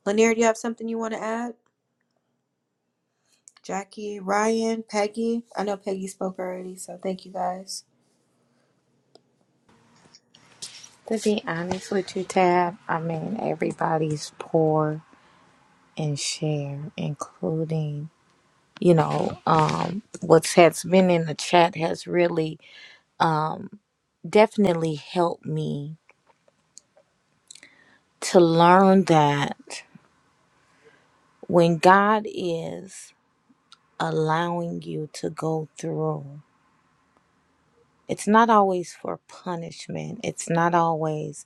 Speaker 1: Lanier, do you have something you want to add? Jackie, Ryan, Peggy. I know Peggy spoke already, so thank you guys.
Speaker 3: To be honest with you, Tab, I mean, everybody's poor and share, including, you know, um, what has been in the chat has really definitely helped me to learn that when God is allowing you to go through, it's not always for punishment. It's not always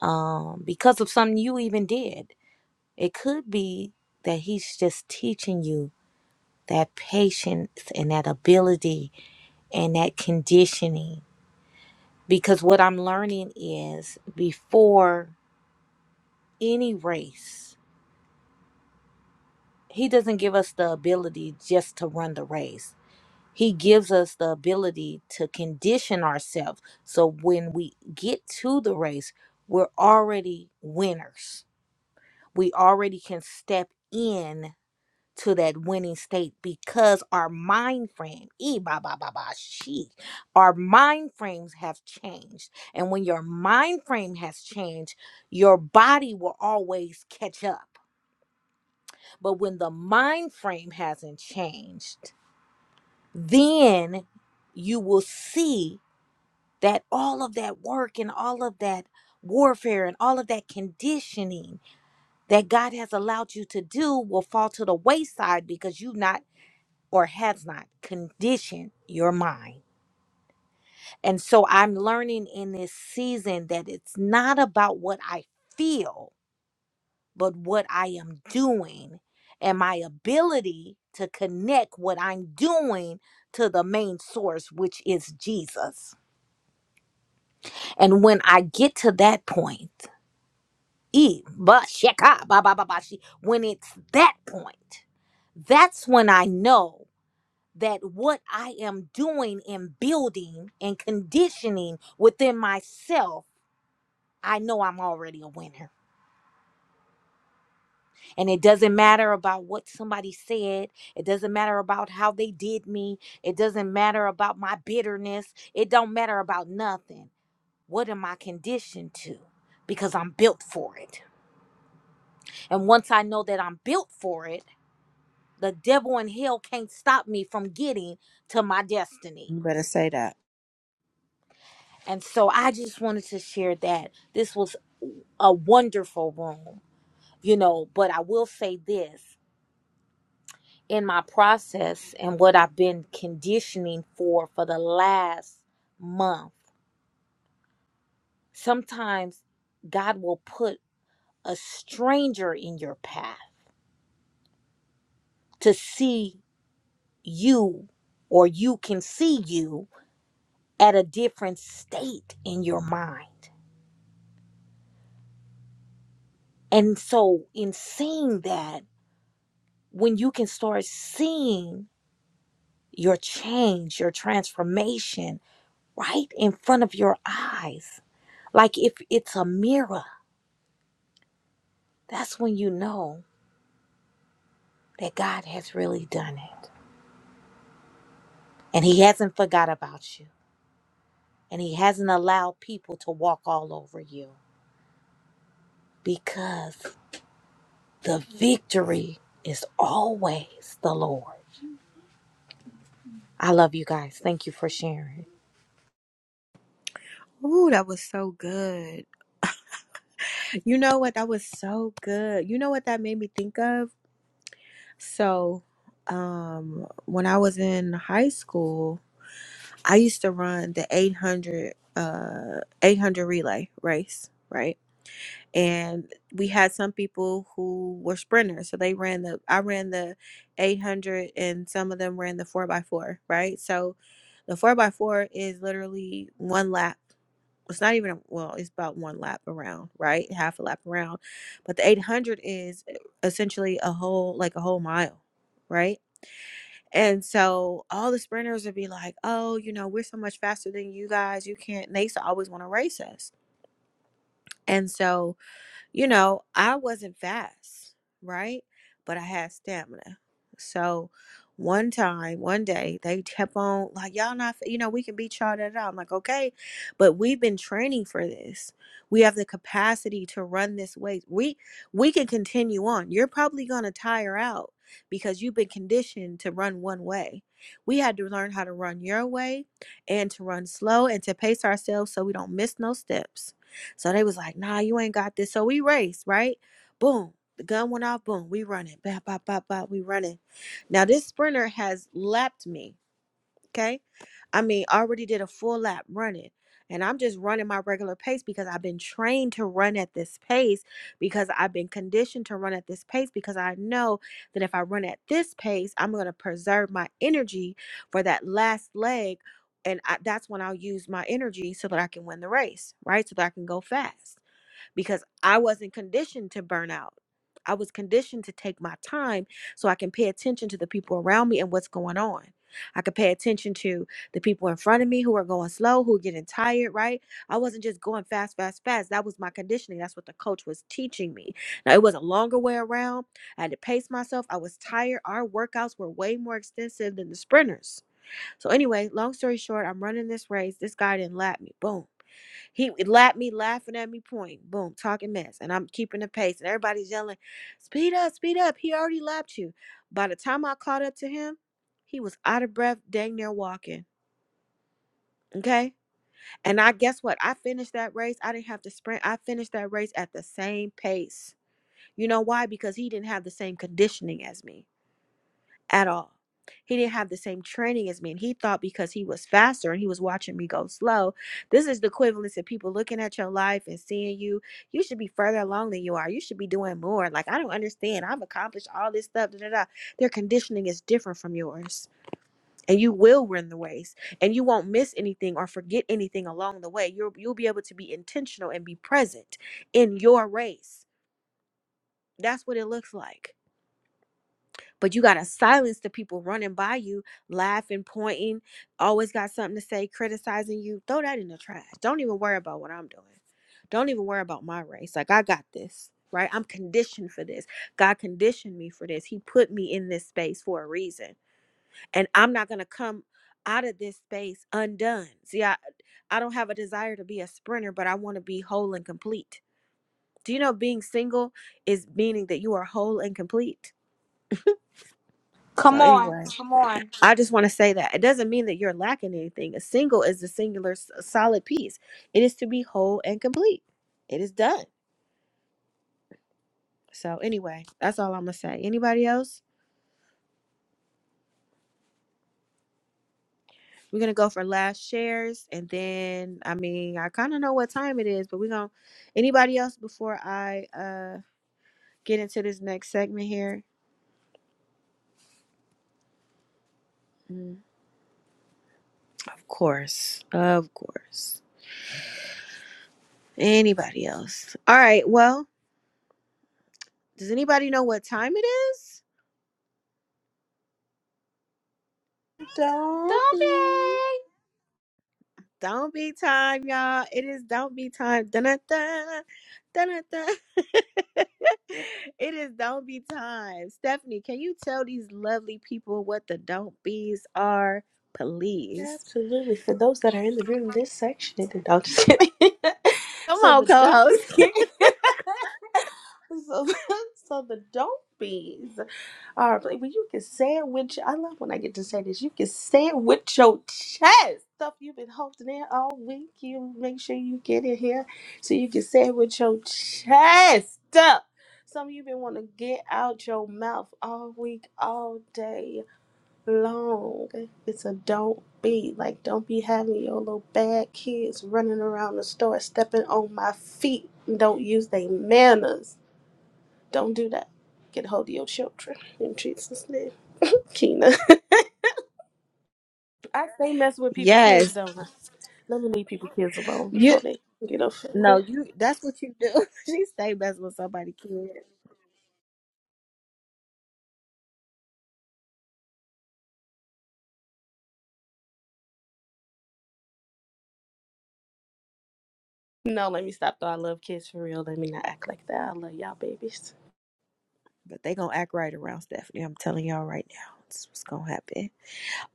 Speaker 3: um, because of something you even did. It could be that He's just teaching you that patience and that ability and that conditioning. Because what I'm learning is before any race, he doesn't give us the ability just to run the race. He gives us the ability to condition ourselves so when we get to the race, we're already winners. We already can step in to that winning state because our mind frame, e ba ba ba ba she, our mind frames have changed. And when your mind frame has changed, your body will always catch up but when the mind frame hasn't changed, then you will see that all of that work and all of that warfare and all of that conditioning that God has allowed you to do will fall to the wayside because you not or has not conditioned your mind. And so I'm learning in this season that it's not about what I feel but what I am doing and my ability to connect what I'm doing to the main source, which is Jesus. And when I get to that point, e- ba- sheka- ba- ba- ba- ba- she- when it's that point, that's when I know that what I am doing and building and conditioning within myself, I know I'm already a winner. And it doesn't matter about what somebody said. It doesn't matter about how they did me. It doesn't matter about my bitterness. It don't matter about nothing. What am I conditioned to? Because I'm built for it. And once I know that I'm built for it, the devil and hell can't stop me from getting to my destiny.
Speaker 1: You better say that.
Speaker 3: And so I just wanted to share that. This was a wonderful room, you know, but I will say this. in my process and what I've been conditioning for for the last month, sometimes God will put a stranger in your path to see you, or you can see you at a different state in your mind. And so, in seeing that, when you can start seeing your change, your transformation right in front of your eyes, like if it's a mirror that's when you know that God has really done it. And He hasn't forgot about you. And He hasn't allowed people to walk all over you because the victory is always the Lord. I love you guys. Thank you for sharing.
Speaker 1: Ooh, that was so good. You know what? That was so good. You know what that made me think of? So, um, when I was in high school, I used to run the 800 uh 800 relay race, right? and we had some people who were sprinters so they ran the i ran the 800 and some of them ran the 4x4 right so the 4x4 is literally one lap it's not even a- well it's about one lap around right half a lap around but the 800 is eh, essentially a whole like a whole mile right and so all the sprinters would be like oh you know we're so much faster than you guys you can't and they used to always want to race us and so you know, I wasn't fast, right? But I had stamina. So one time, one day, they kept on like, y'all not, you know, we can beat y'all that out. I'm like, okay, but we've been training for this. We have the capacity to run this way. We we can continue on. You're probably gonna tire out because you've been conditioned to run one way. We had to learn how to run your way and to run slow and to pace ourselves so we don't miss no steps so they was like, nah, you ain't got this. So we raced, right? Boom. The gun went off, boom, we running. Bop, bop, bop, bop, we running. Now this sprinter has lapped me. Okay. I mean, already did a full lap running. And I'm just running my regular pace because I've been trained to run at this pace because I've been conditioned to run at this pace because I know that if I run at this pace, I'm going to preserve my energy for that last leg. And I, that's when I'll use my energy so that I can win the race, right? So that I can go fast because I wasn't conditioned to burn out. I was conditioned to take my time so I can pay attention to the people around me and what's going on. I could pay attention to the people in front of me who are going slow, who are getting tired, right? I wasn't just going fast, fast, fast. That was my conditioning. That's what the coach was teaching me. Now, it was a longer way around. I had to pace myself. I was tired. Our workouts were way more extensive than the sprinters so anyway, long story short, I'm running this race. This guy didn't lap me. Boom. He lapped me, laughing at me, point, boom, talking mess. And I'm keeping the pace. And everybody's yelling, speed up, speed up. He already lapped you. By the time I caught up to him, he was out of breath, dang near walking. Okay. And I guess what? I finished that race. I didn't have to sprint. I finished that race at the same pace. You know why? Because he didn't have the same conditioning as me at all. He didn't have the same training as me. And he thought because he was faster and he was watching me go slow, this is the equivalence of people looking at your life and seeing you. You should be further along than you are. You should be doing more. Like, I don't understand. I've accomplished all this stuff. Da, da, da. Their conditioning is different from yours. And you will win the race and you won't miss anything or forget anything along the way. You'll, you'll be able to be intentional and be present in your race. That's what it looks like but you got to silence the people running by you, laughing, pointing, always got something to say, criticizing you. Throw that in the trash. Don't even worry about what I'm doing. Don't even worry about my race. Like, I got this, right? I'm conditioned for this. God conditioned me for this. He put me in this space for a reason. And I'm not going to come out of this space undone. See, I, I don't have a desire to be a sprinter, but I want to be whole and complete. Do you know being single is meaning that you are whole and complete? So,
Speaker 3: Come on.
Speaker 1: anyway.
Speaker 3: Come on.
Speaker 1: I just want to say that it doesn't mean that you're lacking anything. A single is the singular s- solid piece. It is to be whole and complete. It is done. So anyway, that's all I'm gonna say. Anybody else? We're gonna go for last shares, and then I mean I kind of know what time it is, but we're gonna. Anybody else before I uh get into this next segment here? Mm, Of course, of course. Anybody else? All right. Well, does anybody know what time it is?
Speaker 9: Don't
Speaker 3: Don't
Speaker 9: be
Speaker 3: be.
Speaker 1: Don't be time, y'all. It is don't be time. Dun-dun-dun. Dun-dun-dun. it is don't be time. Stephanie, can you tell these lovely people what the don't be's are, please?
Speaker 9: absolutely for those that are in the room this section is the don't just kidding.
Speaker 1: Come
Speaker 9: so the
Speaker 1: on, co-host.
Speaker 9: don't So, so the dope bees are like, well, you can say it with your, I love when I get to say this. You can say it with your chest. Stuff you've been holding in all week. You make sure you get it here so you can say it with your chest. Some of you been want to get out your mouth all week, all day long. It's a don't be. Like, don't be having your little bad kids running around the store, stepping on my feet. Don't use their manners don't do that. Get a hold of your children in Jesus' name. Kina. I say mess with people kids,
Speaker 1: Yes.
Speaker 9: don't I? Let me leave people kids alone
Speaker 1: You
Speaker 9: before they get offended.
Speaker 1: no, you that's what you do. she stay messing with somebody kid.
Speaker 9: No, let me stop though. I love kids for real. Let me not act like that. I love y'all babies.
Speaker 1: But they gonna act right around Stephanie. I'm telling y'all right now. This is what's gonna happen.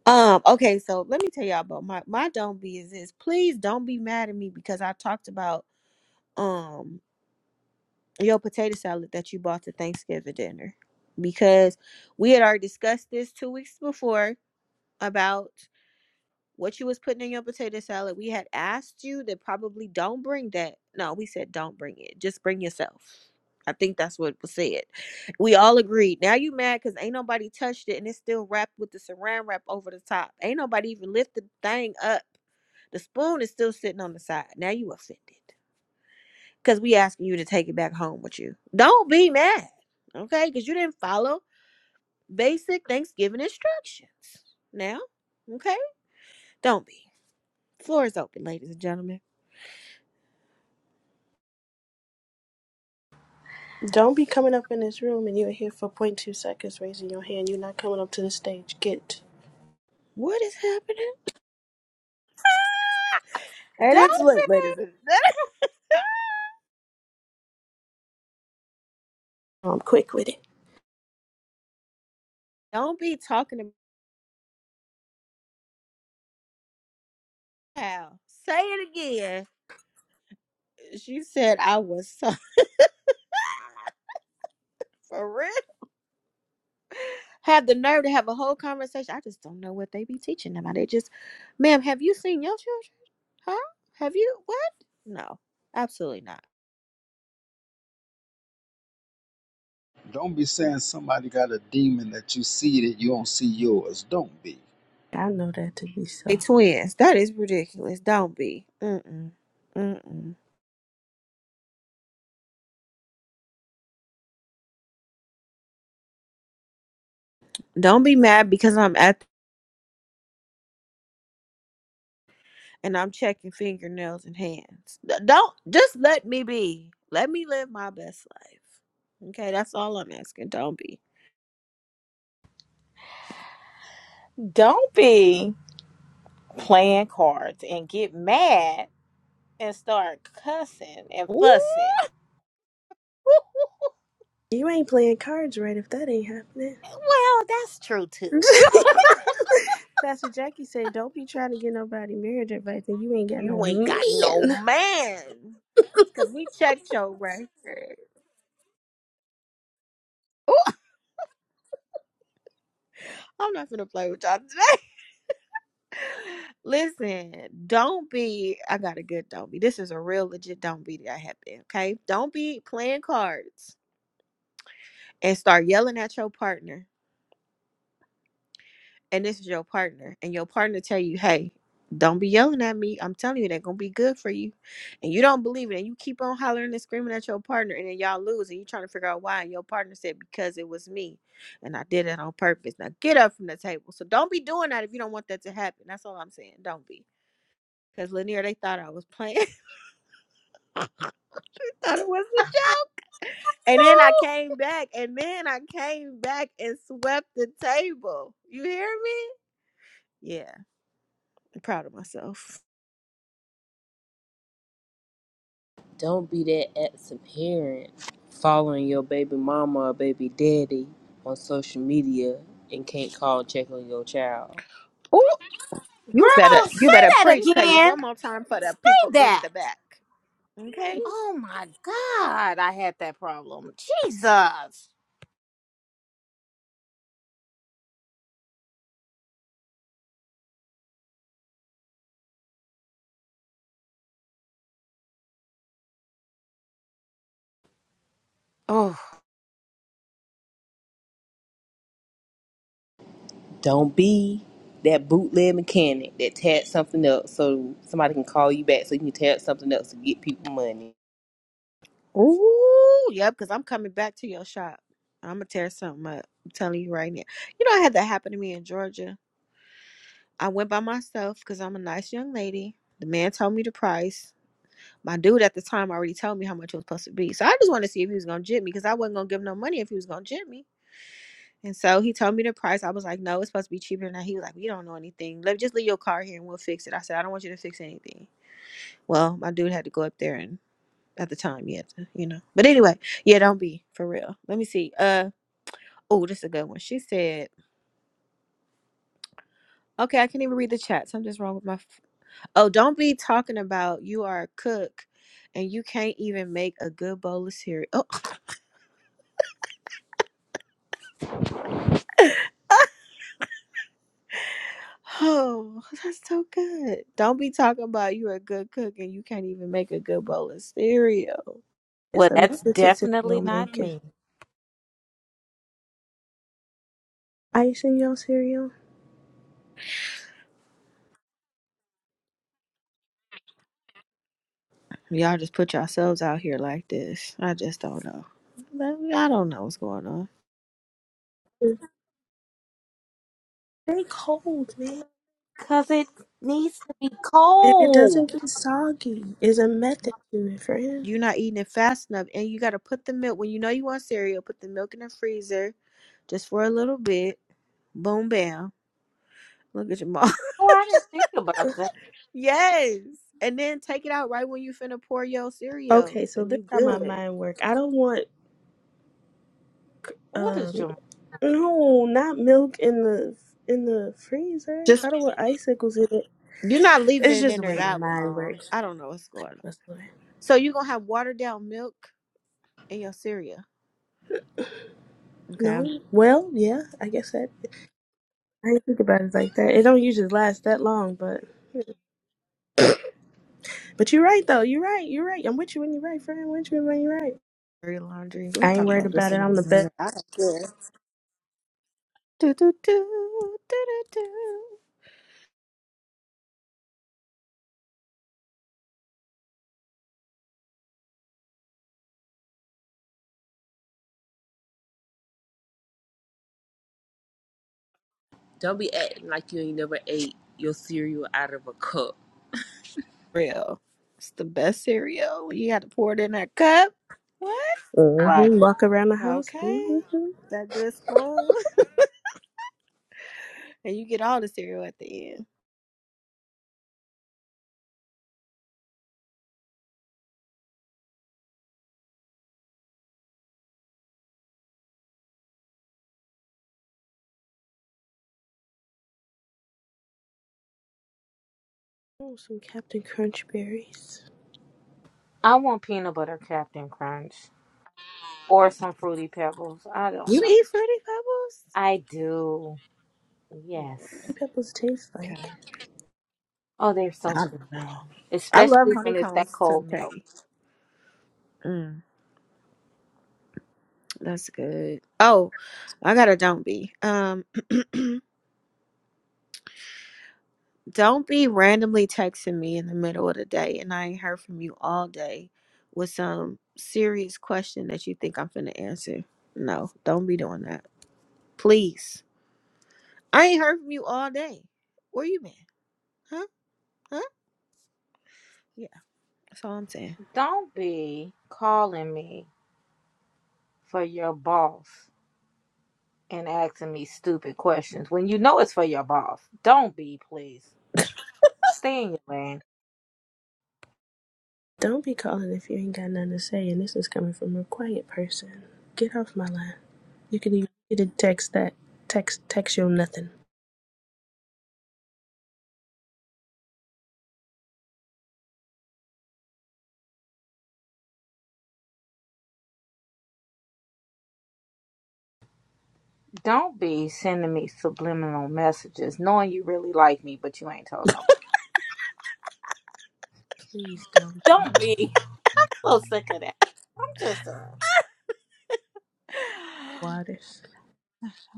Speaker 1: Um, okay, so let me tell y'all about my my don't be is this. Please don't be mad at me because I talked about um your potato salad that you bought to Thanksgiving dinner because we had already discussed this two weeks before about what you was putting in your potato salad. We had asked you that probably don't bring that. No, we said don't bring it. Just bring yourself. I think that's what was said. We all agreed. Now you mad because ain't nobody touched it and it's still wrapped with the saran wrap over the top. Ain't nobody even lift the thing up. The spoon is still sitting on the side. Now you offended. because we asking you to take it back home with you. Don't be mad, okay? Because you didn't follow basic Thanksgiving instructions. Now, okay? Don't be. Floor is open, ladies and gentlemen.
Speaker 9: Don't be coming up in this room and you're here for zero point 0.2 seconds raising your hand. You're not coming up to the stage. Get
Speaker 1: What is happening? And it's
Speaker 3: Don't
Speaker 1: lit, ladies
Speaker 3: be.
Speaker 1: and gentlemen.
Speaker 9: um quick with it.
Speaker 1: Don't be talking about how. Say it again. She said I was so for real. Have the nerve to have a whole conversation. I just don't know what they be teaching them. They just, ma'am, have you seen your children? Huh? Have you? What? No, absolutely not.
Speaker 4: Don't be saying somebody got a demon that you see that you don't see yours. Don't be.
Speaker 9: I know that to be
Speaker 1: They
Speaker 9: so.
Speaker 1: twins. That is ridiculous. Don't be. Mm-mm. Mm-mm. Don't be mad because I'm at and I'm checking fingernails and hands. D- Don't just let me be. Let me live my best life. Okay, that's all I'm asking. Don't be.
Speaker 3: Don't be playing cards and get mad and start cussing and
Speaker 1: Ooh,
Speaker 3: fussing.
Speaker 9: You ain't playing cards right if that ain't happening.
Speaker 3: Well, that's true too. You
Speaker 9: Pastor Jackie said, Don't be trying to get nobody marriage advice and you ain't got no
Speaker 1: you ain't got no
Speaker 9: man.
Speaker 1: man. Cause we checked your record. Ooh, I'm not gonna play with y'all today. Listen, don't be. I got a good don't be. This is a real legit don't be that happened. Okay, don't be playing cards and start yelling at your partner and this is your partner and your partner tell you hey don't be yelling at me i'm telling you that gonna be good for you and you don't believe it and you keep on hollering and screaming at your partner and then y'all lose and you trying to figure out why and your partner said because it was me and i did it on purpose now get up from the table so don't be doing that if you don't want that to happen that's all i'm saying don't be because Lanier, they thought I was playing. they thought it was a joke. And then
Speaker 3: know?
Speaker 1: I came back. And then I came back and swept the table. You hear me? Yeah. proud of myself.
Speaker 6: Don't be that absent parent following your baby mama or baby daddy on social media and can't call and check on your child.
Speaker 1: Oh, you
Speaker 3: Girl,
Speaker 1: better you better
Speaker 3: say that
Speaker 1: preach, Peggy,
Speaker 3: again.
Speaker 1: one more time for the
Speaker 3: Say
Speaker 1: people in
Speaker 3: that.
Speaker 1: the back. Okay.
Speaker 3: Oh my God, I had that problem. Jesus. Oh,
Speaker 6: Don't be that bootleg mechanic that tags something up so somebody can call you back so you can tag something up to get people money.
Speaker 1: Ooh, yep, because I'm coming back to your shop. I'm gonna tear something up. I'm telling you right now. You know, I had that happen to me in Georgia. I went by myself because I'm a nice young lady. The man told me the price. My dude at the time already told me how much it was supposed to be. So I just wanted to see if he was gonna jib me because I wasn't gonna give him no money if he was gonna jib me. And so he told me the price. I was like, no, it's supposed to be cheaper than that. He was like, we don't know anything. Let just leave your car here and we'll fix it. I said, I don't want you to fix anything. Well, my dude had to go up there and at the time he had to, you know. But anyway, yeah, don't be for real. Let me see. Uh oh, this is a good one. She said, okay, I can't even read the chat. Something's wrong with my. F- oh, don't be talking about you are a cook and you can't even make a good bowl of cereal. Oh, oh, that's so good. Don't be talking about you're a good cook and you can't even make a good bowl of cereal.
Speaker 9: It's
Speaker 3: well,
Speaker 9: a
Speaker 3: that's
Speaker 9: method to
Speaker 3: definitely
Speaker 9: cereal
Speaker 3: not
Speaker 9: making.
Speaker 3: me.
Speaker 9: Ice in your cereal.
Speaker 1: Y'all just put yourselves out here like this. I just don't know. I don't know what's going on.
Speaker 9: Stay cold, man.
Speaker 3: Because it needs to be
Speaker 9: And it
Speaker 3: cold.
Speaker 9: doesn't get soggy. It's a method to it, friend.
Speaker 1: You're not eating it fast enough, and you got to put the milk when you know you want cereal. Put the milk in the freezer just for a little bit. Boom, bam. Look at your mom.
Speaker 3: Oh, I didn't think about that.
Speaker 1: yes, and then take it out right when you finna pour your cereal,
Speaker 9: Okay, so
Speaker 1: and
Speaker 9: this
Speaker 1: you
Speaker 9: is how my
Speaker 1: good.
Speaker 9: mind work. I don't want
Speaker 3: What is
Speaker 9: um
Speaker 3: Jamal?
Speaker 9: no, not milk in the in the freezer. I
Speaker 1: Just
Speaker 9: don't want icicles in it.
Speaker 1: you're not leaving
Speaker 9: It's
Speaker 1: it
Speaker 9: just
Speaker 1: in
Speaker 9: the
Speaker 1: there
Speaker 9: way my
Speaker 1: that
Speaker 9: mind
Speaker 1: long.
Speaker 9: works.
Speaker 1: I don't know what's going on.
Speaker 9: That's the way.
Speaker 1: So you gonna have watered down milk in your cereal. Okay, I'm
Speaker 9: No. Well, yeah, I guess that I didn't think about it like that. It don't usually last that long, but but you're right though. You're right. You're right. I'm with you when you're right, friend. I'm with you when you're right.
Speaker 1: doing laundry. We'll
Speaker 9: I ain't
Speaker 1: talk
Speaker 9: worried
Speaker 1: about
Speaker 9: about
Speaker 1: this
Speaker 9: it.
Speaker 1: in a
Speaker 9: I'm the best.
Speaker 1: minute. I don't care. Do do do do do do.
Speaker 6: Don't be acting like you ain't never ate your cereal out of a cup.
Speaker 1: Real. It's the best cereal. You got to pour it in that cup. What?
Speaker 9: hmm
Speaker 3: Right.
Speaker 9: Walk around the house.
Speaker 1: Okay.
Speaker 9: hmm
Speaker 1: That good spoon. And you get all the cereal at the end.
Speaker 9: Oh, some Captain Crunch berries.
Speaker 3: I want peanut butter Captain Crunch or some fruity pebbles. I don't
Speaker 1: You
Speaker 3: know.
Speaker 1: eat fruity
Speaker 3: I do. Yes.
Speaker 1: pebbles?
Speaker 9: What do Pebbles taste
Speaker 1: Okay.
Speaker 9: like.
Speaker 3: Oh, they're so
Speaker 1: I
Speaker 3: good.
Speaker 1: don't know. I love
Speaker 3: Especially when it's that
Speaker 1: honeycombs to
Speaker 3: cold milk.
Speaker 1: Mm, that's good. Oh, I got a don't be. Um Don't be randomly texting me in the middle of the day and I ain't heard from you all day with some serious question that you think I'm finna answer. No, don't be doing that. Please. I ain't heard from you all day. Where you been? Huh? Huh? Yeah, that's all I'm saying.
Speaker 3: Don't be calling me for your boss and asking me stupid questions when you know it's for your boss. Don't be, please. Stay in your lane.
Speaker 9: Don't be calling if you ain't got nothing to say, and this is coming from a quiet person. Get off my line. You can even you can text that. Text text you nothing.
Speaker 3: Don't be sending me subliminal messages knowing you really like me, but you ain't told nobody.
Speaker 9: Please don't do
Speaker 3: Don't be. So sick of that. I'm just uh,
Speaker 9: waters.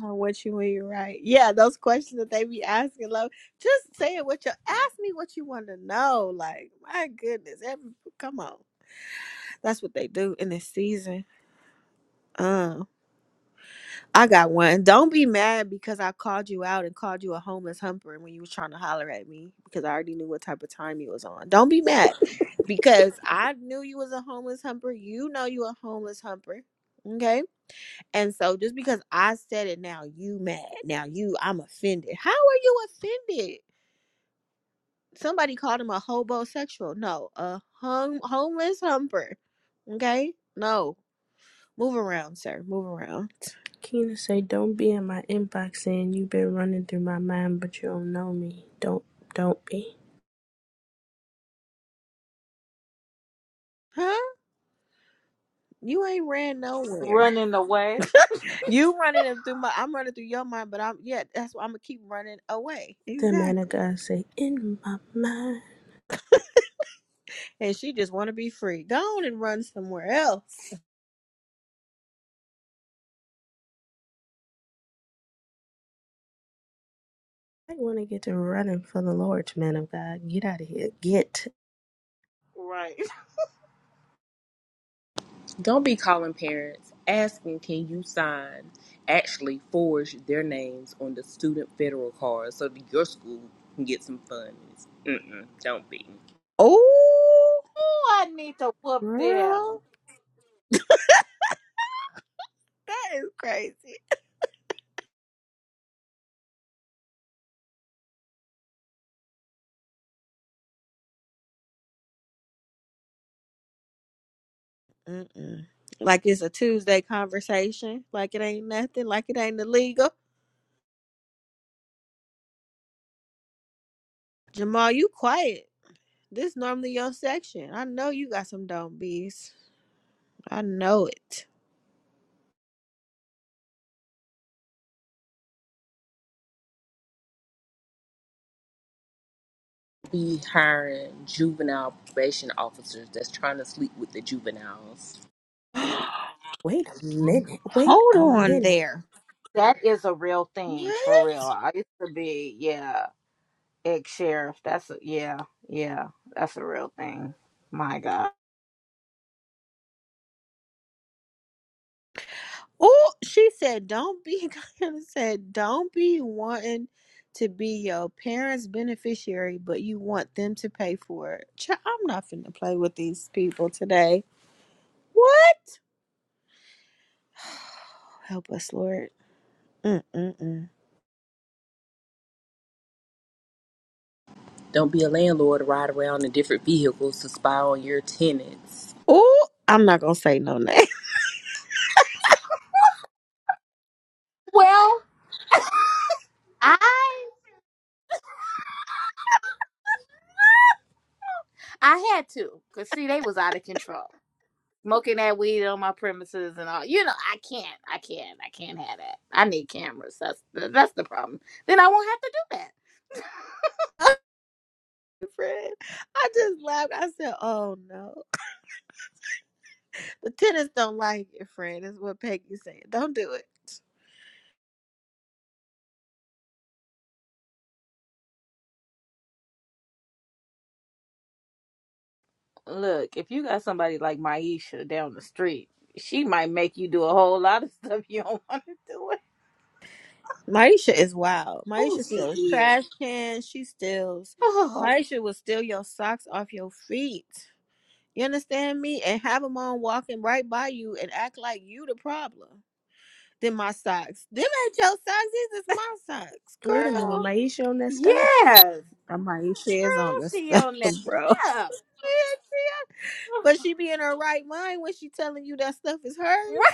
Speaker 1: Oh, what you mean, right? Yeah, those questions that they be asking, like, just say it what you ask me what you want to know. Like, my goodness, every, come on, that's what they do in this season. Uh, I got one. Don't be mad because I called you out and called you a homeless humper when you was trying to holler at me because I already knew what type of time you was on. Don't be mad because I knew you was a homeless humper. You know you a homeless humper. Okay. And so just because I said it now, you mad. Now you I'm offended. How are you offended? Somebody called him a hobosexual. No, a hum- homeless humper. Okay? No. Move around, sir. Move around.
Speaker 9: Keena say, don't be in my inbox saying you been running through my mind, but you don't know me. Don't don't be.
Speaker 1: Huh? You ain't ran nowhere.
Speaker 3: running away.
Speaker 1: You running them through my, I'm running through your mind, but I'm yeah. That's why I'm gonna keep running away.
Speaker 9: The man of
Speaker 1: Exactly.
Speaker 9: God say, in my mind.
Speaker 1: And she just want to be free. Go on and run somewhere else.
Speaker 9: I want to get to running for the Lord, man of God. Get out of here. Get.
Speaker 3: Right.
Speaker 6: Don't be calling parents asking can you sign actually forge their names on the student federal card so that your school can get some funds. Mm-mm, don't be.
Speaker 1: Oh,
Speaker 3: Oh, I need to whoop them.
Speaker 1: girl, that is crazy. Mm-mm. Like it's a Tuesday conversation. Like it ain't nothing. Like it ain't illegal. Jamal, you quiet. This normally your section. I know you got some dumb bees. I know it.
Speaker 6: Be hiring juvenile probation officers that's trying to sleep with the juveniles.
Speaker 9: Wait a minute. Wait
Speaker 1: Hold
Speaker 9: a
Speaker 1: on
Speaker 9: minute.
Speaker 1: there.
Speaker 3: That is a real thing,
Speaker 1: What?
Speaker 3: for real. I used to be, yeah, ex sheriff. That's a, yeah, yeah, that's a real thing. My God.
Speaker 1: Oh, she said, "Don't be." Gayla said, "Don't be wanting to be your parents' beneficiary, but you want them to pay for it." Child, I'm not finna play with these people today. What? Help us, Lord. Mm-mm-mm.
Speaker 6: Don't be a landlord, to ride around in different vehicles to spy on your tenants.
Speaker 1: Oh, I'm not gonna say no name.
Speaker 3: Well, I I had to, cause see, they was out of control, smoking that weed on my premises and all. You know, I can't, I can't, I can't have that. I need cameras. That's the, that's the problem. Then I won't have to do
Speaker 1: Friend, I just laughed. I said, "Oh no, the tenants don't like it, friend." Is what Peggy said. Don't do it.
Speaker 3: that. Look, if you got somebody like Maisha down the street, she might make you do a whole lot of stuff you don't want to do. It.
Speaker 1: Maisha is wild.
Speaker 3: Oh,
Speaker 1: Maisha
Speaker 3: she
Speaker 1: steals
Speaker 3: is.
Speaker 1: trash cans. She steals.
Speaker 3: Oh,
Speaker 1: Maisha will steal your socks off your feet. You understand me? And have them on walking right by you and act like you the problem. Then my socks. Them ain't your socks. These is my socks,
Speaker 9: Wait a minute.
Speaker 1: girl.
Speaker 9: Maisha on that stuff?
Speaker 3: yes.
Speaker 1: I'm Maisha is on
Speaker 3: Girl,
Speaker 1: this
Speaker 3: she
Speaker 1: stuff,
Speaker 3: on that.
Speaker 1: bro.
Speaker 3: Oh,
Speaker 1: but she be in her right mind when she telling you that stuff is
Speaker 3: right.
Speaker 1: hers.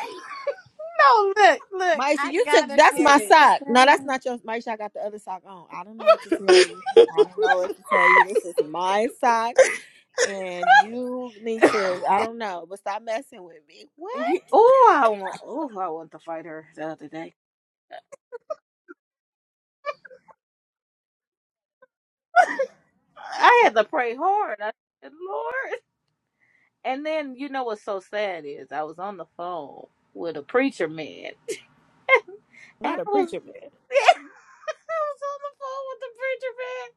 Speaker 3: No, look, look.
Speaker 1: Maisha,
Speaker 3: I
Speaker 1: you took
Speaker 3: gotta
Speaker 1: that's
Speaker 3: share
Speaker 1: my
Speaker 3: this.
Speaker 9: Oh
Speaker 1: sock. No, that's not
Speaker 9: okay.
Speaker 1: your Maisha. I got the other sock on. I don't know what to tell you. I don't know what to tell you. This is my sock, and you need to. I don't know, but stop messing with me. What?
Speaker 3: oh, I want. Oh, I want to fight her the other day. I had to pray hard. I said, Lord. And then you know what's so sad is I was on the phone with a preacher man, and I
Speaker 1: Not a
Speaker 3: was,
Speaker 1: preacher man.
Speaker 3: I was on the phone with the preacher man.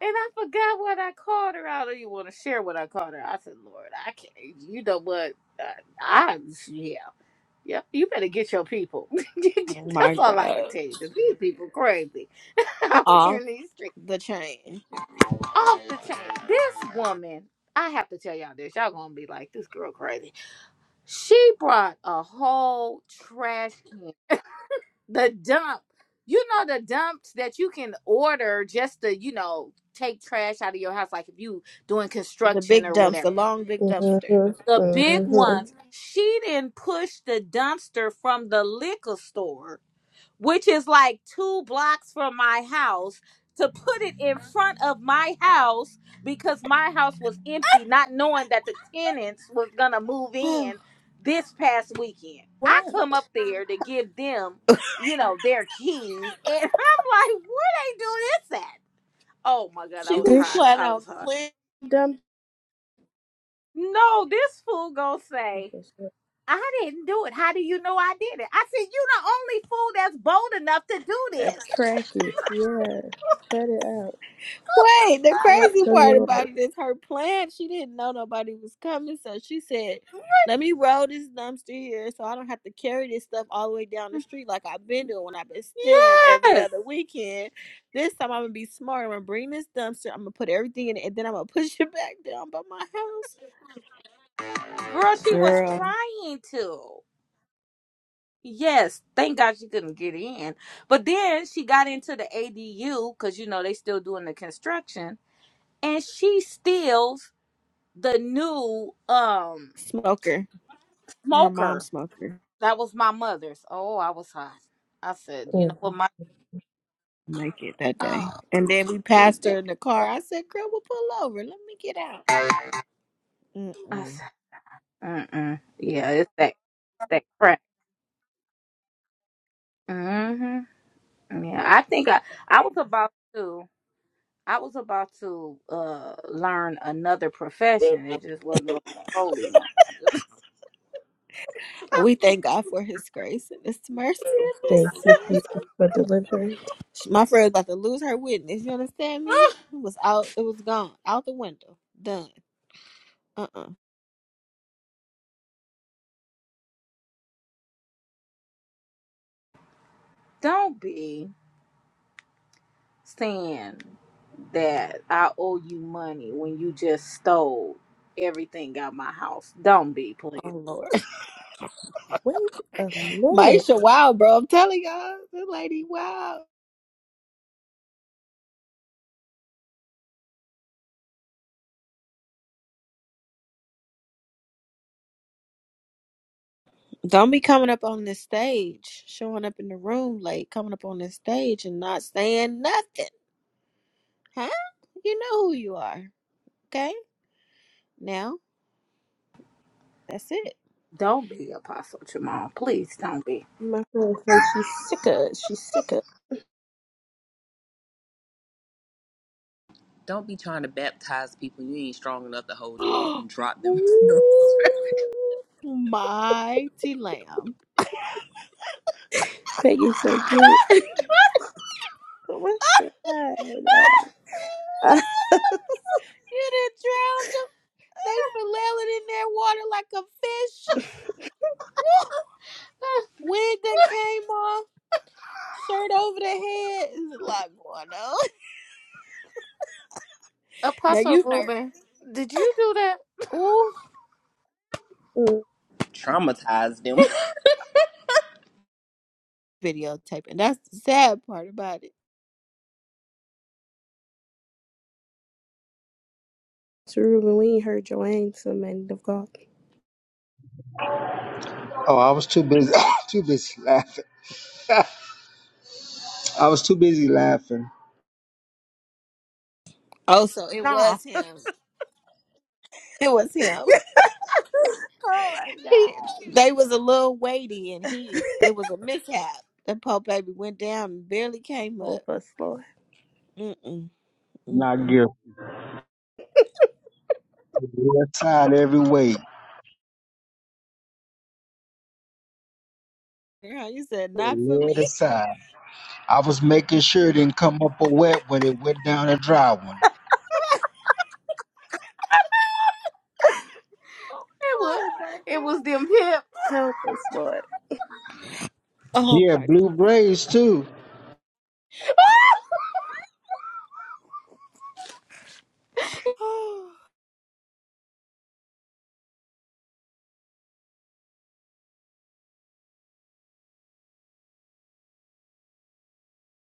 Speaker 3: And I forgot what I called her. I don't even want to share what I called her. I said, "Lord, I can't. You know what? I, I yeah. Yep, you better get your people.
Speaker 1: Oh my
Speaker 3: That's all I can
Speaker 1: god!
Speaker 3: tell you, 'cause these people crazy out here
Speaker 1: Off
Speaker 3: in these streets.
Speaker 1: the chain.
Speaker 3: Off the chain. This woman, I have to tell y'all this. Y'all gonna be like, this girl crazy. She brought a whole trash can. The dump. You know the dumps that you can order just to, you know, take trash out of your house, like if you doing
Speaker 1: The
Speaker 3: construction
Speaker 1: big
Speaker 3: or
Speaker 1: dumps.
Speaker 3: whatever.
Speaker 1: The long big dumpster.
Speaker 9: Mhm,
Speaker 3: The big
Speaker 9: mhm.
Speaker 3: ones. She didn't push the dumpster from the liquor store which is like two blocks from my house, to put it in front of my house because my house was empty, not knowing that the tenants was gonna move in
Speaker 1: she
Speaker 3: this past weekend. I come
Speaker 9: What?
Speaker 3: up there to give them, you know, their keys, and I'm like, where they do this at? Oh my god, I was
Speaker 1: was
Speaker 9: This sh-
Speaker 3: hot.
Speaker 1: planning
Speaker 3: I was
Speaker 1: on
Speaker 3: hot.
Speaker 1: clean.
Speaker 9: dumb.
Speaker 3: No, this fool gonna say, I didn't do it. How do you know I did it? I said, you the only fool that's bold enough to do
Speaker 9: A
Speaker 3: this.
Speaker 9: cracky. Yeah. Cut it out.
Speaker 1: Wait, the
Speaker 9: Cut
Speaker 1: crazy
Speaker 9: the
Speaker 1: part
Speaker 9: noise.
Speaker 1: about it is her plan. She didn't know nobody was coming, so she said, "Let me roll this dumpster here, so I don't have to carry this stuff all the way down the street like I've been doing when I've been stealing every
Speaker 3: Yes.
Speaker 1: other weekend. This time I'm gonna be smart. I'm gonna bring this dumpster. I'm gonna put everything in it, and then I'm gonna push it back down by my house."
Speaker 3: Girl, she was
Speaker 1: Girl,
Speaker 3: trying to. Yes, thank God she couldn't get in. But then she got into the ADU because you know they still doing the construction, and she steals the new um
Speaker 1: smoker. Her mom
Speaker 3: smoker.
Speaker 1: smoker.
Speaker 3: That was my mother's. Oh, I was hot. I said, you know
Speaker 9: Mm,
Speaker 3: what, my
Speaker 1: Make it that day,
Speaker 3: oh,
Speaker 1: and then we
Speaker 3: you
Speaker 1: passed her
Speaker 3: did.
Speaker 1: in the car. I said, "Girl, we'll pull over. Let me get out."
Speaker 3: I
Speaker 1: Mm-mm.
Speaker 3: said, mm mm. Yeah, it's that it's that crap. Mm hmm. Yeah, I think I I was about to. I was about to uh learn another profession. It just wasn't gonna be a holy one. I just
Speaker 1: We thank God for His grace and His mercy in this
Speaker 9: Thank you, Jesus,
Speaker 1: season.
Speaker 9: for deliverance.
Speaker 1: My friend was about to lose her witness. You understand me? It was out. It was gone out the window. Done. Uh uh
Speaker 3: don't be saying that I owe you money when you just stole everything out my house. Don't be,
Speaker 1: Oh
Speaker 3: please.
Speaker 1: Lord,
Speaker 9: Wait a minute.
Speaker 1: Maisha, wow, bro. I'm telling y'all, this lady, wow. Don't be coming up on this stage, showing up in the room late, coming up on this stage and not saying nothing, huh? You know who you are, okay? Now that's it.
Speaker 3: Don't be Apostle Jamal. Please don't be.
Speaker 9: My friend says she's sick of it. She's sick of it.
Speaker 6: Don't be trying to baptize people. You ain't strong enough to hold them up
Speaker 1: Ooh,
Speaker 6: and drop them.
Speaker 1: mighty lamb.
Speaker 9: Peggy's so good. Oh my god. Uh,
Speaker 1: You done drowned them. They flailing in their water like a fish. Woo! Wig done came off, shirt over the head. There's a lot going on. Now you nervous. Ooh,
Speaker 6: Traumatize them.
Speaker 1: videotaping. That's the sad part about it.
Speaker 9: to Ruben, we ain't heard Joanne so man of God.
Speaker 4: Oh, I was too busy, too busy laughing. I was too busy laughing.
Speaker 1: Oh, so it
Speaker 9: Nah.
Speaker 1: was him. It was him.
Speaker 9: Oh my
Speaker 1: He, they was a little weighty, and
Speaker 9: god.
Speaker 1: he it was a mishap. The poor baby went down and barely came up.
Speaker 9: Help us, Lord.
Speaker 1: Mm mm mm
Speaker 4: Not
Speaker 1: mm.
Speaker 4: guilty. Left side every way.
Speaker 1: Girl, you said not for
Speaker 4: Led
Speaker 1: me.
Speaker 4: aside. I was making sure it didn't come up a wet when it went down a dry one.
Speaker 3: It was
Speaker 1: Oh my
Speaker 3: it was
Speaker 1: god.
Speaker 3: them hips.
Speaker 9: Help us, Lord.
Speaker 1: Oh
Speaker 4: Yeah,
Speaker 1: my god.
Speaker 4: blue braids too.
Speaker 1: Oh.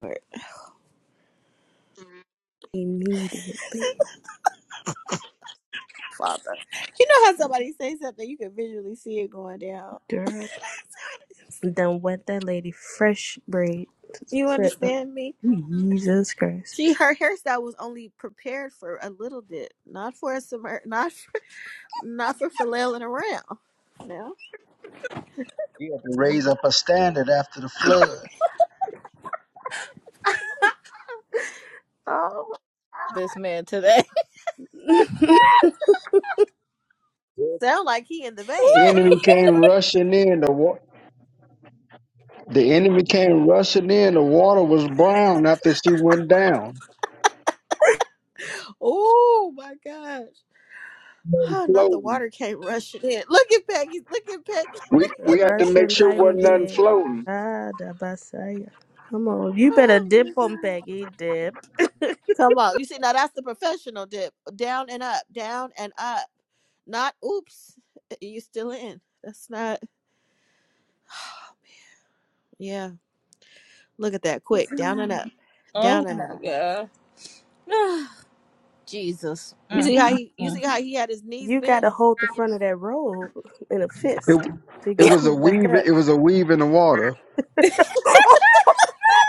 Speaker 1: Lord. You
Speaker 9: Immediately. Father.
Speaker 1: know how somebody say something, you can visually see it going down.
Speaker 9: Girl. Done wet that lady fresh braid.
Speaker 1: You understand me?
Speaker 9: Jesus Christ.
Speaker 1: She her hairstyle was only prepared for a little bit, not for a submer, not for, not for flailing around. Now
Speaker 4: We had to raise up a standard after the flood.
Speaker 9: Oh.
Speaker 3: this man today.
Speaker 1: sound like he in the vein,
Speaker 3: Wait.
Speaker 4: Enemy
Speaker 1: okay?
Speaker 4: came rushing in. The wa- the enemy came rushing in. The water was brown after she went down.
Speaker 1: Oh my gosh! Oh, not the
Speaker 4: Floating.
Speaker 1: water came rushing in. Look at Peggy! Look at Peggy!
Speaker 4: We
Speaker 9: Like a
Speaker 1: Look
Speaker 4: we had to
Speaker 1: at
Speaker 4: make
Speaker 9: Russian
Speaker 4: sure it
Speaker 9: mighty
Speaker 4: wasn't
Speaker 1: Peggy!
Speaker 4: nothing
Speaker 9: wind.
Speaker 4: floating.
Speaker 9: Ah, the basaya. Come on. You better
Speaker 1: Oh
Speaker 9: dip
Speaker 1: my
Speaker 9: on
Speaker 1: god!
Speaker 9: Peggy. Dip.
Speaker 1: Come on. You see, now that's the professional dip. Down and up, down and up. Not oops, eh, you still in. That's not yeah. Look at that quick. Down and up. Down
Speaker 3: oh
Speaker 1: and
Speaker 3: my
Speaker 1: up.
Speaker 3: god. Jesus.
Speaker 1: You
Speaker 3: Mm,
Speaker 1: see how
Speaker 3: mm,
Speaker 1: he you
Speaker 3: mm.
Speaker 1: see how he had his knees
Speaker 9: you got
Speaker 1: bent?
Speaker 9: to hold the front of that robe in a
Speaker 4: It
Speaker 9: fist so you
Speaker 4: it
Speaker 9: can
Speaker 4: was
Speaker 9: pull
Speaker 4: a
Speaker 9: it back
Speaker 4: weave.
Speaker 9: up.
Speaker 4: It was a weave in the water.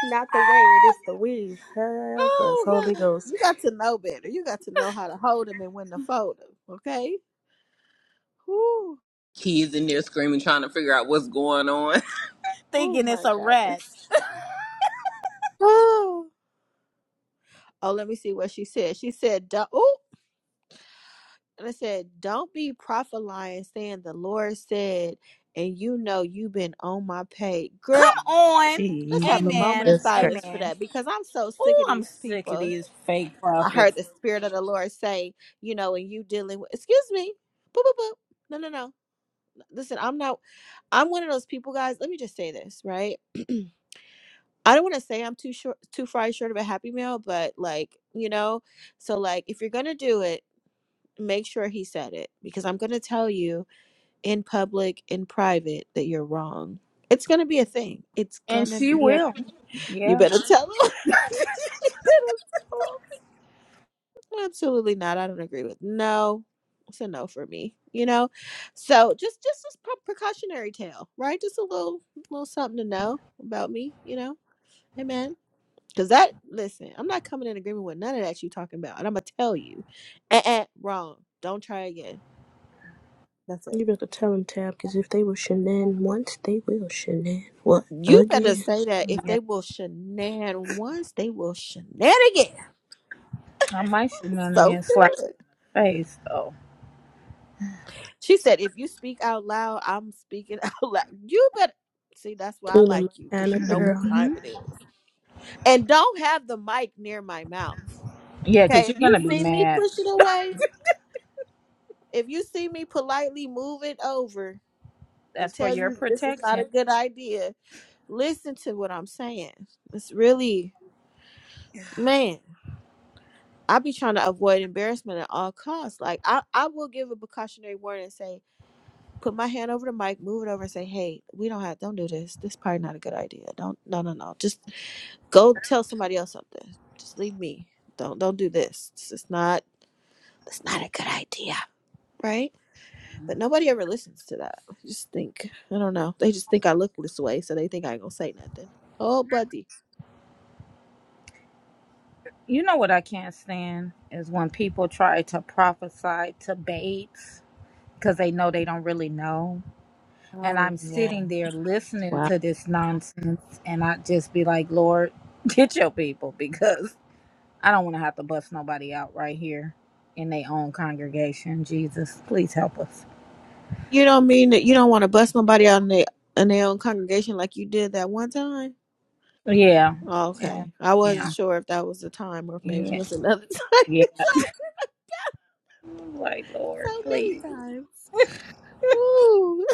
Speaker 9: Not the way it is the weave. Help us,
Speaker 3: Oh
Speaker 9: Holy
Speaker 3: God.
Speaker 9: Ghost.
Speaker 1: You got to know better. You got to know how to hold him and when to fold him. Okay? Ooh.
Speaker 6: Kids in there screaming, trying to figure out what's going on.
Speaker 1: Oh
Speaker 3: Thinking it's
Speaker 1: my
Speaker 3: a rat.
Speaker 1: goodness. Oh. Oh, let me see what she said. She said, "Don't." Oh, And I said, Don't be prophet lying, saying the Lord said, and you know you've been on my page. Girl,
Speaker 3: Come on.
Speaker 1: let's have a moment of
Speaker 3: Amen.
Speaker 9: Jesus Christ.
Speaker 1: silence for
Speaker 3: Amen.
Speaker 1: that because I'm so sick of
Speaker 3: Oh, I'm
Speaker 1: these
Speaker 3: sick of
Speaker 1: people.
Speaker 3: these fake
Speaker 1: I
Speaker 3: prophets.
Speaker 1: heard the Spirit of the Lord say, you know, and you dealing with, excuse me, boop, boop, boop. No, no, no. Listen, I'm not, I'm one of those people, guys. Let me just say this, right? I don't want to say I'm too short, too far short of a happy meal, but like, you know, so like if you're going to do it, make sure he said it because I'm going to tell you in public, in private, that you're wrong. It's gonna be a thing. It's
Speaker 3: And
Speaker 1: gonna
Speaker 3: she
Speaker 1: be a.
Speaker 3: will.
Speaker 1: You
Speaker 3: Yeah.
Speaker 1: better tell them. you better tell 'em. Absolutely not. I don't agree with. No, it's a no for me. You know, so just just this pre- precautionary tale, right? Just a little little something to know about me. You know, amen. Cause that listen, I'm not coming in agreement with none of that you talking about, and I'm gonna tell you, eh, eh, wrong. Don't try again. That's it.
Speaker 9: You better tell them, Tab, because if they will shenan once, they will shenan. What,
Speaker 1: You better
Speaker 9: again?
Speaker 1: say that if
Speaker 3: Yeah.
Speaker 1: they will shenan once, they will shenan again.
Speaker 3: I might shoot none of you
Speaker 1: So
Speaker 3: and slap
Speaker 1: good.
Speaker 3: the face though.
Speaker 1: She said, if you speak out loud, I'm speaking out loud. You better see that's why I like
Speaker 9: Kingdom
Speaker 1: you,
Speaker 9: kind
Speaker 1: because
Speaker 9: of
Speaker 1: you know what
Speaker 9: girl.
Speaker 1: time
Speaker 3: Mm-hmm.
Speaker 1: it is. And don't have the mic near my mouth.
Speaker 3: Yeah, because
Speaker 1: Okay. If
Speaker 3: you're
Speaker 1: you
Speaker 3: gonna be
Speaker 1: see me
Speaker 3: mad.
Speaker 1: push it away, if you see me politely move it over and
Speaker 3: That's for
Speaker 1: tell
Speaker 3: your
Speaker 1: you this is not a
Speaker 3: protection.
Speaker 1: good idea, listen to what I'm saying. It's really man. I be trying to avoid embarrassment at all costs. Like I, I will give a precautionary warning and say, put my hand over the mic, move it over and say, Hey, we don't have don't do this. This probably not a good idea. Don't no no no. Just go tell somebody else something. Just leave me. Don't don't do this. It's just not it's not a good idea. Right? But nobody ever listens to that. I just think I don't know. They just think I look this way, so they think I ain't gonna say nothing. Oh buddy.
Speaker 3: You know what I can't stand is when people try to prophesy to babes because they know they don't really know. and
Speaker 1: Oh
Speaker 3: I'm
Speaker 1: yeah.
Speaker 3: sitting there listening to this nonsense, and I just be like, Lord, get your people because I don't want to have to bust nobody out right here in their own congregation. Jesus, please help us.
Speaker 1: You don't mean that you don't want to bust nobody out in their in their own congregation like you did that one time?
Speaker 3: Yeah,
Speaker 1: Oh,
Speaker 3: yeah,
Speaker 1: okay. I wasn't
Speaker 3: yeah,
Speaker 1: sure if that was the time or if maybe it
Speaker 3: yeah,
Speaker 1: was another time.
Speaker 3: yeah.
Speaker 1: Exactly.
Speaker 3: Like,
Speaker 1: so
Speaker 3: Lord,
Speaker 1: many
Speaker 3: please.
Speaker 1: times. Ooh.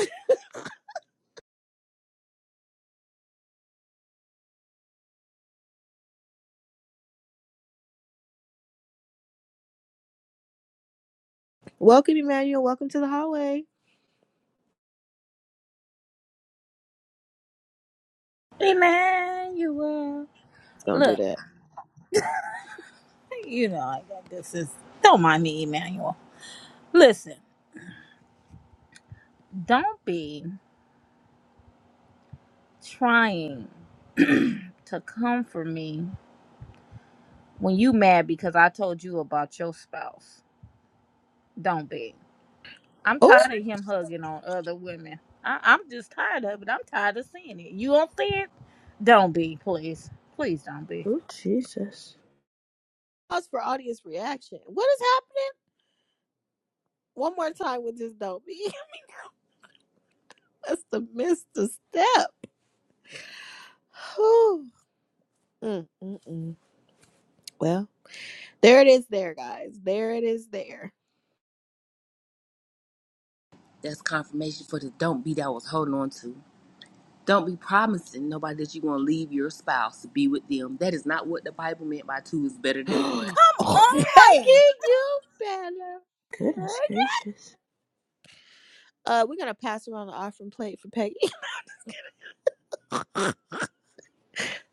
Speaker 1: Welcome, Emmanuel. Welcome to the hallway.
Speaker 3: Emmanuel.
Speaker 1: It's gonna do
Speaker 3: Look,
Speaker 1: that.
Speaker 3: you know, I got this is, don't mind me, Emmanuel. Listen, don't be trying to come for me When you mad because I told you about your spouse, don't be. I'm
Speaker 1: Oh,
Speaker 3: tired of him hugging on other women. I, I'm just tired of it. I'm tired of seeing it. You don't see it? Don't be, please. Please don't be.
Speaker 9: Oh, Jesus.
Speaker 1: pause for audience reaction. What is happening? One more time with this dope. That's the Mr. Step. Whew. Mm, mm, mm. Well, there it is there, guys. There it is there.
Speaker 6: That's confirmation for the don't be that I was holding on to. Don't be promising nobody that you're going to leave your spouse to be with them. That is not what the Bible meant by two is better than one.
Speaker 1: oh, Peggy,
Speaker 3: I'm on.
Speaker 1: you better.
Speaker 9: Goodness gracious.
Speaker 1: Uh, we're going to pass around the offering plate for Peggy.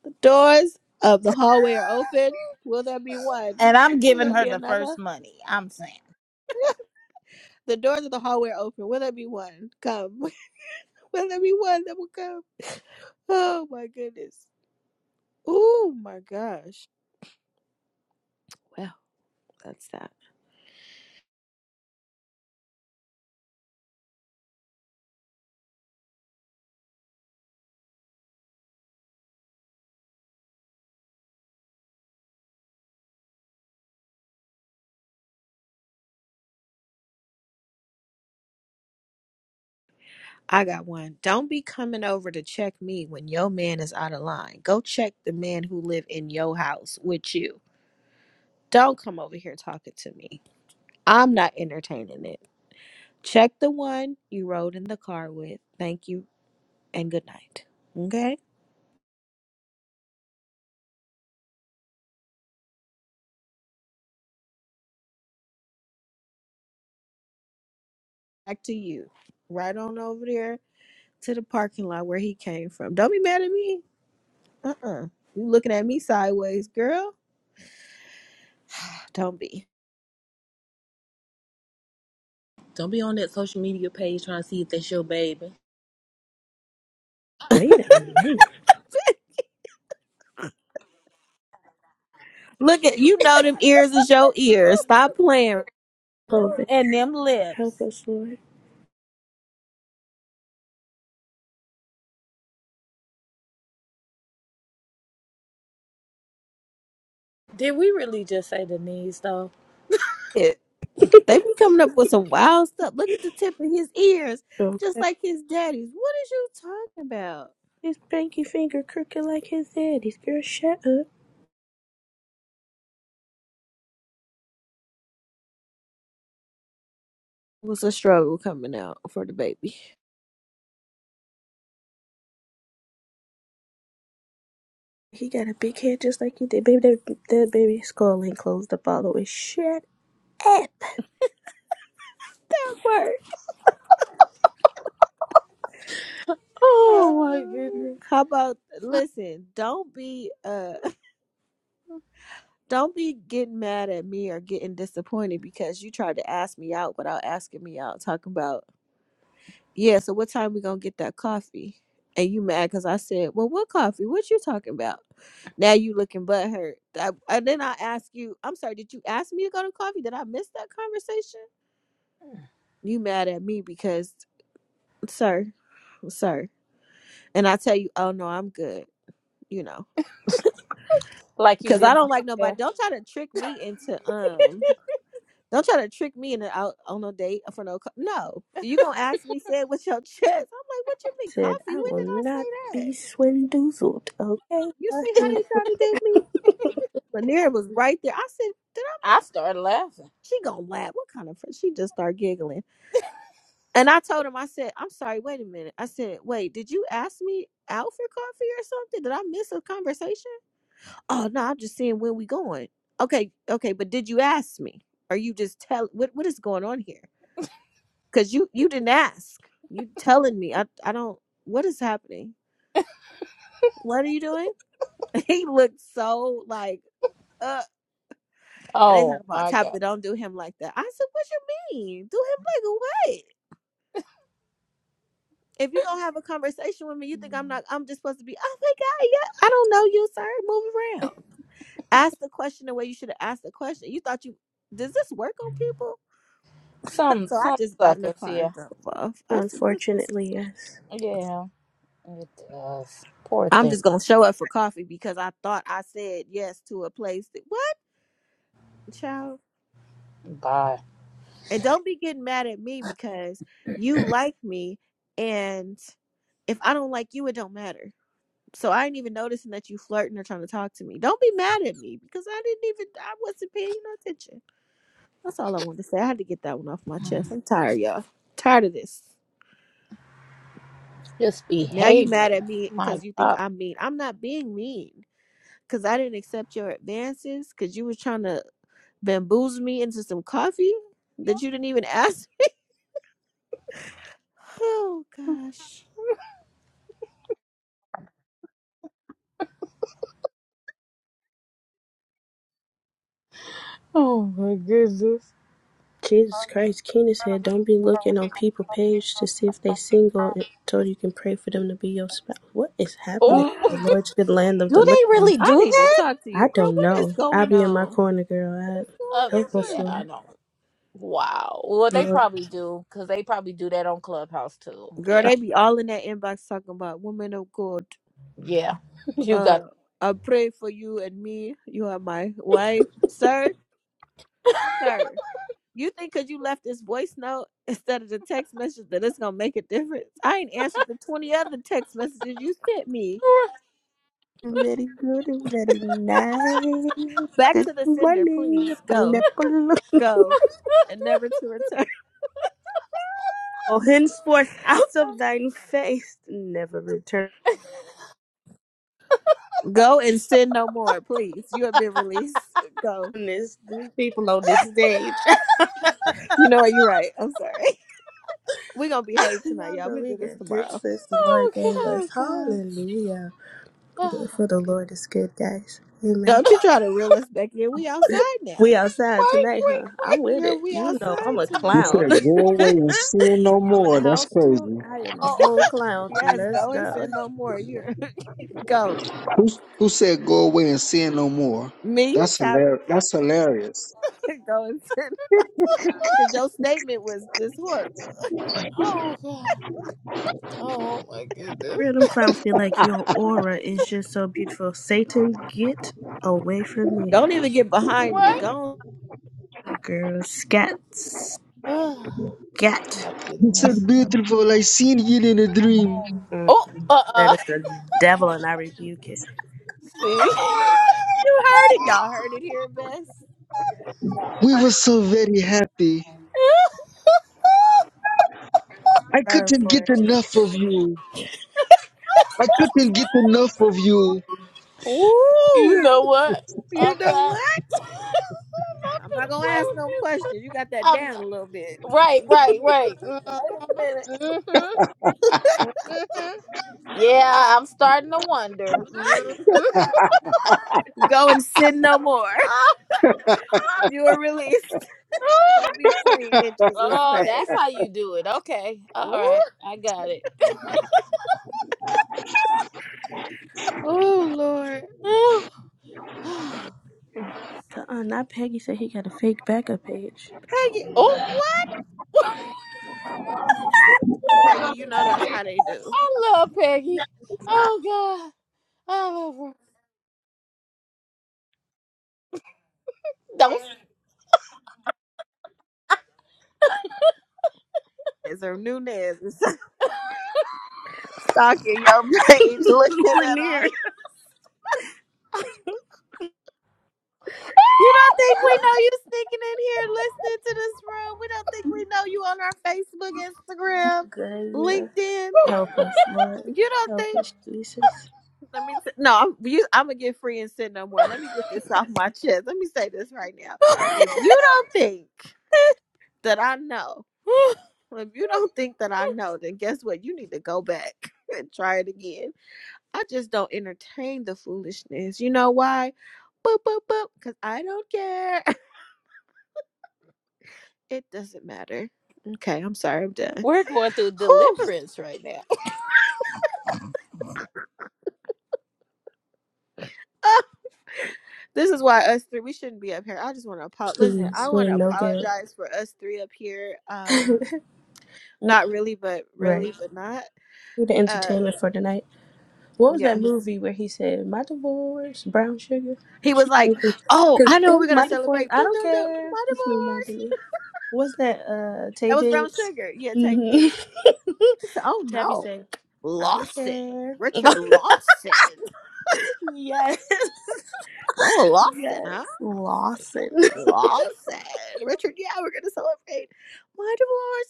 Speaker 1: Doors of the hallway are open. Will there be one?
Speaker 3: And I'm
Speaker 1: Will
Speaker 3: giving
Speaker 1: there
Speaker 3: her
Speaker 1: be
Speaker 3: the first
Speaker 1: another?
Speaker 3: money. I'm saying.
Speaker 1: The doors of the hallway are open. Will there be one? Come. Will there be one that will come? Oh my goodness. Oh my gosh. Well. That's that. I got one. Don't be coming over to check me when your man is out of line. Go check the man who live in your house with you. Don't come over here talking to me. I'm not entertaining it. Check the one you rode in the car with. Thank you and good night. Okay? Back to you. Right on over there to the parking lot where he came from. Don't be mad at me. Uh-uh. You looking at me sideways, girl? Don't be.
Speaker 6: Don't be on that social media page trying to see if that's your baby.
Speaker 9: Wait a minute.
Speaker 1: Look at you know them ears is your ears. Stop playing.
Speaker 9: Oh, Vic,
Speaker 3: And them
Speaker 9: help
Speaker 3: lips.
Speaker 9: us, Lord.
Speaker 3: Did we really just say the knees, though?
Speaker 1: It. They be coming up with some wild stuff. Look at the tip of his ears, just
Speaker 9: Okay.
Speaker 1: like his daddy's. What is you talking about?
Speaker 9: His pinky finger crooked like his daddy's. Girl, shut up.
Speaker 1: It was a struggle coming out for the baby.
Speaker 9: He got a big head just like you did. Baby, that, that baby's skull ain't closed up all the way. Shut up.
Speaker 1: Uh,
Speaker 3: Oh my goodness.
Speaker 1: How about listen, don't be uh don't be getting mad at me or getting disappointed because you tried to ask me out without asking me out, talking about, yeah, so what time we gonna get that coffee? And you mad because I said, Well what coffee? What you talking about? Now you looking butthurt. I, and then I ask you, I'm sorry, did you ask me to go to coffee? Did I miss that conversation? You mad at me because sir, sir. And I tell you, oh no, I'm good, you know.
Speaker 3: Like you
Speaker 1: Cause I
Speaker 3: did on
Speaker 1: don't like nobody.
Speaker 3: Sunday.
Speaker 1: Don't try to trick me into um. Don't try to trick me into out on no date for no. Co- no, you gonna ask me say it with your chest. I'm like, what you mean coffee?
Speaker 9: Said,
Speaker 1: When
Speaker 9: I will
Speaker 1: did I
Speaker 9: not
Speaker 1: say that?
Speaker 9: be swindoozled, okay?
Speaker 1: You
Speaker 9: I
Speaker 1: see how they tried to do me?
Speaker 9: hate-
Speaker 1: Lanier was right there. I said, did I?
Speaker 3: I started laughing.
Speaker 1: She gonna laugh. What kind of friend? She just started giggling. And I told him, I said, I'm sorry. Wait a minute. I said, wait, did you ask me out for coffee or something? Did I miss a conversation? Oh no, I'm just saying when we going. Okay, okay, but did you ask me? Are you just tell what what is going on here? Cause you you didn't ask. You telling me I I don't what is happening? What are you doing? he looked so like uh and they talk
Speaker 3: Oh
Speaker 1: about
Speaker 3: my
Speaker 1: tap
Speaker 3: God.
Speaker 1: that don't do him like that. I said, What you mean? Do him like what? If you're gonna have a conversation with me, you think I'm not I'm just supposed to be, oh my god, yeah, I don't know you, sir. Move around. Ask the question the way you should have asked the question. You thought you does this work on people?
Speaker 3: Some
Speaker 1: so I
Speaker 3: some
Speaker 1: just got in the
Speaker 3: suckers,
Speaker 1: car
Speaker 3: yeah.
Speaker 1: and drove off. I said, "This-
Speaker 9: Unfortunately, yes.
Speaker 3: Yeah, it does. Poor
Speaker 1: I'm
Speaker 3: thing.
Speaker 1: just gonna show up for coffee because I thought I said yes to a place that what, child?
Speaker 3: Bye.
Speaker 1: And don't be getting mad at me because you like me, and if I don't like you, it don't matter. So I ain't even noticing that you flirting or trying to talk to me. Don't be mad at me because I didn't even I wasn't paying you no attention. That's all I wanted to say. I had to get that one off my chest. I'm tired, y'all. Tired of this.
Speaker 3: Just
Speaker 1: Now you mad at
Speaker 3: behavior.
Speaker 1: me
Speaker 3: My
Speaker 1: because you think
Speaker 3: God.
Speaker 1: I'm mean. I'm not being mean. because I didn't accept your advances because you was trying to bamboozle me into some coffee that you didn't even ask. Oh gosh.
Speaker 3: Oh my goodness.
Speaker 9: Jesus Christ, Keenan said, don't be looking on people page to see if they single until you can pray for them to be your spouse. What is happening?
Speaker 3: Oh,
Speaker 9: The
Speaker 1: Oh,
Speaker 9: Lord should land of the
Speaker 3: do they
Speaker 9: living.
Speaker 3: really
Speaker 1: I
Speaker 3: do
Speaker 1: need to
Speaker 3: that?
Speaker 1: talk to
Speaker 9: I
Speaker 1: you, girl.
Speaker 9: don't
Speaker 1: What
Speaker 9: know.
Speaker 1: is
Speaker 9: I'll
Speaker 1: going on?
Speaker 9: be in my corner,
Speaker 1: What
Speaker 9: girl.
Speaker 3: Uh,
Speaker 9: I help us,
Speaker 1: is
Speaker 3: yeah,
Speaker 1: going
Speaker 3: I
Speaker 1: on?
Speaker 9: Lord.
Speaker 3: know. Wow. Well, they
Speaker 9: Lord.
Speaker 3: probably do because they probably do that on Clubhouse too.
Speaker 1: Girl,
Speaker 3: Yeah,
Speaker 1: they be all in that inbox talking about women of God.
Speaker 3: yeah. you got.
Speaker 1: Uh, I pray for you and me. You are my wife, sir, sir. You think because you left this voice note instead of the text message that it's gonna make a difference? I ain't answered the twenty other text messages you sent me.
Speaker 9: Very good and very nice.
Speaker 1: Back
Speaker 9: Good
Speaker 1: to the sender, please.
Speaker 9: morning,
Speaker 1: Go,
Speaker 9: pineapple.
Speaker 1: go, and never to return.
Speaker 9: Oh, henceforth out of thine face, never return
Speaker 1: Go and sin no more, please. You have been released. Go.
Speaker 9: this. These people on this stage.
Speaker 1: You know what? You're right. I'm sorry. We're going to behave tonight,
Speaker 9: Y'all
Speaker 1: y'all. We'll
Speaker 9: we
Speaker 1: do this
Speaker 9: got good
Speaker 1: tomorrow.
Speaker 9: first the
Speaker 3: oh
Speaker 9: Lord
Speaker 3: God.
Speaker 9: gave us.
Speaker 1: Oh, God.
Speaker 9: Hallelujah.
Speaker 3: Oh,
Speaker 9: For the
Speaker 3: God.
Speaker 9: Lord is good, guys. Amen.
Speaker 1: Don't you try to reel us back in. We outside
Speaker 9: We
Speaker 1: now.
Speaker 9: outside
Speaker 3: Wait,
Speaker 9: tonight,
Speaker 3: wait,
Speaker 9: huh?
Speaker 3: wait.
Speaker 9: I'm with it.
Speaker 1: Girl, we
Speaker 9: You know I'm
Speaker 1: outside
Speaker 9: a
Speaker 4: He
Speaker 1: tonight.
Speaker 9: clown.
Speaker 4: said, "Go away and sin no
Speaker 9: I'm in the
Speaker 4: more." That's
Speaker 9: house too.
Speaker 4: crazy.
Speaker 9: I am a
Speaker 3: Oh.
Speaker 9: whole clown.
Speaker 1: Yes,
Speaker 9: Let's
Speaker 1: go and
Speaker 9: go.
Speaker 1: sin no more. You're go.
Speaker 4: Who who said, "Go away and sin no more"?
Speaker 1: Me,
Speaker 4: That's
Speaker 1: Tabitha,
Speaker 4: hilarious. That's hilarious.
Speaker 1: go and sin. Because your statement was just horrible.
Speaker 3: Oh God. Oh my goodness.
Speaker 9: Random clowns be like, your aura is just so beautiful. Satan, get away from me.
Speaker 1: Don't even get behind me.
Speaker 3: What?
Speaker 1: Go.
Speaker 9: Girl, scat, scat.
Speaker 3: Oh my
Speaker 4: It's so
Speaker 3: goodness.
Speaker 4: beautiful. I seen you in a dream.
Speaker 3: Oh,
Speaker 9: Mm-mm.
Speaker 3: uh
Speaker 9: That
Speaker 3: uh
Speaker 9: is the devil and I rebuke it.
Speaker 3: See?
Speaker 1: You heard it. Y'all heard it here, Bess. Y'all
Speaker 4: We were
Speaker 1: hurt.
Speaker 4: so very happy. I
Speaker 9: Run
Speaker 4: couldn't
Speaker 9: for it.
Speaker 4: get enough of you. I couldn't get enough of you.
Speaker 3: you
Speaker 1: Ooh,
Speaker 3: know what?
Speaker 1: you
Speaker 3: I'm
Speaker 1: know
Speaker 3: not.
Speaker 1: what?
Speaker 3: I'm not
Speaker 1: I'm
Speaker 3: gonna
Speaker 1: not gonna
Speaker 3: play
Speaker 1: ask
Speaker 3: with
Speaker 1: no
Speaker 3: you.
Speaker 1: questions. You got that
Speaker 3: I'm
Speaker 1: down a
Speaker 3: not.
Speaker 1: little bit.
Speaker 3: Right,
Speaker 1: Wait
Speaker 3: right, right.
Speaker 1: a minute.
Speaker 3: Mm-hmm. Mm-hmm. Mm-hmm. Yeah, I'm starting to wonder.
Speaker 1: Go and sin no more.
Speaker 3: Mm-hmm.
Speaker 1: You are released. Go be free in Jesus'
Speaker 3: Oh,
Speaker 1: name.
Speaker 3: that's how you do it. Okay. All
Speaker 1: Ooh.
Speaker 3: right. I got it.
Speaker 1: Oh Lord.
Speaker 3: oh,
Speaker 9: Uh-uh, not Peggy said he got a fake backup page.
Speaker 1: Peggy, what? Peggy, you know that's how they
Speaker 3: I
Speaker 1: do.
Speaker 3: love Peggy. Oh, God. I love her. Don't.
Speaker 1: It's a newness. Stalking your page, looking at all
Speaker 9: Lanier.
Speaker 1: You don't think we know you sneaking in here listening to this room? We don't think we know you on our Facebook, Instagram,
Speaker 9: Good, yeah.
Speaker 1: LinkedIn.
Speaker 9: Help us, Lord.
Speaker 1: You don't
Speaker 9: Help
Speaker 1: think?
Speaker 9: us, Jesus.
Speaker 1: Let me. T- no, I'm, you, I'm gonna get free and sin no more. Let me get this off my chest. Let me say this right now. If you don't think that I know, if you don't think that I know, then guess what? You need to go back and try it again. I just don't entertain the foolishness. You know why? Boop boop boop. Cause I don't care. It doesn't matter. Okay, I'm sorry, I'm done.
Speaker 3: We're going through
Speaker 1: Whew.
Speaker 3: deliverance right now.
Speaker 1: Ah, this is why us three we shouldn't be up here. I just want to apo- listen. I
Speaker 9: Please, we're
Speaker 1: want to
Speaker 9: no good.
Speaker 1: apologize for us three up here. Um, not really, but
Speaker 9: right.
Speaker 1: really, but not.
Speaker 9: We're the
Speaker 1: Uh,
Speaker 9: entertainment for tonight. What was that
Speaker 1: yes.
Speaker 9: movie where he said, My divorce, brown sugar?
Speaker 1: He
Speaker 9: She
Speaker 1: was like, "Oh,
Speaker 9: Because
Speaker 1: I know we're gonna
Speaker 9: my divorce,
Speaker 1: celebrate.
Speaker 9: I
Speaker 1: Do
Speaker 9: don't
Speaker 1: do do
Speaker 9: care.
Speaker 1: my
Speaker 9: This reminded
Speaker 1: divorce."
Speaker 9: me. What's that, uh, Tay
Speaker 1: That was brown
Speaker 9: Diggs?
Speaker 1: sugar. Yeah, take
Speaker 9: hmm
Speaker 1: it. He said, "Oh
Speaker 9: Tabby
Speaker 1: no,
Speaker 9: said, I don't
Speaker 1: Lawson,
Speaker 9: care.
Speaker 1: Richard Lawson.
Speaker 9: yes.
Speaker 1: Oh, Lawson,
Speaker 9: Yes.
Speaker 1: huh?
Speaker 9: Lawson.
Speaker 1: Lawson, Richard. Yeah, we're gonna celebrate my divorce."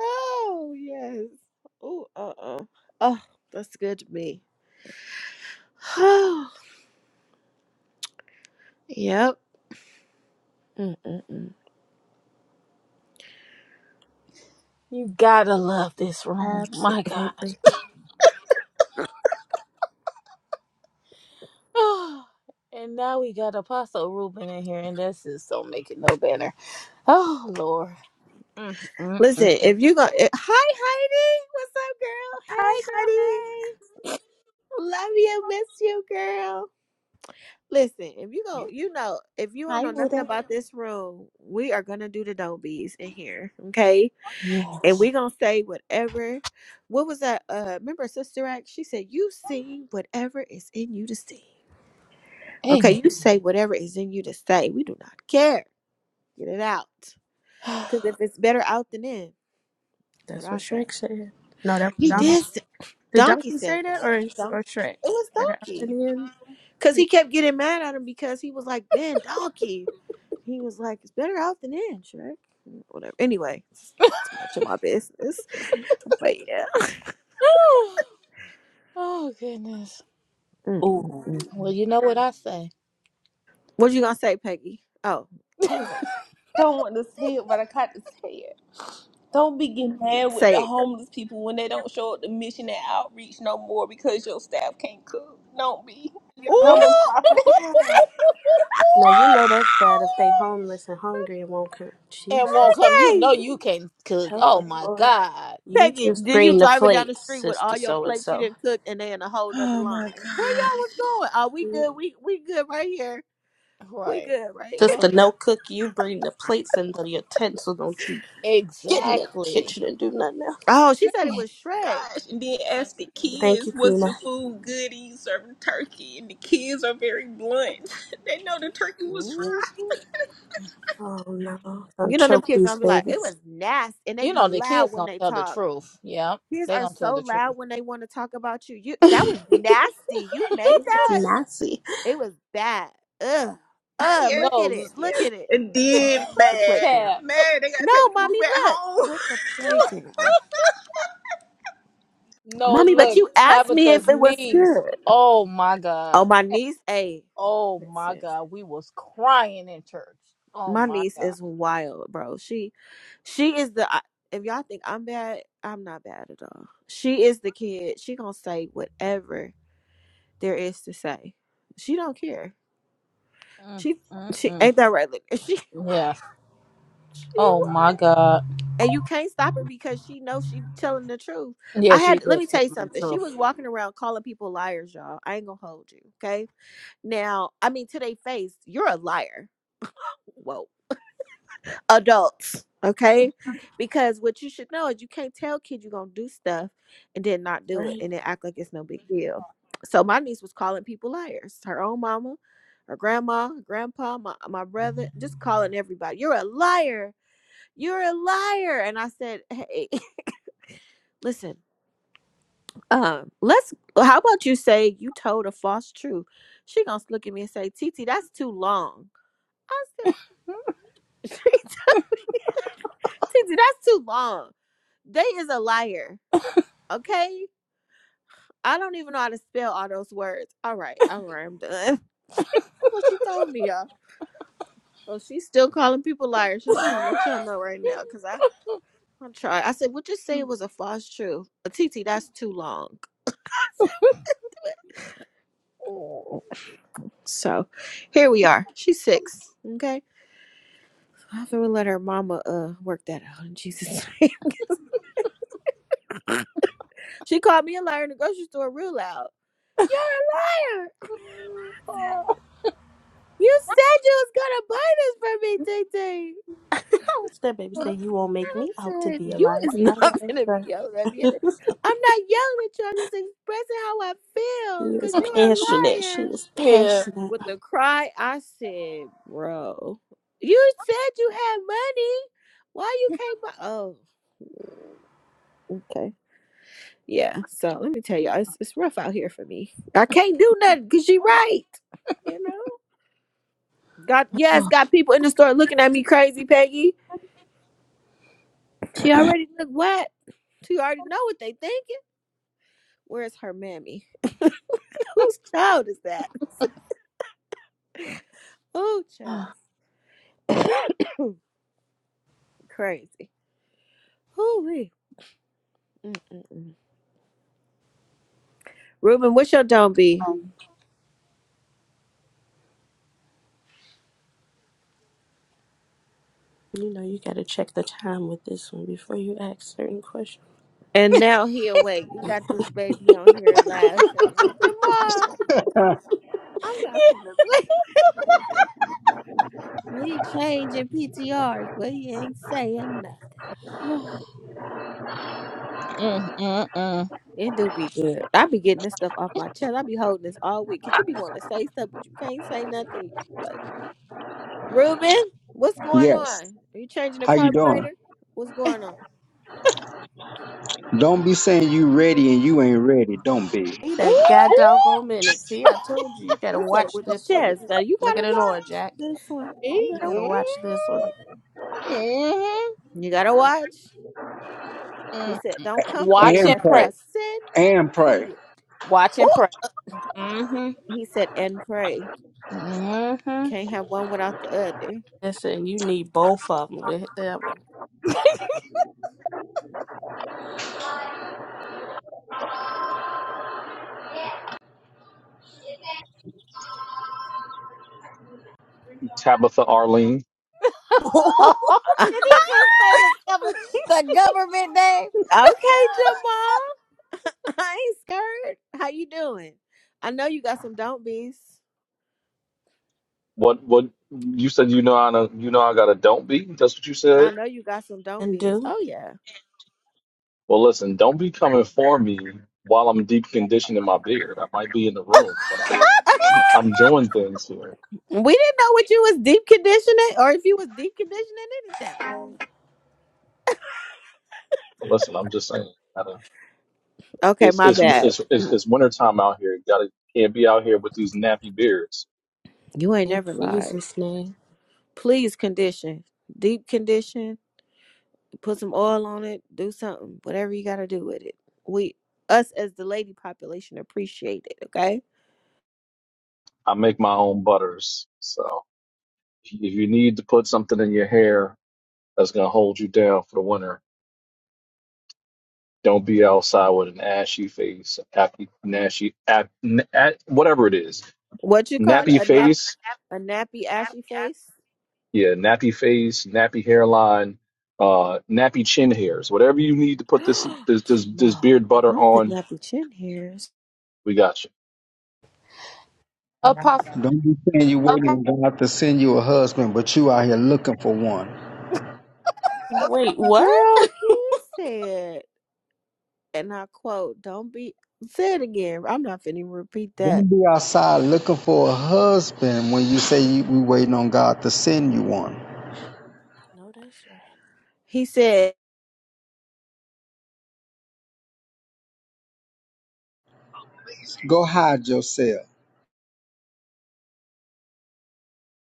Speaker 1: Oh yes. Oh uh uh. Oh, that's good to me. Oh yep. Mm-mm-mm.
Speaker 3: You gotta love this room. My God.
Speaker 9: Absolutely.
Speaker 3: Oh, and now we got Apostle Reuben in here, and that's just so making no better. Oh, Lord. Mm-mm-mm.
Speaker 1: Listen, if you go, if, hi Heidi, what's up, girl?
Speaker 9: Hi,
Speaker 1: Hey,
Speaker 9: Heidi.
Speaker 1: girl. Hey, love you, miss you, girl. Listen, if you go, you know, if you don't
Speaker 3: Hi,
Speaker 1: know nothing
Speaker 3: Huda.
Speaker 1: about this room, we are gonna do the dobies in here, okay? And
Speaker 3: Yes.
Speaker 1: we gonna say whatever. What was that? Uh, remember Sister Act? She said, "You sing whatever is in you to sing."
Speaker 3: Amen.
Speaker 1: Okay, you say whatever is in you to say. We do not care. Get it out. Because if it's better out than in, that's what
Speaker 9: That's
Speaker 1: I
Speaker 9: what
Speaker 1: said.
Speaker 9: Shrek said. No, that was
Speaker 1: He
Speaker 9: Donkey.
Speaker 3: Mhm.
Speaker 1: did. s-
Speaker 9: Did
Speaker 1: Donkey
Speaker 9: Donkey
Speaker 1: said
Speaker 9: say that
Speaker 1: that.
Speaker 9: or, or
Speaker 1: Donkey. It
Speaker 9: Shrek?
Speaker 1: was
Speaker 9: Better up
Speaker 1: Donkey.
Speaker 9: in.
Speaker 1: Because
Speaker 9: Like,
Speaker 1: he kept getting mad at him because he was like, man, Donkey. He was like, it's better out than in, Shrek. Whatever. Anyway, it's too much of my business. But yeah.
Speaker 3: oh oh, goodness.
Speaker 6: Ooh.
Speaker 1: Mm-mm-mm.
Speaker 3: Well, you know what I say.
Speaker 1: What you going to say, Peggy? Oh, who was that?
Speaker 6: Don't want to say it, but I got to say it. Don't be getting mad with the
Speaker 1: Say it.
Speaker 6: homeless people when they don't show up to mission and outreach no more because your staff can't cook. Don't be. Your
Speaker 1: girl.
Speaker 9: Oh
Speaker 6: numbers
Speaker 1: Ooh,
Speaker 6: dropping.
Speaker 9: God. Now you know that's bad if they homeless and hungry and won't come.
Speaker 3: and won't
Speaker 9: Jesus,
Speaker 3: come. You
Speaker 1: okay.
Speaker 3: know you can cook.
Speaker 9: help
Speaker 3: Oh
Speaker 9: us,
Speaker 3: my
Speaker 9: Lord.
Speaker 3: God.
Speaker 9: You
Speaker 1: Peggy,
Speaker 9: just
Speaker 1: then you
Speaker 9: bring the
Speaker 1: driving down the
Speaker 9: plates,
Speaker 1: street with
Speaker 9: sister
Speaker 1: all your
Speaker 9: so and
Speaker 1: plates you
Speaker 9: so.
Speaker 1: didn't cook and they in a whole nother
Speaker 6: Oh my
Speaker 1: line. Where
Speaker 9: Right.
Speaker 1: y'all was
Speaker 6: gosh,
Speaker 1: going? Are we good? We we good right here. We
Speaker 3: Right.
Speaker 1: good, right?
Speaker 3: Oh,
Speaker 9: Sister no cook, you bring the plates and the utensil, don't you get in the
Speaker 3: exactly.
Speaker 9: kitchen and do nothing else.
Speaker 1: Oh, she said it
Speaker 3: Man.
Speaker 1: was Shrek.
Speaker 6: Gosh. And then ask the
Speaker 9: Thank
Speaker 6: kids,
Speaker 9: you,
Speaker 6: was
Speaker 9: Tina.
Speaker 6: the food good? Are you serving turkey? And the kids are very blunt. they know the turkey was fried.
Speaker 1: Mhm.
Speaker 9: Oh no. Don't
Speaker 1: You know them
Speaker 9: choke
Speaker 1: kids
Speaker 9: these
Speaker 1: gonna be like, it
Speaker 9: babies.
Speaker 1: was nasty, and they
Speaker 3: You
Speaker 1: be
Speaker 3: know the
Speaker 1: loud
Speaker 3: kids
Speaker 1: when
Speaker 3: gonna
Speaker 1: they
Speaker 3: tell the
Speaker 1: talk.
Speaker 3: truth. Yeah,
Speaker 1: Kids
Speaker 3: they
Speaker 1: are
Speaker 3: gonna tell
Speaker 1: so
Speaker 3: the truth.
Speaker 1: loud when they want to talk about you. You that was
Speaker 9: That's
Speaker 1: nasty. You made that?
Speaker 9: nasty.
Speaker 1: It was bad. Ugh. Ugh,
Speaker 6: Yes,
Speaker 1: look at it.
Speaker 3: No
Speaker 1: Look
Speaker 6: yes.
Speaker 1: at it.
Speaker 6: And then
Speaker 1: Put the plate
Speaker 6: mad.
Speaker 1: down.
Speaker 3: tab.
Speaker 6: Mad. They got to
Speaker 1: No,
Speaker 6: take the food
Speaker 1: mommy,
Speaker 6: back
Speaker 1: look.
Speaker 6: home.
Speaker 1: Put the plate down.
Speaker 3: No
Speaker 1: Mommy, but
Speaker 3: look.
Speaker 1: you asked me
Speaker 3: Tabitha's
Speaker 1: if it was
Speaker 3: niece.
Speaker 1: good.
Speaker 3: Oh my
Speaker 1: Oh,
Speaker 3: God.
Speaker 1: my niece, a
Speaker 3: Oh my God, we was crying in church. Oh
Speaker 1: my
Speaker 3: my
Speaker 1: niece
Speaker 3: God.
Speaker 1: is wild, bro. She, she is the. I- If y'all think I'm bad, I'm not bad at all. She is the kid. She gonna say whatever there is to say. She don't care.
Speaker 3: Mm,
Speaker 1: She,
Speaker 3: mm,
Speaker 1: she
Speaker 3: mm.
Speaker 1: ain't that right? Look, she,
Speaker 3: Yes.
Speaker 1: she
Speaker 3: Oh my
Speaker 1: wild.
Speaker 3: God.
Speaker 1: And you can't stop her because she knows she telling the truth.
Speaker 3: Yeah,
Speaker 1: I
Speaker 3: she
Speaker 1: had let
Speaker 3: was
Speaker 1: me tell you
Speaker 3: taking the
Speaker 1: something. She was
Speaker 3: truth.
Speaker 1: walking around calling people liars, y'all. I ain't gonna hold you, okay? Now, I mean, to their face, you're a liar. Whoa. Adults, okay? Because what you should know is you can't tell kids you're going to do stuff and then not do it
Speaker 9: Right.
Speaker 1: and then act like it's no big deal. So my niece was calling people liars. Her own mama, her grandma, her grandpa, my, my brother, just calling everybody, you're a liar. You're a liar. And I said, hey, listen, um, let's, how about you say you told a false truth? She going to look at me and say, Titi, that's too long. I said, she Tizzy, that's too long. They is a liar. Okay? I don't even know how to spell all those words. All right, all right, I'm done. that's what you told me, y'all. So she's still calling people liars. I just want to let y'all know right now, cause I I tried. I said, "What you say it was a false truth?" Uh, Titi, that's too long. So here we are. She's six. Okay. I have to let her mama uh work that out in Jesus' name. she called me a liar in the grocery store real loud. You're a liar. You said you was gonna buy this for me, Tay Tay.
Speaker 9: What's that baby say? You won't make
Speaker 1: I
Speaker 9: me out to
Speaker 1: said,
Speaker 9: be a
Speaker 1: you
Speaker 9: liar.
Speaker 1: is
Speaker 9: I
Speaker 1: not
Speaker 9: know that's
Speaker 1: gonna be
Speaker 9: right.
Speaker 1: yelling at me. I'm not yelling at you. I'm just expressing how I
Speaker 9: She
Speaker 1: feel because
Speaker 9: is
Speaker 1: you're
Speaker 9: passionate.
Speaker 1: a
Speaker 9: She
Speaker 1: liar.
Speaker 9: is
Speaker 3: yeah.
Speaker 9: passionate.
Speaker 1: With the cry, I said, bro, you said you had money. Why you can't buy? Oh, okay. Yeah. So let me tell you, it's, it's rough out here for me. I can't do nothing because she right. You know, got yes,
Speaker 3: Mm,
Speaker 1: got people in the store looking at me crazy, Peggy She already look wet. She already know what they thinking. Where's her mammy? Whose child is that? Oh, child. Crazy. Hoo-wee. Mm-mm-mm. Ruben, what's your don't be?
Speaker 9: You know, you got to check the time with this one before you ask certain questions.
Speaker 1: And now he awake. He got this baby on here laughing. Jamal, I'm not finna play. He changing PTRs, but he ain't saying nothing.
Speaker 3: mm, mm. mm
Speaker 1: It do be good. I be getting this stuff off my chest. I be holding this all week. Cause you be wanting to say stuff, but you can't say nothing. Like. Ruben, what's going on?
Speaker 4: Yes.
Speaker 1: Are you changing the
Speaker 4: How you doing?
Speaker 1: carburetor? What's going on?
Speaker 4: Don't be saying you ready and you ain't ready. Don't be.
Speaker 9: Wait
Speaker 1: Ooh,
Speaker 9: a god doggone minute. See, I told you, you got to
Speaker 1: he said it
Speaker 9: watch
Speaker 1: with his
Speaker 9: this one.
Speaker 1: chest. Now you
Speaker 9: Look at
Speaker 1: gotta
Speaker 9: it all,
Speaker 1: watch
Speaker 9: Jack.
Speaker 1: this one. You
Speaker 9: You
Speaker 1: gotta
Speaker 9: got to
Speaker 3: mm
Speaker 1: watch.
Speaker 9: watch this one.
Speaker 3: mm,
Speaker 1: You gotta watch. He
Speaker 3: mm.
Speaker 1: said, "Don't come for me
Speaker 3: Watch
Speaker 4: And
Speaker 3: and
Speaker 1: unless
Speaker 4: pray.
Speaker 3: pray.
Speaker 1: I send
Speaker 4: And
Speaker 1: for
Speaker 4: pray.
Speaker 1: you."
Speaker 3: Watch and
Speaker 1: Oh,
Speaker 3: pray. Mm-hmm.
Speaker 1: he said, "And pray.
Speaker 3: Mm-hmm.
Speaker 1: Can't have one without the other."
Speaker 9: Listen, you need both of them with that one.
Speaker 10: Tabitha Arlene,
Speaker 3: Did he just say the, govern- the government name?
Speaker 1: okay, Jamal. I ain't scared. How you doing? I know you got some don't be's.
Speaker 10: what what you said you know I know you know I got a don't be. That's what you
Speaker 1: I
Speaker 10: said.
Speaker 1: know you got some don't
Speaker 9: and
Speaker 1: be's.
Speaker 9: do.
Speaker 1: Oh yeah.
Speaker 10: Well, listen, don't be coming for me while I'm deep conditioning my beard. I might be in the room, but I'm I'm doing things here.
Speaker 1: We didn't know what you was deep conditioning or if you was deep conditioning anything.
Speaker 10: listen, I'm just saying. Gotta,
Speaker 1: Okay,
Speaker 10: it's,
Speaker 1: my
Speaker 10: it's
Speaker 1: bad.
Speaker 10: it's it's it's wintertime out here. Gotta can't be out here with these nappy beards.
Speaker 1: You ain't
Speaker 9: In
Speaker 1: never lied.
Speaker 9: Jesus' name.
Speaker 1: Please condition. Deep condition. Put some oil on it. Do something. Whatever you gotta do with it. We us as the lady population appreciate it, okay?
Speaker 10: I make my own butters, so if you need to put something in your hair that's gonna hold you down for the winter, Don't be outside with an ashy face, happy, nashy, ap, n- a- whatever it is.
Speaker 1: What you call it?
Speaker 10: Nappy
Speaker 1: A nap
Speaker 10: face,
Speaker 1: a nappy ashy face?
Speaker 10: yeah, nappy face, nappy hairline, uh, nappy chin hairs. Whatever you need to put this this this, this
Speaker 1: Jamal,
Speaker 10: beard butter
Speaker 1: not the
Speaker 10: on,
Speaker 1: nappy chin hairs.
Speaker 10: we got you.
Speaker 3: Apostle
Speaker 4: Don't be saying you waiting on God to send you a husband, but you out here looking for one.
Speaker 9: Wait, what?
Speaker 1: Girl, he said, and I quote, don't be say it again. I'm not finna even repeat that.
Speaker 4: Don't be outside looking for a husband when you say you, we waiting on God to send you one.
Speaker 9: No, that's right.
Speaker 1: He said
Speaker 4: Go hide yourself.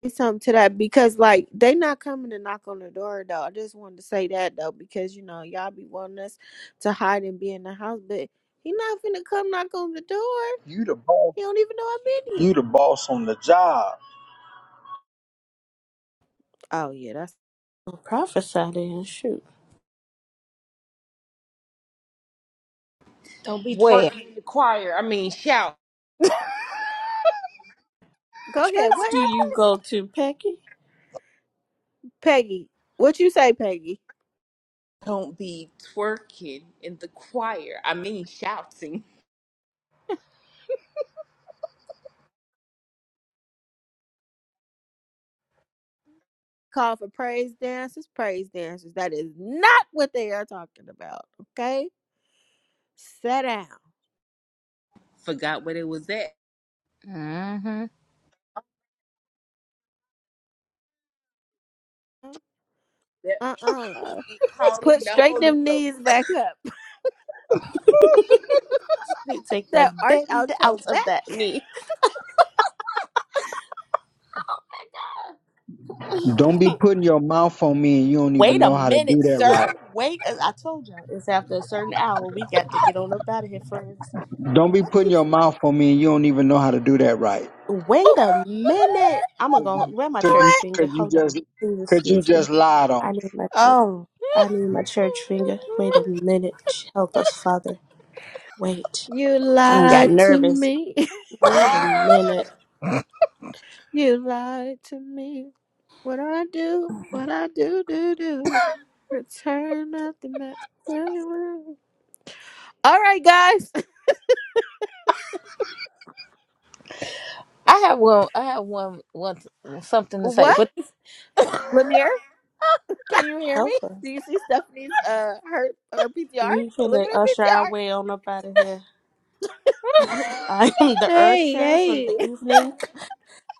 Speaker 1: something to that because like they not coming to knock on the door though. I just wanted to say that though because you know y'all be wanting us to hide and be in the house, but he not finna come knock on the door.
Speaker 4: You the boss.
Speaker 1: He don't even know I've been
Speaker 4: You the
Speaker 1: here.
Speaker 4: boss on the job.
Speaker 1: Oh yeah, that's
Speaker 9: Well, prophesy then. Shoot.
Speaker 6: Don't be
Speaker 3: Webb.
Speaker 6: twerking in the choir. I mean, shout.
Speaker 1: go ahead.
Speaker 9: Church
Speaker 1: What
Speaker 9: do
Speaker 1: happened,
Speaker 9: you go to, Pecky?
Speaker 1: Peggy? What you say, Peggy?
Speaker 6: Don't be twerking in the choir. I mean, shouting.
Speaker 1: Call for praise dancers, praise dancers. That is not what they are talking about. Okay, sit down.
Speaker 6: Forgot where it was at.
Speaker 3: Mm-hmm.
Speaker 6: That
Speaker 1: Uh uh
Speaker 6: get calling
Speaker 1: Put
Speaker 6: the
Speaker 1: straight
Speaker 6: Holy
Speaker 1: them knees
Speaker 6: Ghost.
Speaker 1: back up.
Speaker 9: They take
Speaker 1: That
Speaker 9: that
Speaker 1: arch out
Speaker 9: bend
Speaker 1: your
Speaker 9: out of that
Speaker 1: back.
Speaker 9: knee.
Speaker 4: Don't be putting your mouth on me and you don't even
Speaker 9: Wait a
Speaker 4: know how to
Speaker 9: minute,
Speaker 4: do that right.
Speaker 9: sir. Wait, as I told you, it's after a certain hour. We got to get on up out of here, friends.
Speaker 4: Don't be
Speaker 9: What
Speaker 4: putting
Speaker 9: did
Speaker 4: your
Speaker 9: you?
Speaker 4: mouth on me and you don't even know how to do that right.
Speaker 9: Wait a minute. I'm gonna go. Where my
Speaker 4: Could you,
Speaker 9: church finger?
Speaker 4: could you
Speaker 9: Hold on.
Speaker 4: just
Speaker 9: Please
Speaker 4: could you
Speaker 9: excuse me.
Speaker 4: just lied on
Speaker 9: I need my. church-
Speaker 1: Oh,
Speaker 9: I need my church finger. Wait a minute. Help us, Father. Wait.
Speaker 1: you
Speaker 9: I done got
Speaker 1: lied to
Speaker 9: nervous.
Speaker 1: me.
Speaker 9: Wait a minute.
Speaker 1: you lied to me. What I do, what I do, do, do. Return of the master. All right, guys.
Speaker 3: I have one. I have one. One something to say,
Speaker 1: What?
Speaker 3: but can
Speaker 1: Lanier?
Speaker 3: you hear
Speaker 9: Help
Speaker 3: me?
Speaker 9: us.
Speaker 1: Do you see Stephanie's uh her her PTR?
Speaker 9: We
Speaker 1: Look
Speaker 9: finna
Speaker 1: at her
Speaker 9: usher our
Speaker 1: PTR.
Speaker 9: way on up out of here. I am the
Speaker 1: Hey,
Speaker 9: usher for the
Speaker 1: hey.
Speaker 9: evening.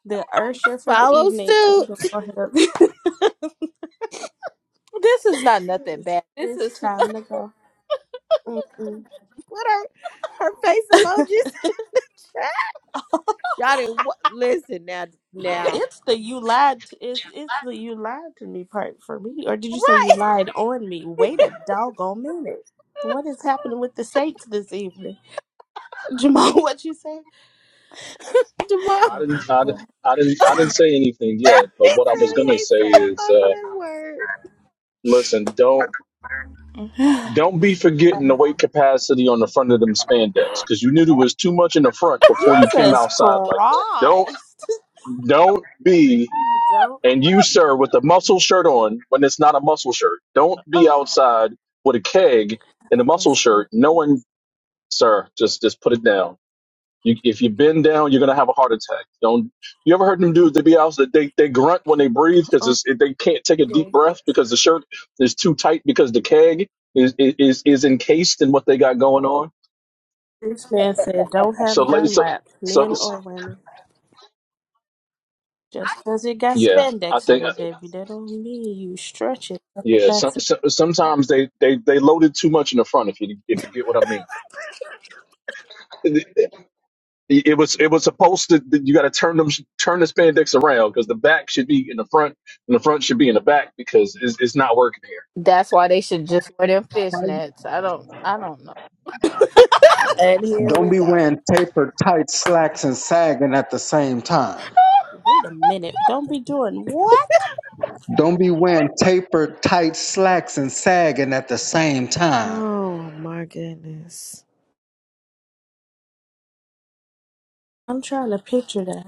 Speaker 9: The usher for the
Speaker 1: Follow
Speaker 9: evening. We're
Speaker 1: suit.
Speaker 9: gonna go ahead. and-
Speaker 3: this is not nothing
Speaker 9: it's,
Speaker 3: bad. This
Speaker 9: it's
Speaker 3: is
Speaker 9: time to go. Mm-mm.
Speaker 1: Put her her face emojis in the chat. Y'all didn't wa- listen now now.
Speaker 9: it's the you lied. To, it's it's the you lied to me part for me. Or did you say you lied on me? Wait a doggone minute. What is happening with the saints this evening, Jamal? What you say?
Speaker 1: Jamal.
Speaker 10: I
Speaker 9: Help us,
Speaker 10: didn't, I didn't,
Speaker 9: Lord.
Speaker 10: I didn't, I didn't say anything yet.
Speaker 1: He
Speaker 10: But what I
Speaker 1: said
Speaker 10: was
Speaker 1: he
Speaker 10: gonna
Speaker 1: ain't
Speaker 10: say
Speaker 1: said a
Speaker 10: is, uh,
Speaker 1: bumbling word.
Speaker 10: listen, don't
Speaker 3: right.
Speaker 10: don't be forgetting the weight capacity on the front of them spandex because you knew there was too much in the front before you came
Speaker 9: Jesus
Speaker 10: outside like that. Don't
Speaker 9: Christ!
Speaker 10: don't be
Speaker 9: Don't
Speaker 10: And you, sir, with a muscle shirt on when it's not a muscle shirt. Don't be
Speaker 3: Oh,
Speaker 10: outside with a keg and a
Speaker 9: help
Speaker 10: muscle
Speaker 9: us, Lord.
Speaker 10: shirt. No one, sir, just just put it down. You, if you bend down, you're gonna have a heart attack. Don't. You ever heard them dudes that be out that they they grunt when they breathe
Speaker 1: Oh,
Speaker 10: because they can't take a deep
Speaker 1: goodness.
Speaker 10: breath because the shirt is too tight because the keg is is is encased in what they got going on.
Speaker 9: This man said, "Don't
Speaker 10: So,
Speaker 9: have
Speaker 10: la- so,
Speaker 9: Dunlap,
Speaker 10: so,
Speaker 9: men or women." Just because it got
Speaker 10: yeah. I
Speaker 9: spandex in
Speaker 10: think.
Speaker 9: it, baby, that don't mean you stretch it up a
Speaker 10: Yeah, some,
Speaker 9: pass.
Speaker 10: some, sometimes they, they, they loaded too much in the front. If you if you get what I mean, it, it- it was it was supposed to you got to turn them turn the spandex around because the back should be in the front and the front should be in the back because it's, it's not working here.
Speaker 3: that's why they should just wear them
Speaker 4: me?
Speaker 3: fishnets. I don't. I don't know.
Speaker 1: and here
Speaker 4: Don't
Speaker 1: we
Speaker 4: be
Speaker 1: go.
Speaker 4: wearing tapered tight slacks and sagging at the same time.
Speaker 9: Wait a minute. Don't be doing what?
Speaker 4: Don't be wearing tapered tight slacks and sagging at the same time.
Speaker 1: Oh my goodness.
Speaker 9: I'm trying to picture that.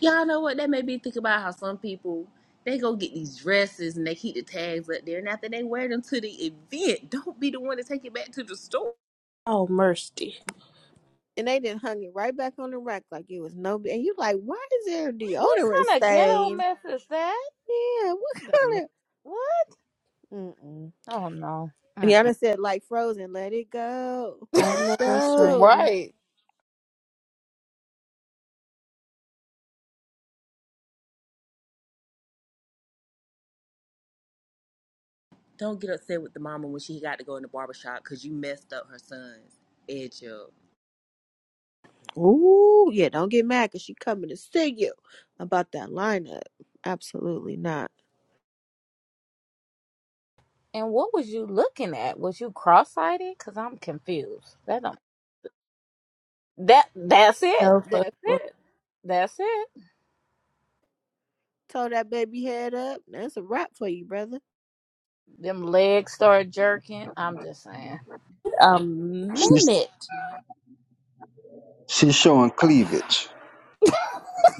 Speaker 6: Y'all know what? That made me think about how some people they go get these dresses and they keep the tags up there, and after they wear them to the event, don't be the one to take it back to the store.
Speaker 9: Oh, mercy.
Speaker 1: And they done hung it right back on the rack like it was no. And you like, why is there a
Speaker 3: What
Speaker 1: deodorant
Speaker 3: kind of ghetto
Speaker 1: stain?
Speaker 3: mess is that?
Speaker 1: Yeah, what
Speaker 3: Wait a
Speaker 1: kind
Speaker 3: minute.
Speaker 1: of? Mm-mm.
Speaker 3: Oh no. Mm-mm.
Speaker 1: Yana said, like frozen, let it go,
Speaker 9: I
Speaker 1: let it
Speaker 9: know that's right.
Speaker 1: go.
Speaker 3: Right.
Speaker 6: Don't get upset with the mama when she got to go in the barber shop because you messed up her son's edge up.
Speaker 1: Ooh, yeah, don't get mad because she coming to see you about that lineup. Absolutely not.
Speaker 3: And what was you looking at? Was you cross-sighted? Cause I'm confused. That don't, that that's it.
Speaker 9: Help us.
Speaker 3: That's
Speaker 9: Lord.
Speaker 3: it. That's it.
Speaker 1: Told that baby head up. That's a wrap for you, brother.
Speaker 3: Them legs start jerking. I'm just saying.
Speaker 9: A
Speaker 4: She's
Speaker 9: minute.
Speaker 4: she's showing cleavage.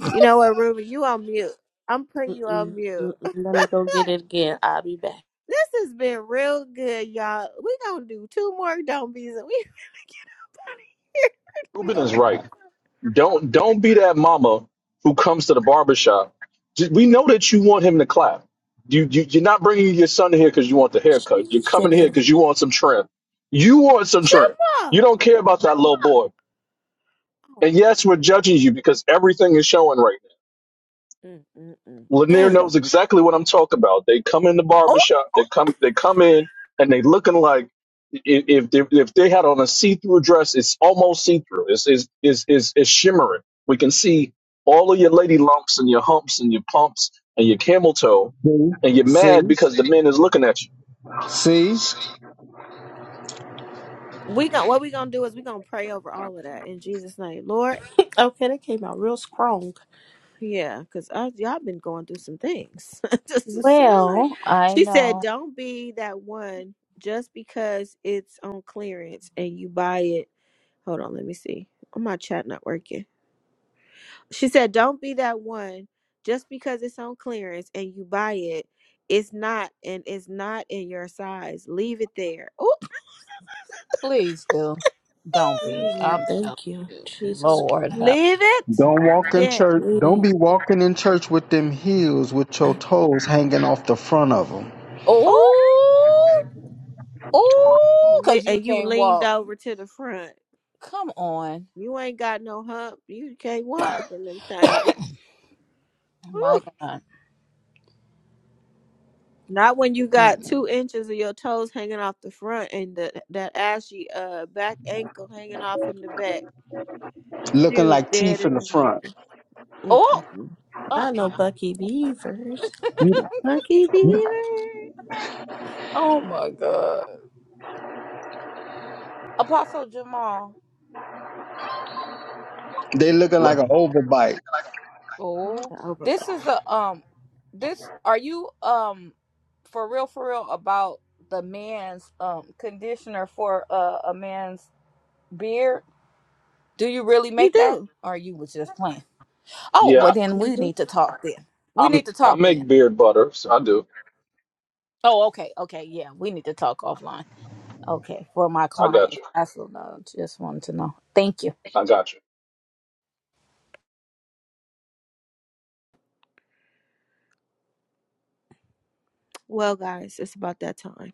Speaker 1: You know what, Ruby? You on mute. I'm putting you on
Speaker 9: Mm-mm,
Speaker 1: mute.
Speaker 9: mm-mm. Let me go get it again. I'll be back.
Speaker 1: This has been real good, y'all. We gonna do two more don't be's and we gonna get up out of here. We
Speaker 10: Ruben
Speaker 1: gonna
Speaker 10: is right. Don't don't be that mama who comes to the barbershop. We know that you want him to clap. You, you you're not bringing your son here because you want the haircut. You're coming here
Speaker 9: Jesus.
Speaker 10: because you want some trim. You want some
Speaker 1: get
Speaker 10: trim.
Speaker 1: up. Shema.
Speaker 10: You don't care about that little boy. And yes, we're judging you because everything is showing right
Speaker 1: Mm, mm, mm,
Speaker 10: now. Lanier
Speaker 1: mm.
Speaker 10: knows exactly what I'm talking about. They come in the
Speaker 1: Oh,
Speaker 10: barbershop, they come they come in and they looking like i- if they, if they had on a see-through dress, it's almost see-through. It's is is is it's shimmering. We can see all of your lady lumps and your humps and your pumps and your camel toe
Speaker 4: See,
Speaker 10: and you're mad
Speaker 4: see,
Speaker 10: because the men is looking at you.
Speaker 4: see.
Speaker 1: we got what we gonna do is we gonna pray over all of that in Jesus' name, Lord.
Speaker 9: Okay, that came out real strong.
Speaker 1: Yeah, cause I, y'all been going through some things. Just to sound like
Speaker 3: Well, I
Speaker 1: she said,
Speaker 3: know.
Speaker 1: don't be that one just because it's on clearance and you buy it Hold on, let me see. Oh, my chat not working. She said, "Don't be that one. Just because it's on clearance and you buy it, it's not, and it's not in your size. Leave it there. Ooh,
Speaker 3: Please do. Don't be.
Speaker 9: Please and
Speaker 3: I'm telling
Speaker 9: thank you.
Speaker 3: you,
Speaker 9: Jesus.
Speaker 3: Lord have.
Speaker 1: leave it
Speaker 4: Don't walk in
Speaker 1: there.
Speaker 4: church. Don't
Speaker 9: Please.
Speaker 4: be walking in church with them heels with your toes hanging off the front of them,
Speaker 1: Ooh,
Speaker 3: Oh, oh,
Speaker 1: Le-
Speaker 3: cause you
Speaker 1: and you
Speaker 3: can't
Speaker 1: leaned
Speaker 3: walk.
Speaker 1: over to the front.
Speaker 3: Come on.
Speaker 1: You ain't got no hump. You can't walk in them things.
Speaker 3: my
Speaker 1: Ooh.
Speaker 3: God.
Speaker 1: Not when you got
Speaker 3: Mm.
Speaker 1: two inches of your toes hanging off the front and the, that ashy uh back ankle hanging off in the back. She
Speaker 4: looking
Speaker 1: was
Speaker 4: like
Speaker 1: dead
Speaker 4: teeth in
Speaker 1: in
Speaker 4: the
Speaker 1: the
Speaker 4: front.
Speaker 1: middle.
Speaker 3: Oh,
Speaker 1: Mm-mm-mm.
Speaker 3: uh,
Speaker 9: I
Speaker 3: uh
Speaker 9: know Bucky Beavers.
Speaker 1: Lucky Beaver.
Speaker 3: Oh my God. Apostle Jamal.
Speaker 4: They looking
Speaker 10: Like,
Speaker 4: like an overbite.
Speaker 1: Not
Speaker 3: Oh,
Speaker 1: the Oprah,
Speaker 3: this
Speaker 1: but
Speaker 3: is a um, this are you um, for real for real about the man's um conditioner for uh, a man's beard? Do you really
Speaker 1: he
Speaker 3: make that,
Speaker 1: do.
Speaker 3: or you was just playing? Oh,
Speaker 10: yeah,
Speaker 3: well then we
Speaker 9: Mm-hmm.
Speaker 3: need to talk then. We
Speaker 10: I'm
Speaker 3: need to
Speaker 10: I
Speaker 3: talk
Speaker 10: make
Speaker 3: then.
Speaker 10: beard butter, so I do.
Speaker 3: Oh, okay, okay, yeah, we need to talk offline. Okay, for my
Speaker 10: I got
Speaker 3: clients.
Speaker 10: you.
Speaker 3: I still know. Just wanted to know. Thank you.
Speaker 10: I got you.
Speaker 1: Well, guys, it's about that time.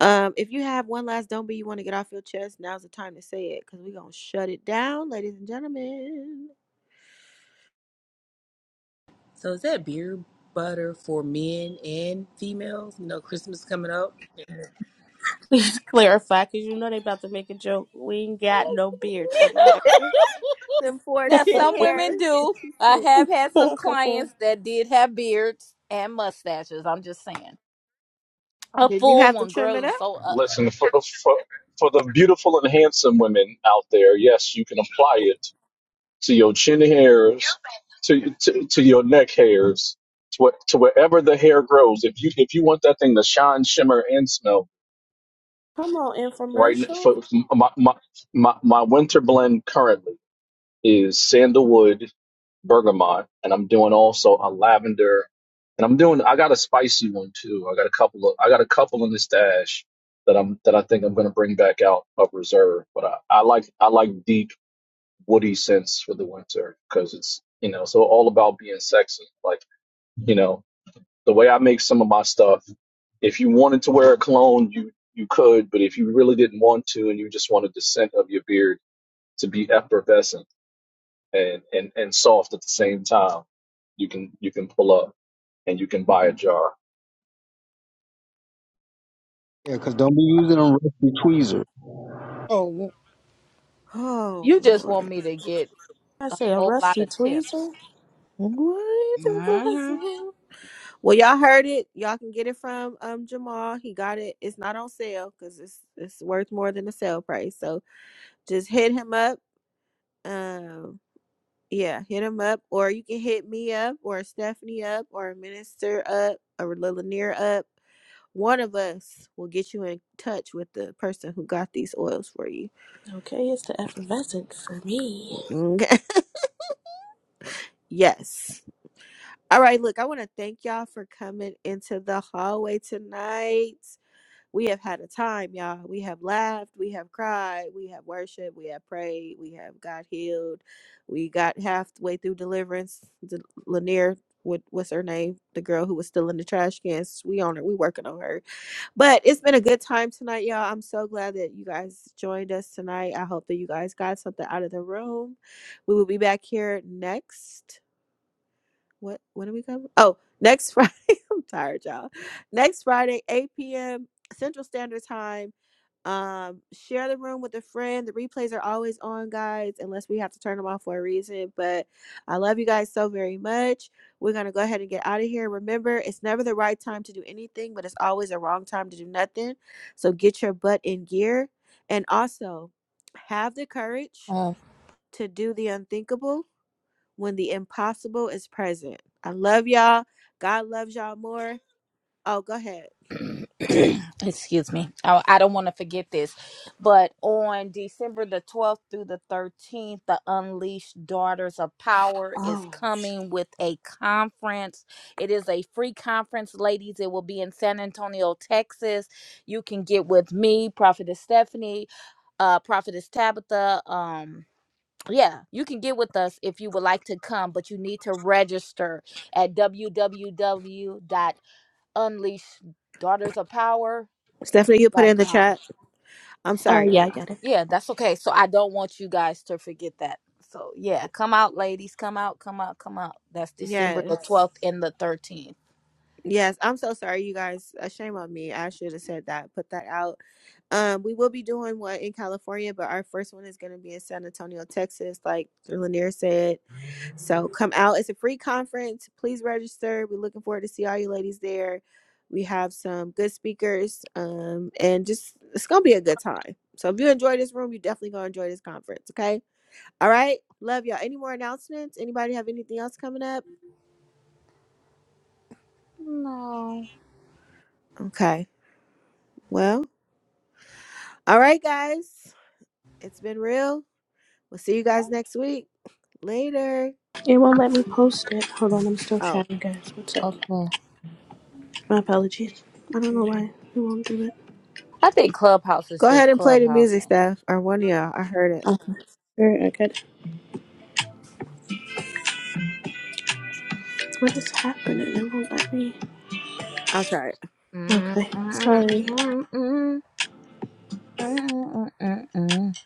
Speaker 1: Um, if you have one last don't be you want to get off your chest, now's the time to say it because we're gonna shut it down, ladies and gentlemen.
Speaker 6: So is that beer butter for men and females? You know, Christmas coming up.
Speaker 9: clarify because you know they about to make a joke. We ain't got no beards for the
Speaker 1: Them four
Speaker 3: Now,
Speaker 1: chin
Speaker 3: some
Speaker 9: record.
Speaker 3: women
Speaker 1: hairs.
Speaker 3: do. I have had some clients that did have beards and mustaches. I'm just saying. A
Speaker 1: Did you
Speaker 3: full
Speaker 1: have to
Speaker 3: one,
Speaker 1: trim it up?
Speaker 3: girls. are So, uh,
Speaker 10: Listen, for, for, for the beautiful and handsome women out there, yes, you can apply it to your chin hairs, to, to, to your neck hairs, to, what, to wherever the hair grows. If you, if you want that thing to shine, shimmer, and smell,
Speaker 9: Come on,
Speaker 10: right? n-
Speaker 9: infomercial.
Speaker 10: For my, my, my, my winter blend currently is sandalwood bergamot, and I'm doing also a lavender, and I'm doing I got a spicy one too. I got a couple of I got a couple in the stash that I'm that I think I'm gonna bring back out of reserve. But I, I like I like deep woody scents for the winter because it's you know so all about being sexy. Like you know the way I make some of my stuff. If you wanted to wear a cologne, you you could, but if you really didn't want to and you just wanted the scent of your beard to be effervescent and, and, and soft at the same time. You can you can pull up and you can buy a jar.
Speaker 4: Yeah, cause don't be using them rusty tweezers.
Speaker 3: oh,
Speaker 1: Oh
Speaker 3: you just want
Speaker 1: Lord.
Speaker 3: me to get
Speaker 9: I
Speaker 3: a
Speaker 9: say a
Speaker 3: whole lot
Speaker 9: rusty
Speaker 3: of tips.
Speaker 9: tweezer.
Speaker 1: What the
Speaker 3: Mm-hmm.
Speaker 1: hell? Well, y'all heard it. Y'all can get it from um Jamal. He got it. It's not on sale because it's it's worth more than the sale price. So just hit him up. Um, yeah, hit him up, or you can hit me up, or Stephanie up, or a Minister up, or Lilanier up. One of us will get you in touch with the person who got these oils for you.
Speaker 9: Okay, it's the effervescent for me.
Speaker 1: Okay. yes. All right. Look, I want to thank y'all for coming into the hallway tonight. we have had a time, y'all. We have laughed, we have cried, we have worshiped, we have prayed, we have got healed. We got halfway through deliverance. The Lanier, what, what's her name? The girl who was still in the trash cans. We on her. We working on her. But it's been a good time tonight, y'all. I'm so glad that you guys joined us tonight. I hope that you guys got something out of the room. We will be back here next what when do we cover? Oh, next Friday. I'm tired, y'all. Next Friday, 8 p.m. Central Standard Time. Um, share the room with a friend. The replays are always on, guys, unless we have to turn them off for a reason. But I love you guys so very much. We're gonna go ahead and get out of here. Remember, it's never the right time to do anything, but it's always a wrong time to do nothing. So get your butt in gear and also have the courage to do the unthinkable when the impossible is present. I love y'all. God loves y'all more. Oh, go ahead.
Speaker 3: excuse me i, I don't want to forget this but on december the 12th through the 13th the unleashed daughters of power is
Speaker 1: Oh, sh-
Speaker 3: coming with a conference it is a free conference ladies it will be in san antonio texas you can get with me prophetess stephanie uh prophetess tabitha um yeah, you can get with us if you would like to come, but you need to register at www.unleasheddaughtersofpower.org unleash daughters of power
Speaker 1: Stephanie, you put it
Speaker 3: dot
Speaker 1: in the
Speaker 3: com.
Speaker 1: chat. I'm
Speaker 9: Uh,
Speaker 1: sorry,
Speaker 9: yeah, I
Speaker 1: y'all.
Speaker 9: got it.
Speaker 3: Yeah, that's okay. So I don't want you guys to forget that. So yeah, come out, ladies. Come out, come out, come out. That's December the
Speaker 1: Yes.
Speaker 3: twelfth and the thirteenth.
Speaker 1: Yes, I'm so sorry, you guys. A shame on me. I should have said that. Put that out. Um, we will be doing one in California, but our first one is going to be in San Antonio, Texas, like Lanier said. So come out. It's a free conference. Please register. We're looking forward to see all you ladies there. We have some good speakers. Um, and just it's gonna be a good time. So if you enjoy this room, you definitely gonna enjoy this conference. Okay. All right. Love y'all. Any more announcements? Anybody have anything else coming up?
Speaker 3: No.
Speaker 1: Okay. Well, all right, guys. It's been real. We'll see you guys next week. Later.
Speaker 9: It won't let me post it. Hold on, I'm still
Speaker 1: Oh.
Speaker 9: chatting, guys. One sec.
Speaker 3: Okay.
Speaker 9: My apologies. I don't know
Speaker 1: yeah.
Speaker 9: why it won't do it.
Speaker 3: I think Clubhouse
Speaker 1: Go
Speaker 3: is
Speaker 1: ahead
Speaker 3: just
Speaker 1: and play the music,
Speaker 3: clubhousing.
Speaker 1: Steph. Or one of y'all. I heard it.
Speaker 9: Okay. Alright, I got it. What is happening? It won't let me.
Speaker 1: I'll try it.
Speaker 3: Mm,
Speaker 9: Okay,
Speaker 3: mm, mm,
Speaker 9: sorry.
Speaker 3: mm, mm, mm, mm, mm.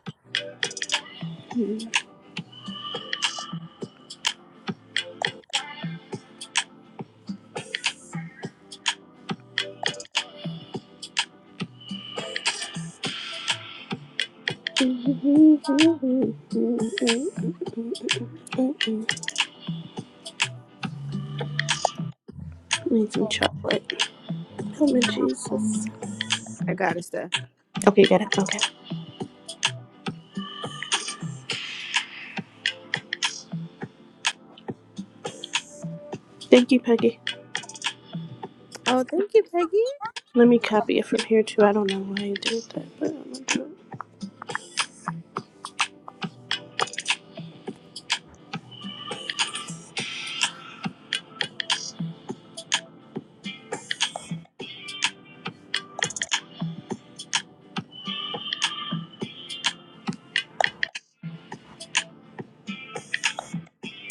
Speaker 9: Need some chocolate. Help me, Jesus.
Speaker 1: I got it, Steph.
Speaker 9: Okay, got it. Okay. Thank you, Peggy.
Speaker 1: Oh, thank you, Peggy.
Speaker 9: Let me copy it from here too. I don't know why you did that, but I'm gonna do it.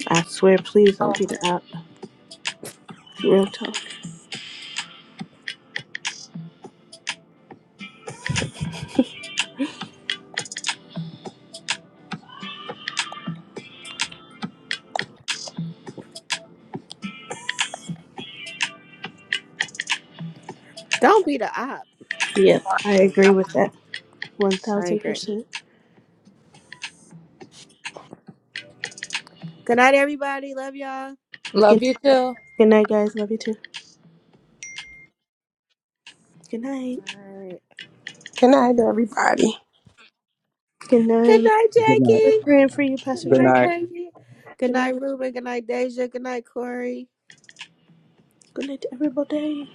Speaker 9: I swear, please don't
Speaker 3: Oh
Speaker 9: be
Speaker 3: my
Speaker 9: the app. Real talk.
Speaker 1: Don't be the op. I'm
Speaker 9: Yep,
Speaker 1: not
Speaker 3: god.
Speaker 1: the
Speaker 9: I agree with
Speaker 1: president.
Speaker 9: that. One
Speaker 1: I
Speaker 9: thousand
Speaker 1: agree.
Speaker 9: percent.
Speaker 1: Good night, everybody. Love y'all.
Speaker 3: Love
Speaker 9: Good
Speaker 3: you
Speaker 9: night,
Speaker 3: too.
Speaker 9: good night, guys. Love you too. Good night.
Speaker 1: Good night.
Speaker 8: good night everybody
Speaker 9: Good
Speaker 1: Good
Speaker 9: night.
Speaker 1: night,
Speaker 9: We're
Speaker 1: Jackie.
Speaker 9: praying for you,
Speaker 1: Good
Speaker 9: Pastor
Speaker 4: Good
Speaker 1: night,
Speaker 4: night.
Speaker 9: Jackie.
Speaker 1: Peggy. Good
Speaker 9: Good night.
Speaker 1: night, Ruben. Good night, Deja. Good night, Corey.
Speaker 9: Good night to everybody.